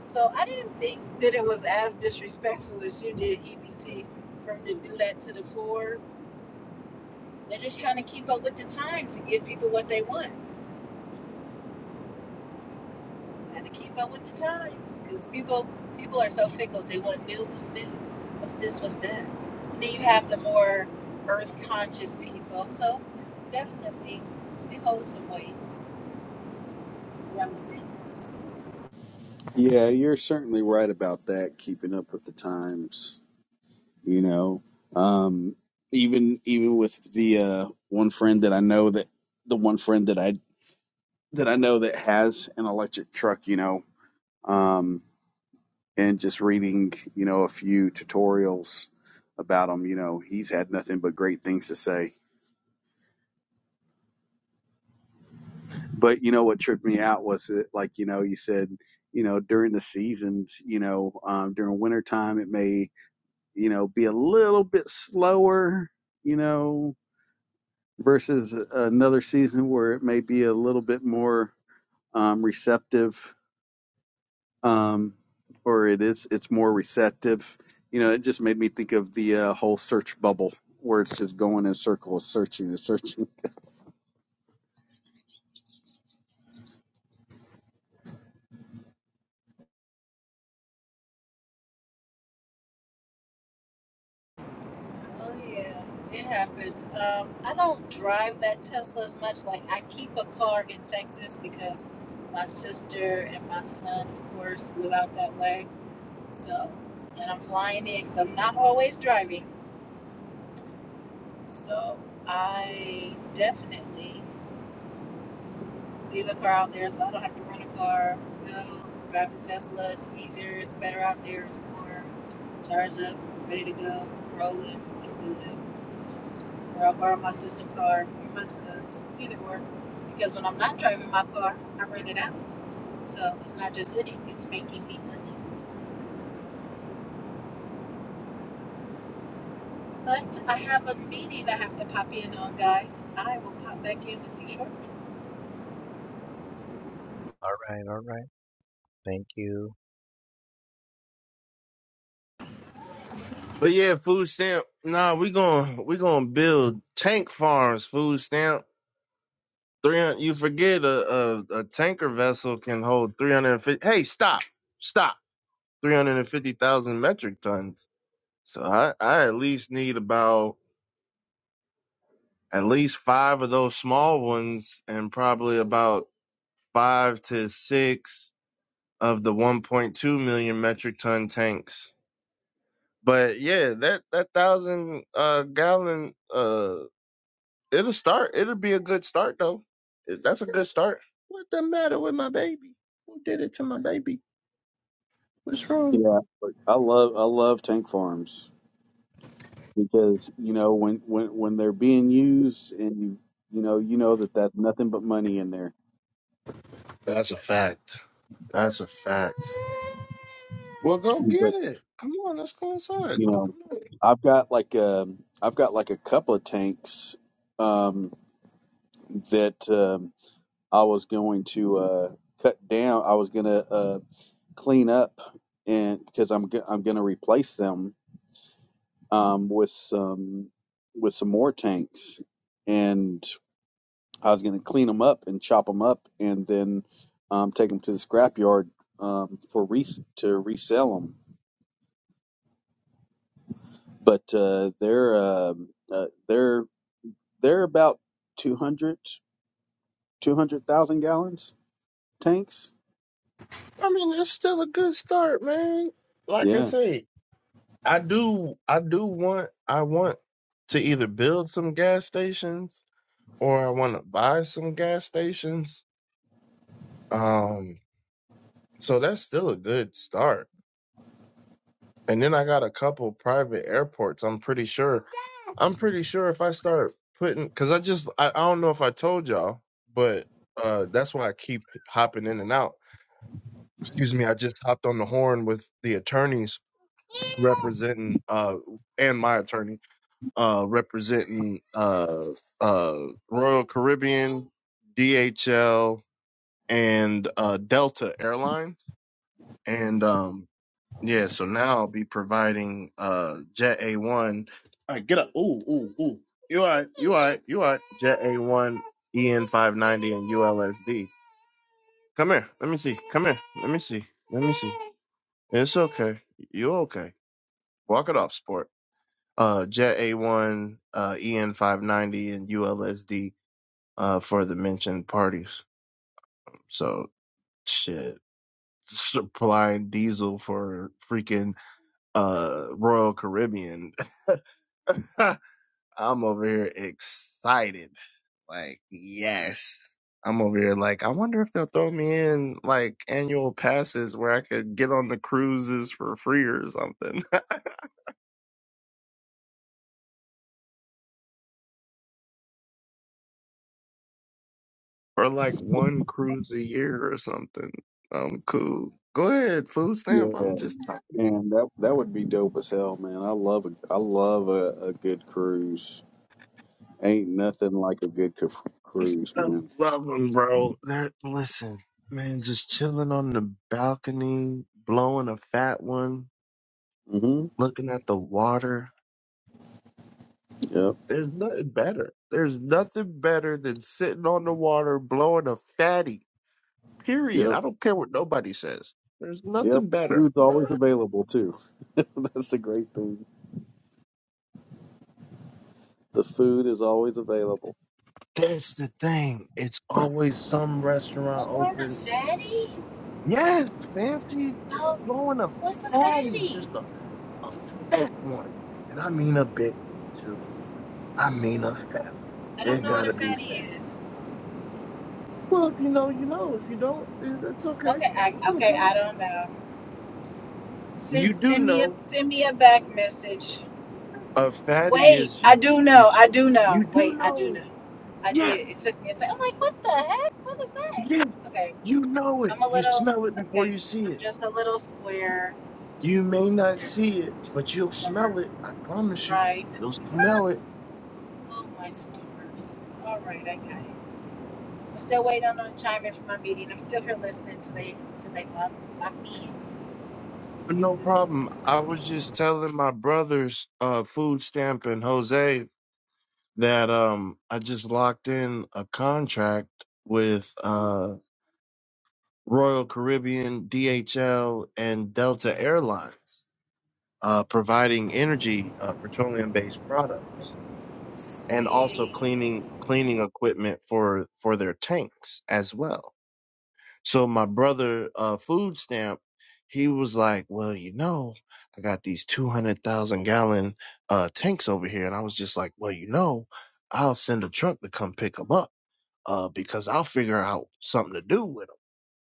S2: So I didn't think that it was as disrespectful as you did EBT for them to do that to the Ford. They're just trying to keep up with the times and give people what they want. had to keep up with the times because people people are so fickle. They want new, what's new, what's this, what's that. And then you have the more earth conscious people. So it's definitely it holds some weight, relevance.
S3: Yeah, you're certainly right about that. Keeping up with the times, you know, um, even even with the uh, one friend that I know that the one friend that I that I know that has an electric truck, you know, um, and just reading, you know, a few tutorials about him, you know, he's had nothing but great things to say. but you know what tripped me out was it like you know you said you know during the seasons you know um, during wintertime it may you know be a little bit slower you know versus another season where it may be a little bit more um, receptive um, or it is it's more receptive you know it just made me think of the uh, whole search bubble where it's just going in circles searching and searching
S2: Oh yeah, it happens. Um, I don't drive that Tesla as much. Like I keep a car in Texas because my sister and my son, of course, live out that way. So, and I'm flying in because I'm not always driving. So I definitely leave a car out there so I don't have to rent a car. Go drive a Tesla. It's easier. It's better out there. It's more charged up, ready to go, rolling. I'm good. Or I'll borrow my sister's car or my son's. Either or. Because when I'm not driving my car, I rent it out. So it's not just sitting. It's making me money. But I have a meeting I have to pop in on, guys. I will pop back in with you shortly.
S1: All right, all right. Thank you.
S4: But yeah, food stamp. Nah, we going we gonna build tank farms. Food stamp. Three hundred. You forget a, a a tanker vessel can hold three hundred and fifty. Hey, stop, stop. Three hundred and fifty thousand metric tons. So I I at least need about at least five of those small ones, and probably about five to six of the one point two million metric ton tanks. But yeah, that that thousand uh gallon uh it'll start. It'll be a good start though. It- That's a good start. What the matter with my baby? Who did it to my baby? What's wrong?
S3: Yeah, but I love I love tank farms because you know when when when they're being used and you you know you know that that's nothing but money in there.
S4: That's a fact. That's a fact. Well, go get
S3: But
S4: it. Come on, look.
S3: you know, I've got like um I've got like a couple of tanks um that um I was going to uh cut down. I was gonna uh clean up and because I'm go- I'm going to replace them um, with some with some more tanks and I was going to clean them up and chop them up and then um, take them to the scrapyard um, for re to resell them. But uh, they're um uh, they're they're about 200 200,000 gallons tanks.
S4: I mean, it's still a good start, man. Like I
S3: Yeah.
S4: say, I do, I do want, I want to either build some gas stations or I want to buy some gas stations. Um, So that's still a good start. And then I got a couple private airports. I'm pretty sure. I'm pretty sure if I start putting, because I just I, I don't know if I told y'all, but uh that's why I keep hopping in and out. Excuse me, I just hopped on the horn with the attorneys representing uh and my attorney uh representing uh uh Royal Caribbean, DHL, and uh Delta Airlines. And um Yeah, so now I'll be providing uh Jet A one. All right, get up. Ooh, ooh, ooh. You all right, you all right, you all right. Jet A one, EN five ninety and ULSD. Come here. Let me see. Come here. Let me see. Let me see. It's okay. You okay. Walk it off, sport. Uh Jet A one, uh EN five ninety and ULSD uh for the mentioned parties. So shit. Supplying diesel for freaking uh Royal Caribbean. I'm over here excited. Like, yes. I'm over here like, I wonder if they'll throw me in like annual passes where I could get on the cruises for free or something. or like one cruise a year or something. Um, cool. Go ahead, food stamp.
S3: Yeah,
S4: I'm just talking.
S3: and that that would be dope as hell, man. I love a I love a, a good cruise. Ain't nothing like a good cru- cruise,
S4: I
S3: man.
S4: love them, bro. They're, listen, man, just chilling on the balcony, blowing a fat one,
S3: hmm
S4: looking at the water.
S3: Yep.
S4: There's nothing better. There's nothing better than sitting on the water blowing a fatty. Period.
S3: Yep.
S4: I don't care what nobody says. There's
S3: Yep.
S4: nothing better.
S3: Food's always available too. That's the great thing. The food is always available.
S4: That's the thing. It's always some restaurant
S2: One more on the
S4: open.
S2: fatty.
S4: Yes, fancy
S2: Um,
S4: blowing a
S2: what's a
S4: fatty,
S2: fatty?
S4: just a, a fat one. And I mean a big too. I mean a fat.
S2: I don't
S4: It
S2: know what a
S4: gotta be
S2: fatty
S4: fat.
S2: is.
S4: Well, if you know, you know. If you don't, it- it's okay.
S2: Okay, I
S4: It's no
S2: okay,
S4: problem.
S2: I don't know.
S4: You
S2: Send
S4: do
S2: send me a
S4: know
S2: send me a back message.
S4: A fatty
S2: Wait,
S4: is
S2: I
S4: you
S2: do
S4: you
S2: know. I do know.
S4: you do
S2: Wait, I do
S4: know.
S2: know. I
S4: Yes,
S2: did. It took me a second. I'm like, what the heck? What is that?
S4: yes,
S2: Okay,
S4: you know it.
S2: I'm a
S4: You
S2: little.
S4: smell it before
S2: Okay,
S4: you see
S2: I'm
S4: it.
S2: just a little square.
S4: You
S2: Just a little
S4: may not
S2: square.
S4: see it, but you'll
S2: Darn
S4: smell it. I promise you,
S2: right.
S4: you'll smell it.
S2: Oh my stars. All right, I got it. I'm still waiting on the chime in for my meeting. I'm still here listening till they till they lock lock me in.
S4: No
S2: This
S4: problem. I was just telling my brothers, uh, food stamp and Jose, that um I just locked in a contract with uh Royal Caribbean, DHL, and Delta Airlines. uh, providing energy, uh, petroleum-based products, and also
S2: sweet.
S4: cleaning cleaning equipment for for their tanks as well. So my brother, uh, food stamp, he was like, "Well, you know, I got these two hundred thousand gallon uh, tanks over here," and I was just like, "Well, you know, I'll send a truck to come pick 'em up." uh, because I'll figure out something to do with them.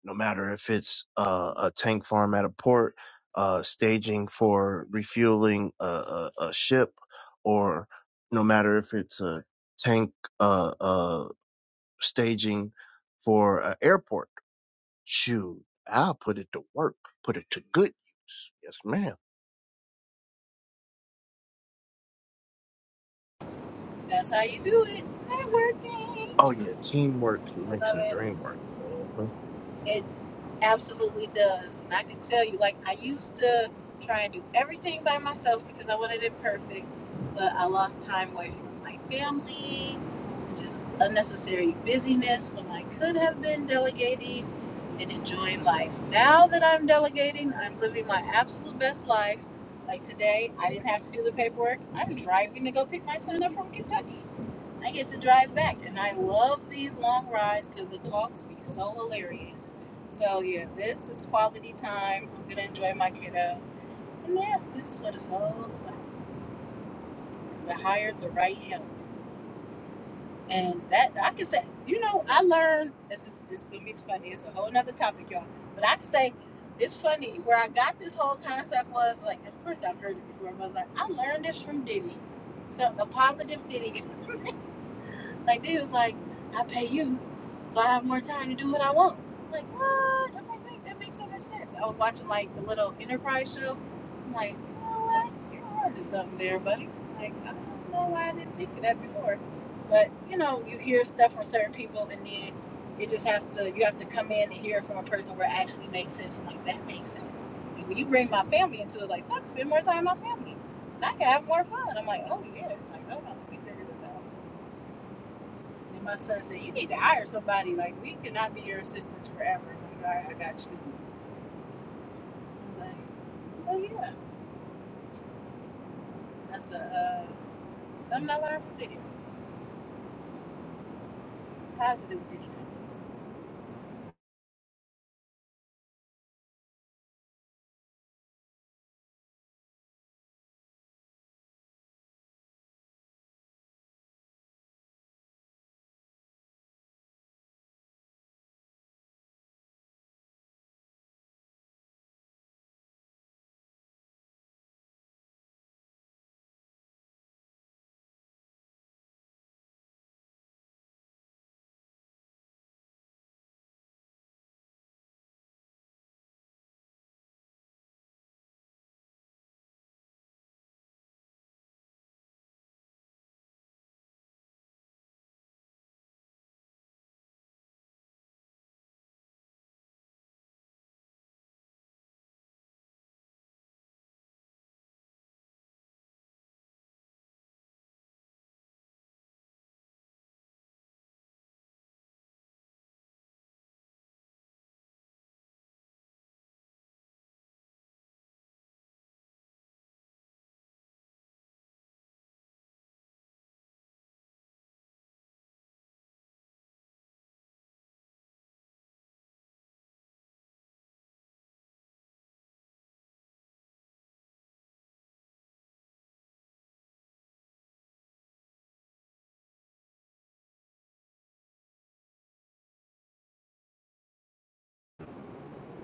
S4: No matter if it's uh, a tank farm at a port, uh, staging for refueling a, a, a ship, or no matter if it's a tank uh, uh, staging for an airport. Shoot, I'll put it to work, put it to good use. Yes, ma'am.
S2: That's how you do it. Networking.
S4: Oh yeah, teamwork
S2: I
S4: makes
S2: love
S4: the
S2: it.
S4: dream work. Mhm.
S2: It absolutely does. And I can tell you, like, I used to try and do everything by myself because I wanted it perfect, but I lost time away from my family, just unnecessary busyness when I could have been delegating and enjoying life. Now that I'm delegating, I'm living my absolute best life. Like today, I didn't have to do the paperwork. I'm driving to go pick my son up from Kentucky. I get to drive back, and I love these long rides because the talks be so hilarious. So yeah, this is quality time. I'm gonna enjoy my kiddo, and yeah, this is what it's all about. Because I hired the right help, and that I can say, you know, I learned. This is this is gonna be funny. It's a whole nother topic, y'all. But I can say. It's funny where I got this whole concept was like, of course I've heard it before, but I was like, I learned this from Diddy. So a positive Diddy Like they was like, I pay you, so I have more time to do what I want. I'm like what? I'm like wait, that makes so much sense. I was watching like the little Enterprise show. I'm like, you know what? You're onto something there, buddy. Like I don't know why I didn't think of that before, but you know, you hear stuff from certain people, and then it just has to. You have to come in and hear it from a person where it actually makes sense. I'm like that makes sense. And when you bring my family into it, like so I can spend more time with my family, and I can have more fun. I'm like, oh yeah, I'm like hold on, let me figure this out. And my son said, "You need to hire somebody. Like we cannot be your assistants forever. Like, All right, I got you." Like, so yeah, that's a uh, something I learned from Diddy. Positive Diddy comments.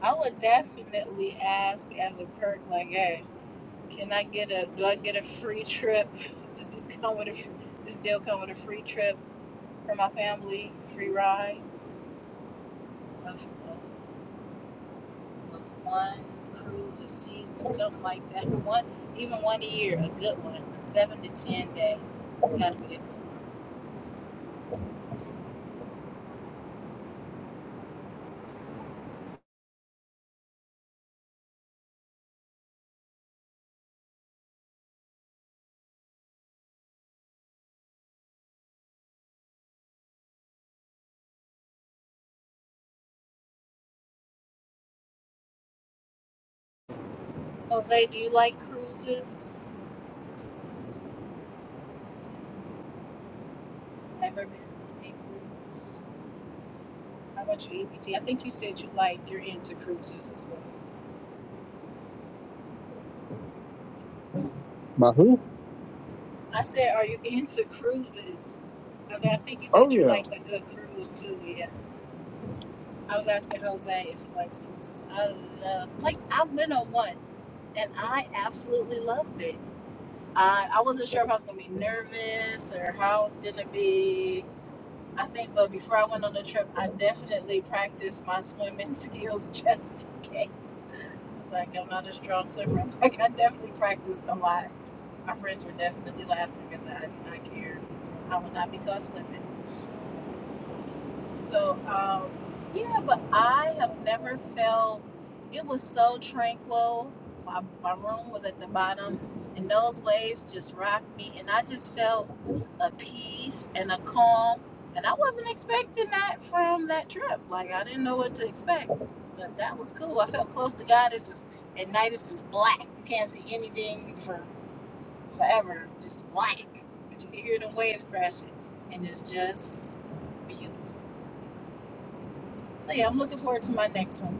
S2: I would definitely ask as a perk, like, "Hey, can I get a? Do I get a free trip? Does this come with a? fr- This deal come with a free trip for my family? Free rides? Of, of was one cruise or season, something like that. One, even one a year, a good one, a seven to ten day kind of vehicle. Jose, do you like cruises? Have you ever been on a cruise? How about you, EBT? I think you said you like you're into cruises as well.
S3: My who?
S2: I said, are you into cruises? I was like, I think you
S3: Oh
S2: said you
S3: yeah.
S2: like a good cruise too. Yeah. I was asking Jose if he likes cruises. I love, like, I've been on one and I absolutely loved it. I, I wasn't sure if I was gonna be nervous or how I was gonna be. I think, but before I went on the trip, I definitely practiced my swimming skills just in case. It's like I'm not a strong swimmer. Like I definitely practiced a lot. My friends were definitely laughing because I did not care. I would not be caught slipping. So, um, yeah, but I have never felt it was so tranquil. My, my room was at the bottom, and those waves just rocked me, and I just felt a peace and a calm. And I wasn't expecting that from that trip. Like, I didn't know what to expect, but that was cool. I felt close to God. It's just at night, it's just black. You can't see anything for forever, just black. But you can hear the waves crashing, and it's just beautiful. So yeah, I'm looking forward to my next one.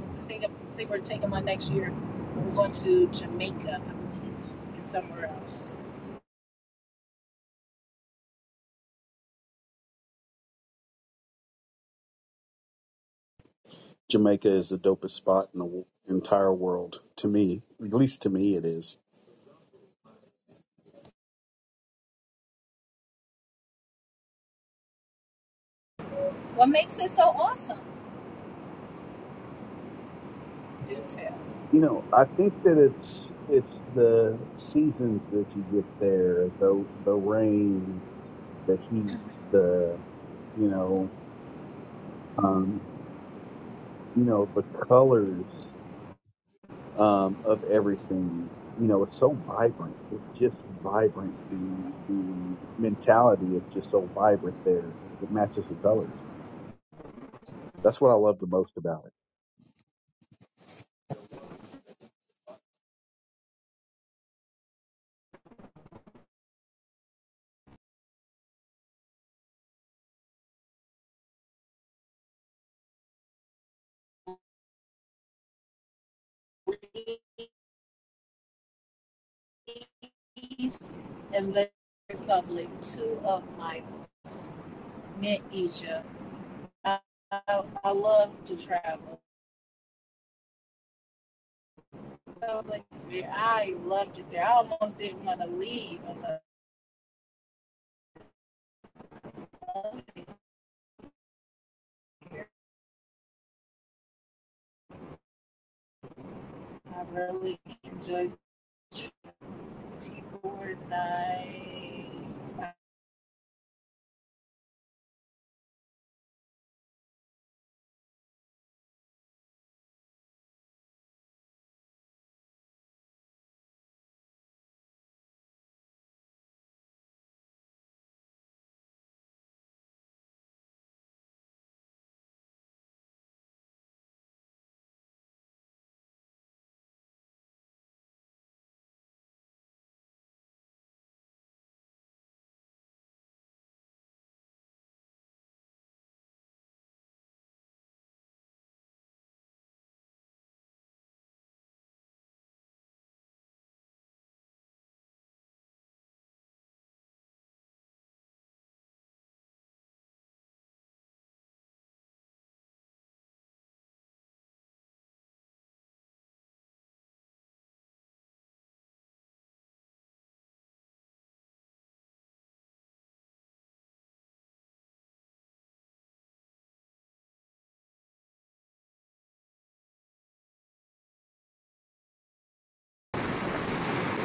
S2: I think I think we're taking one next year. We're going to Jamaica, I believe, and somewhere else.
S3: Jamaica is the dopest spot in the w- entire world to me. At least to me, it is.
S2: What makes it so awesome? Do tell.
S3: You know, I think that it's it's the seasons that you get there, the the rain, the heat, the you know, um, you know, the colors. um, of everything. You know, it's so vibrant. It's just vibrant. The the mentality is just so vibrant there. It matches the colors. That's what I love the most about it.
S2: Belize and the Republic, two of my favorites. met Egypt. I, I, I love to travel. yeah, I loved it there. I almost didn't want to leave. I was like, "I I really enjoyed. the People were nice. Yo,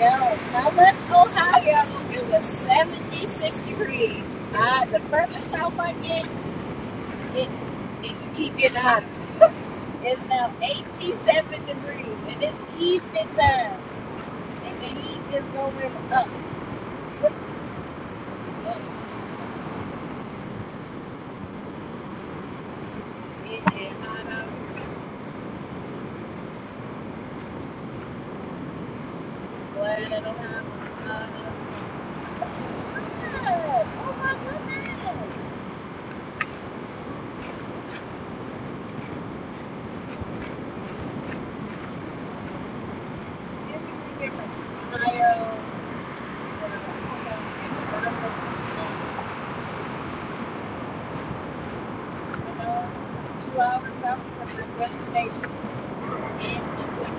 S2: when I left Ohio, it was 76 degrees. I, the further south I get, it, it just keep getting hotter. It's now 87 degrees, and it's evening time, and the heat is going up. It's getting hotter. Glad I don't have a lot of clothes. It's hot. Oh my goodness. Ten degree difference from Ohio. to uh, you know, two hours out from my destination. And uh,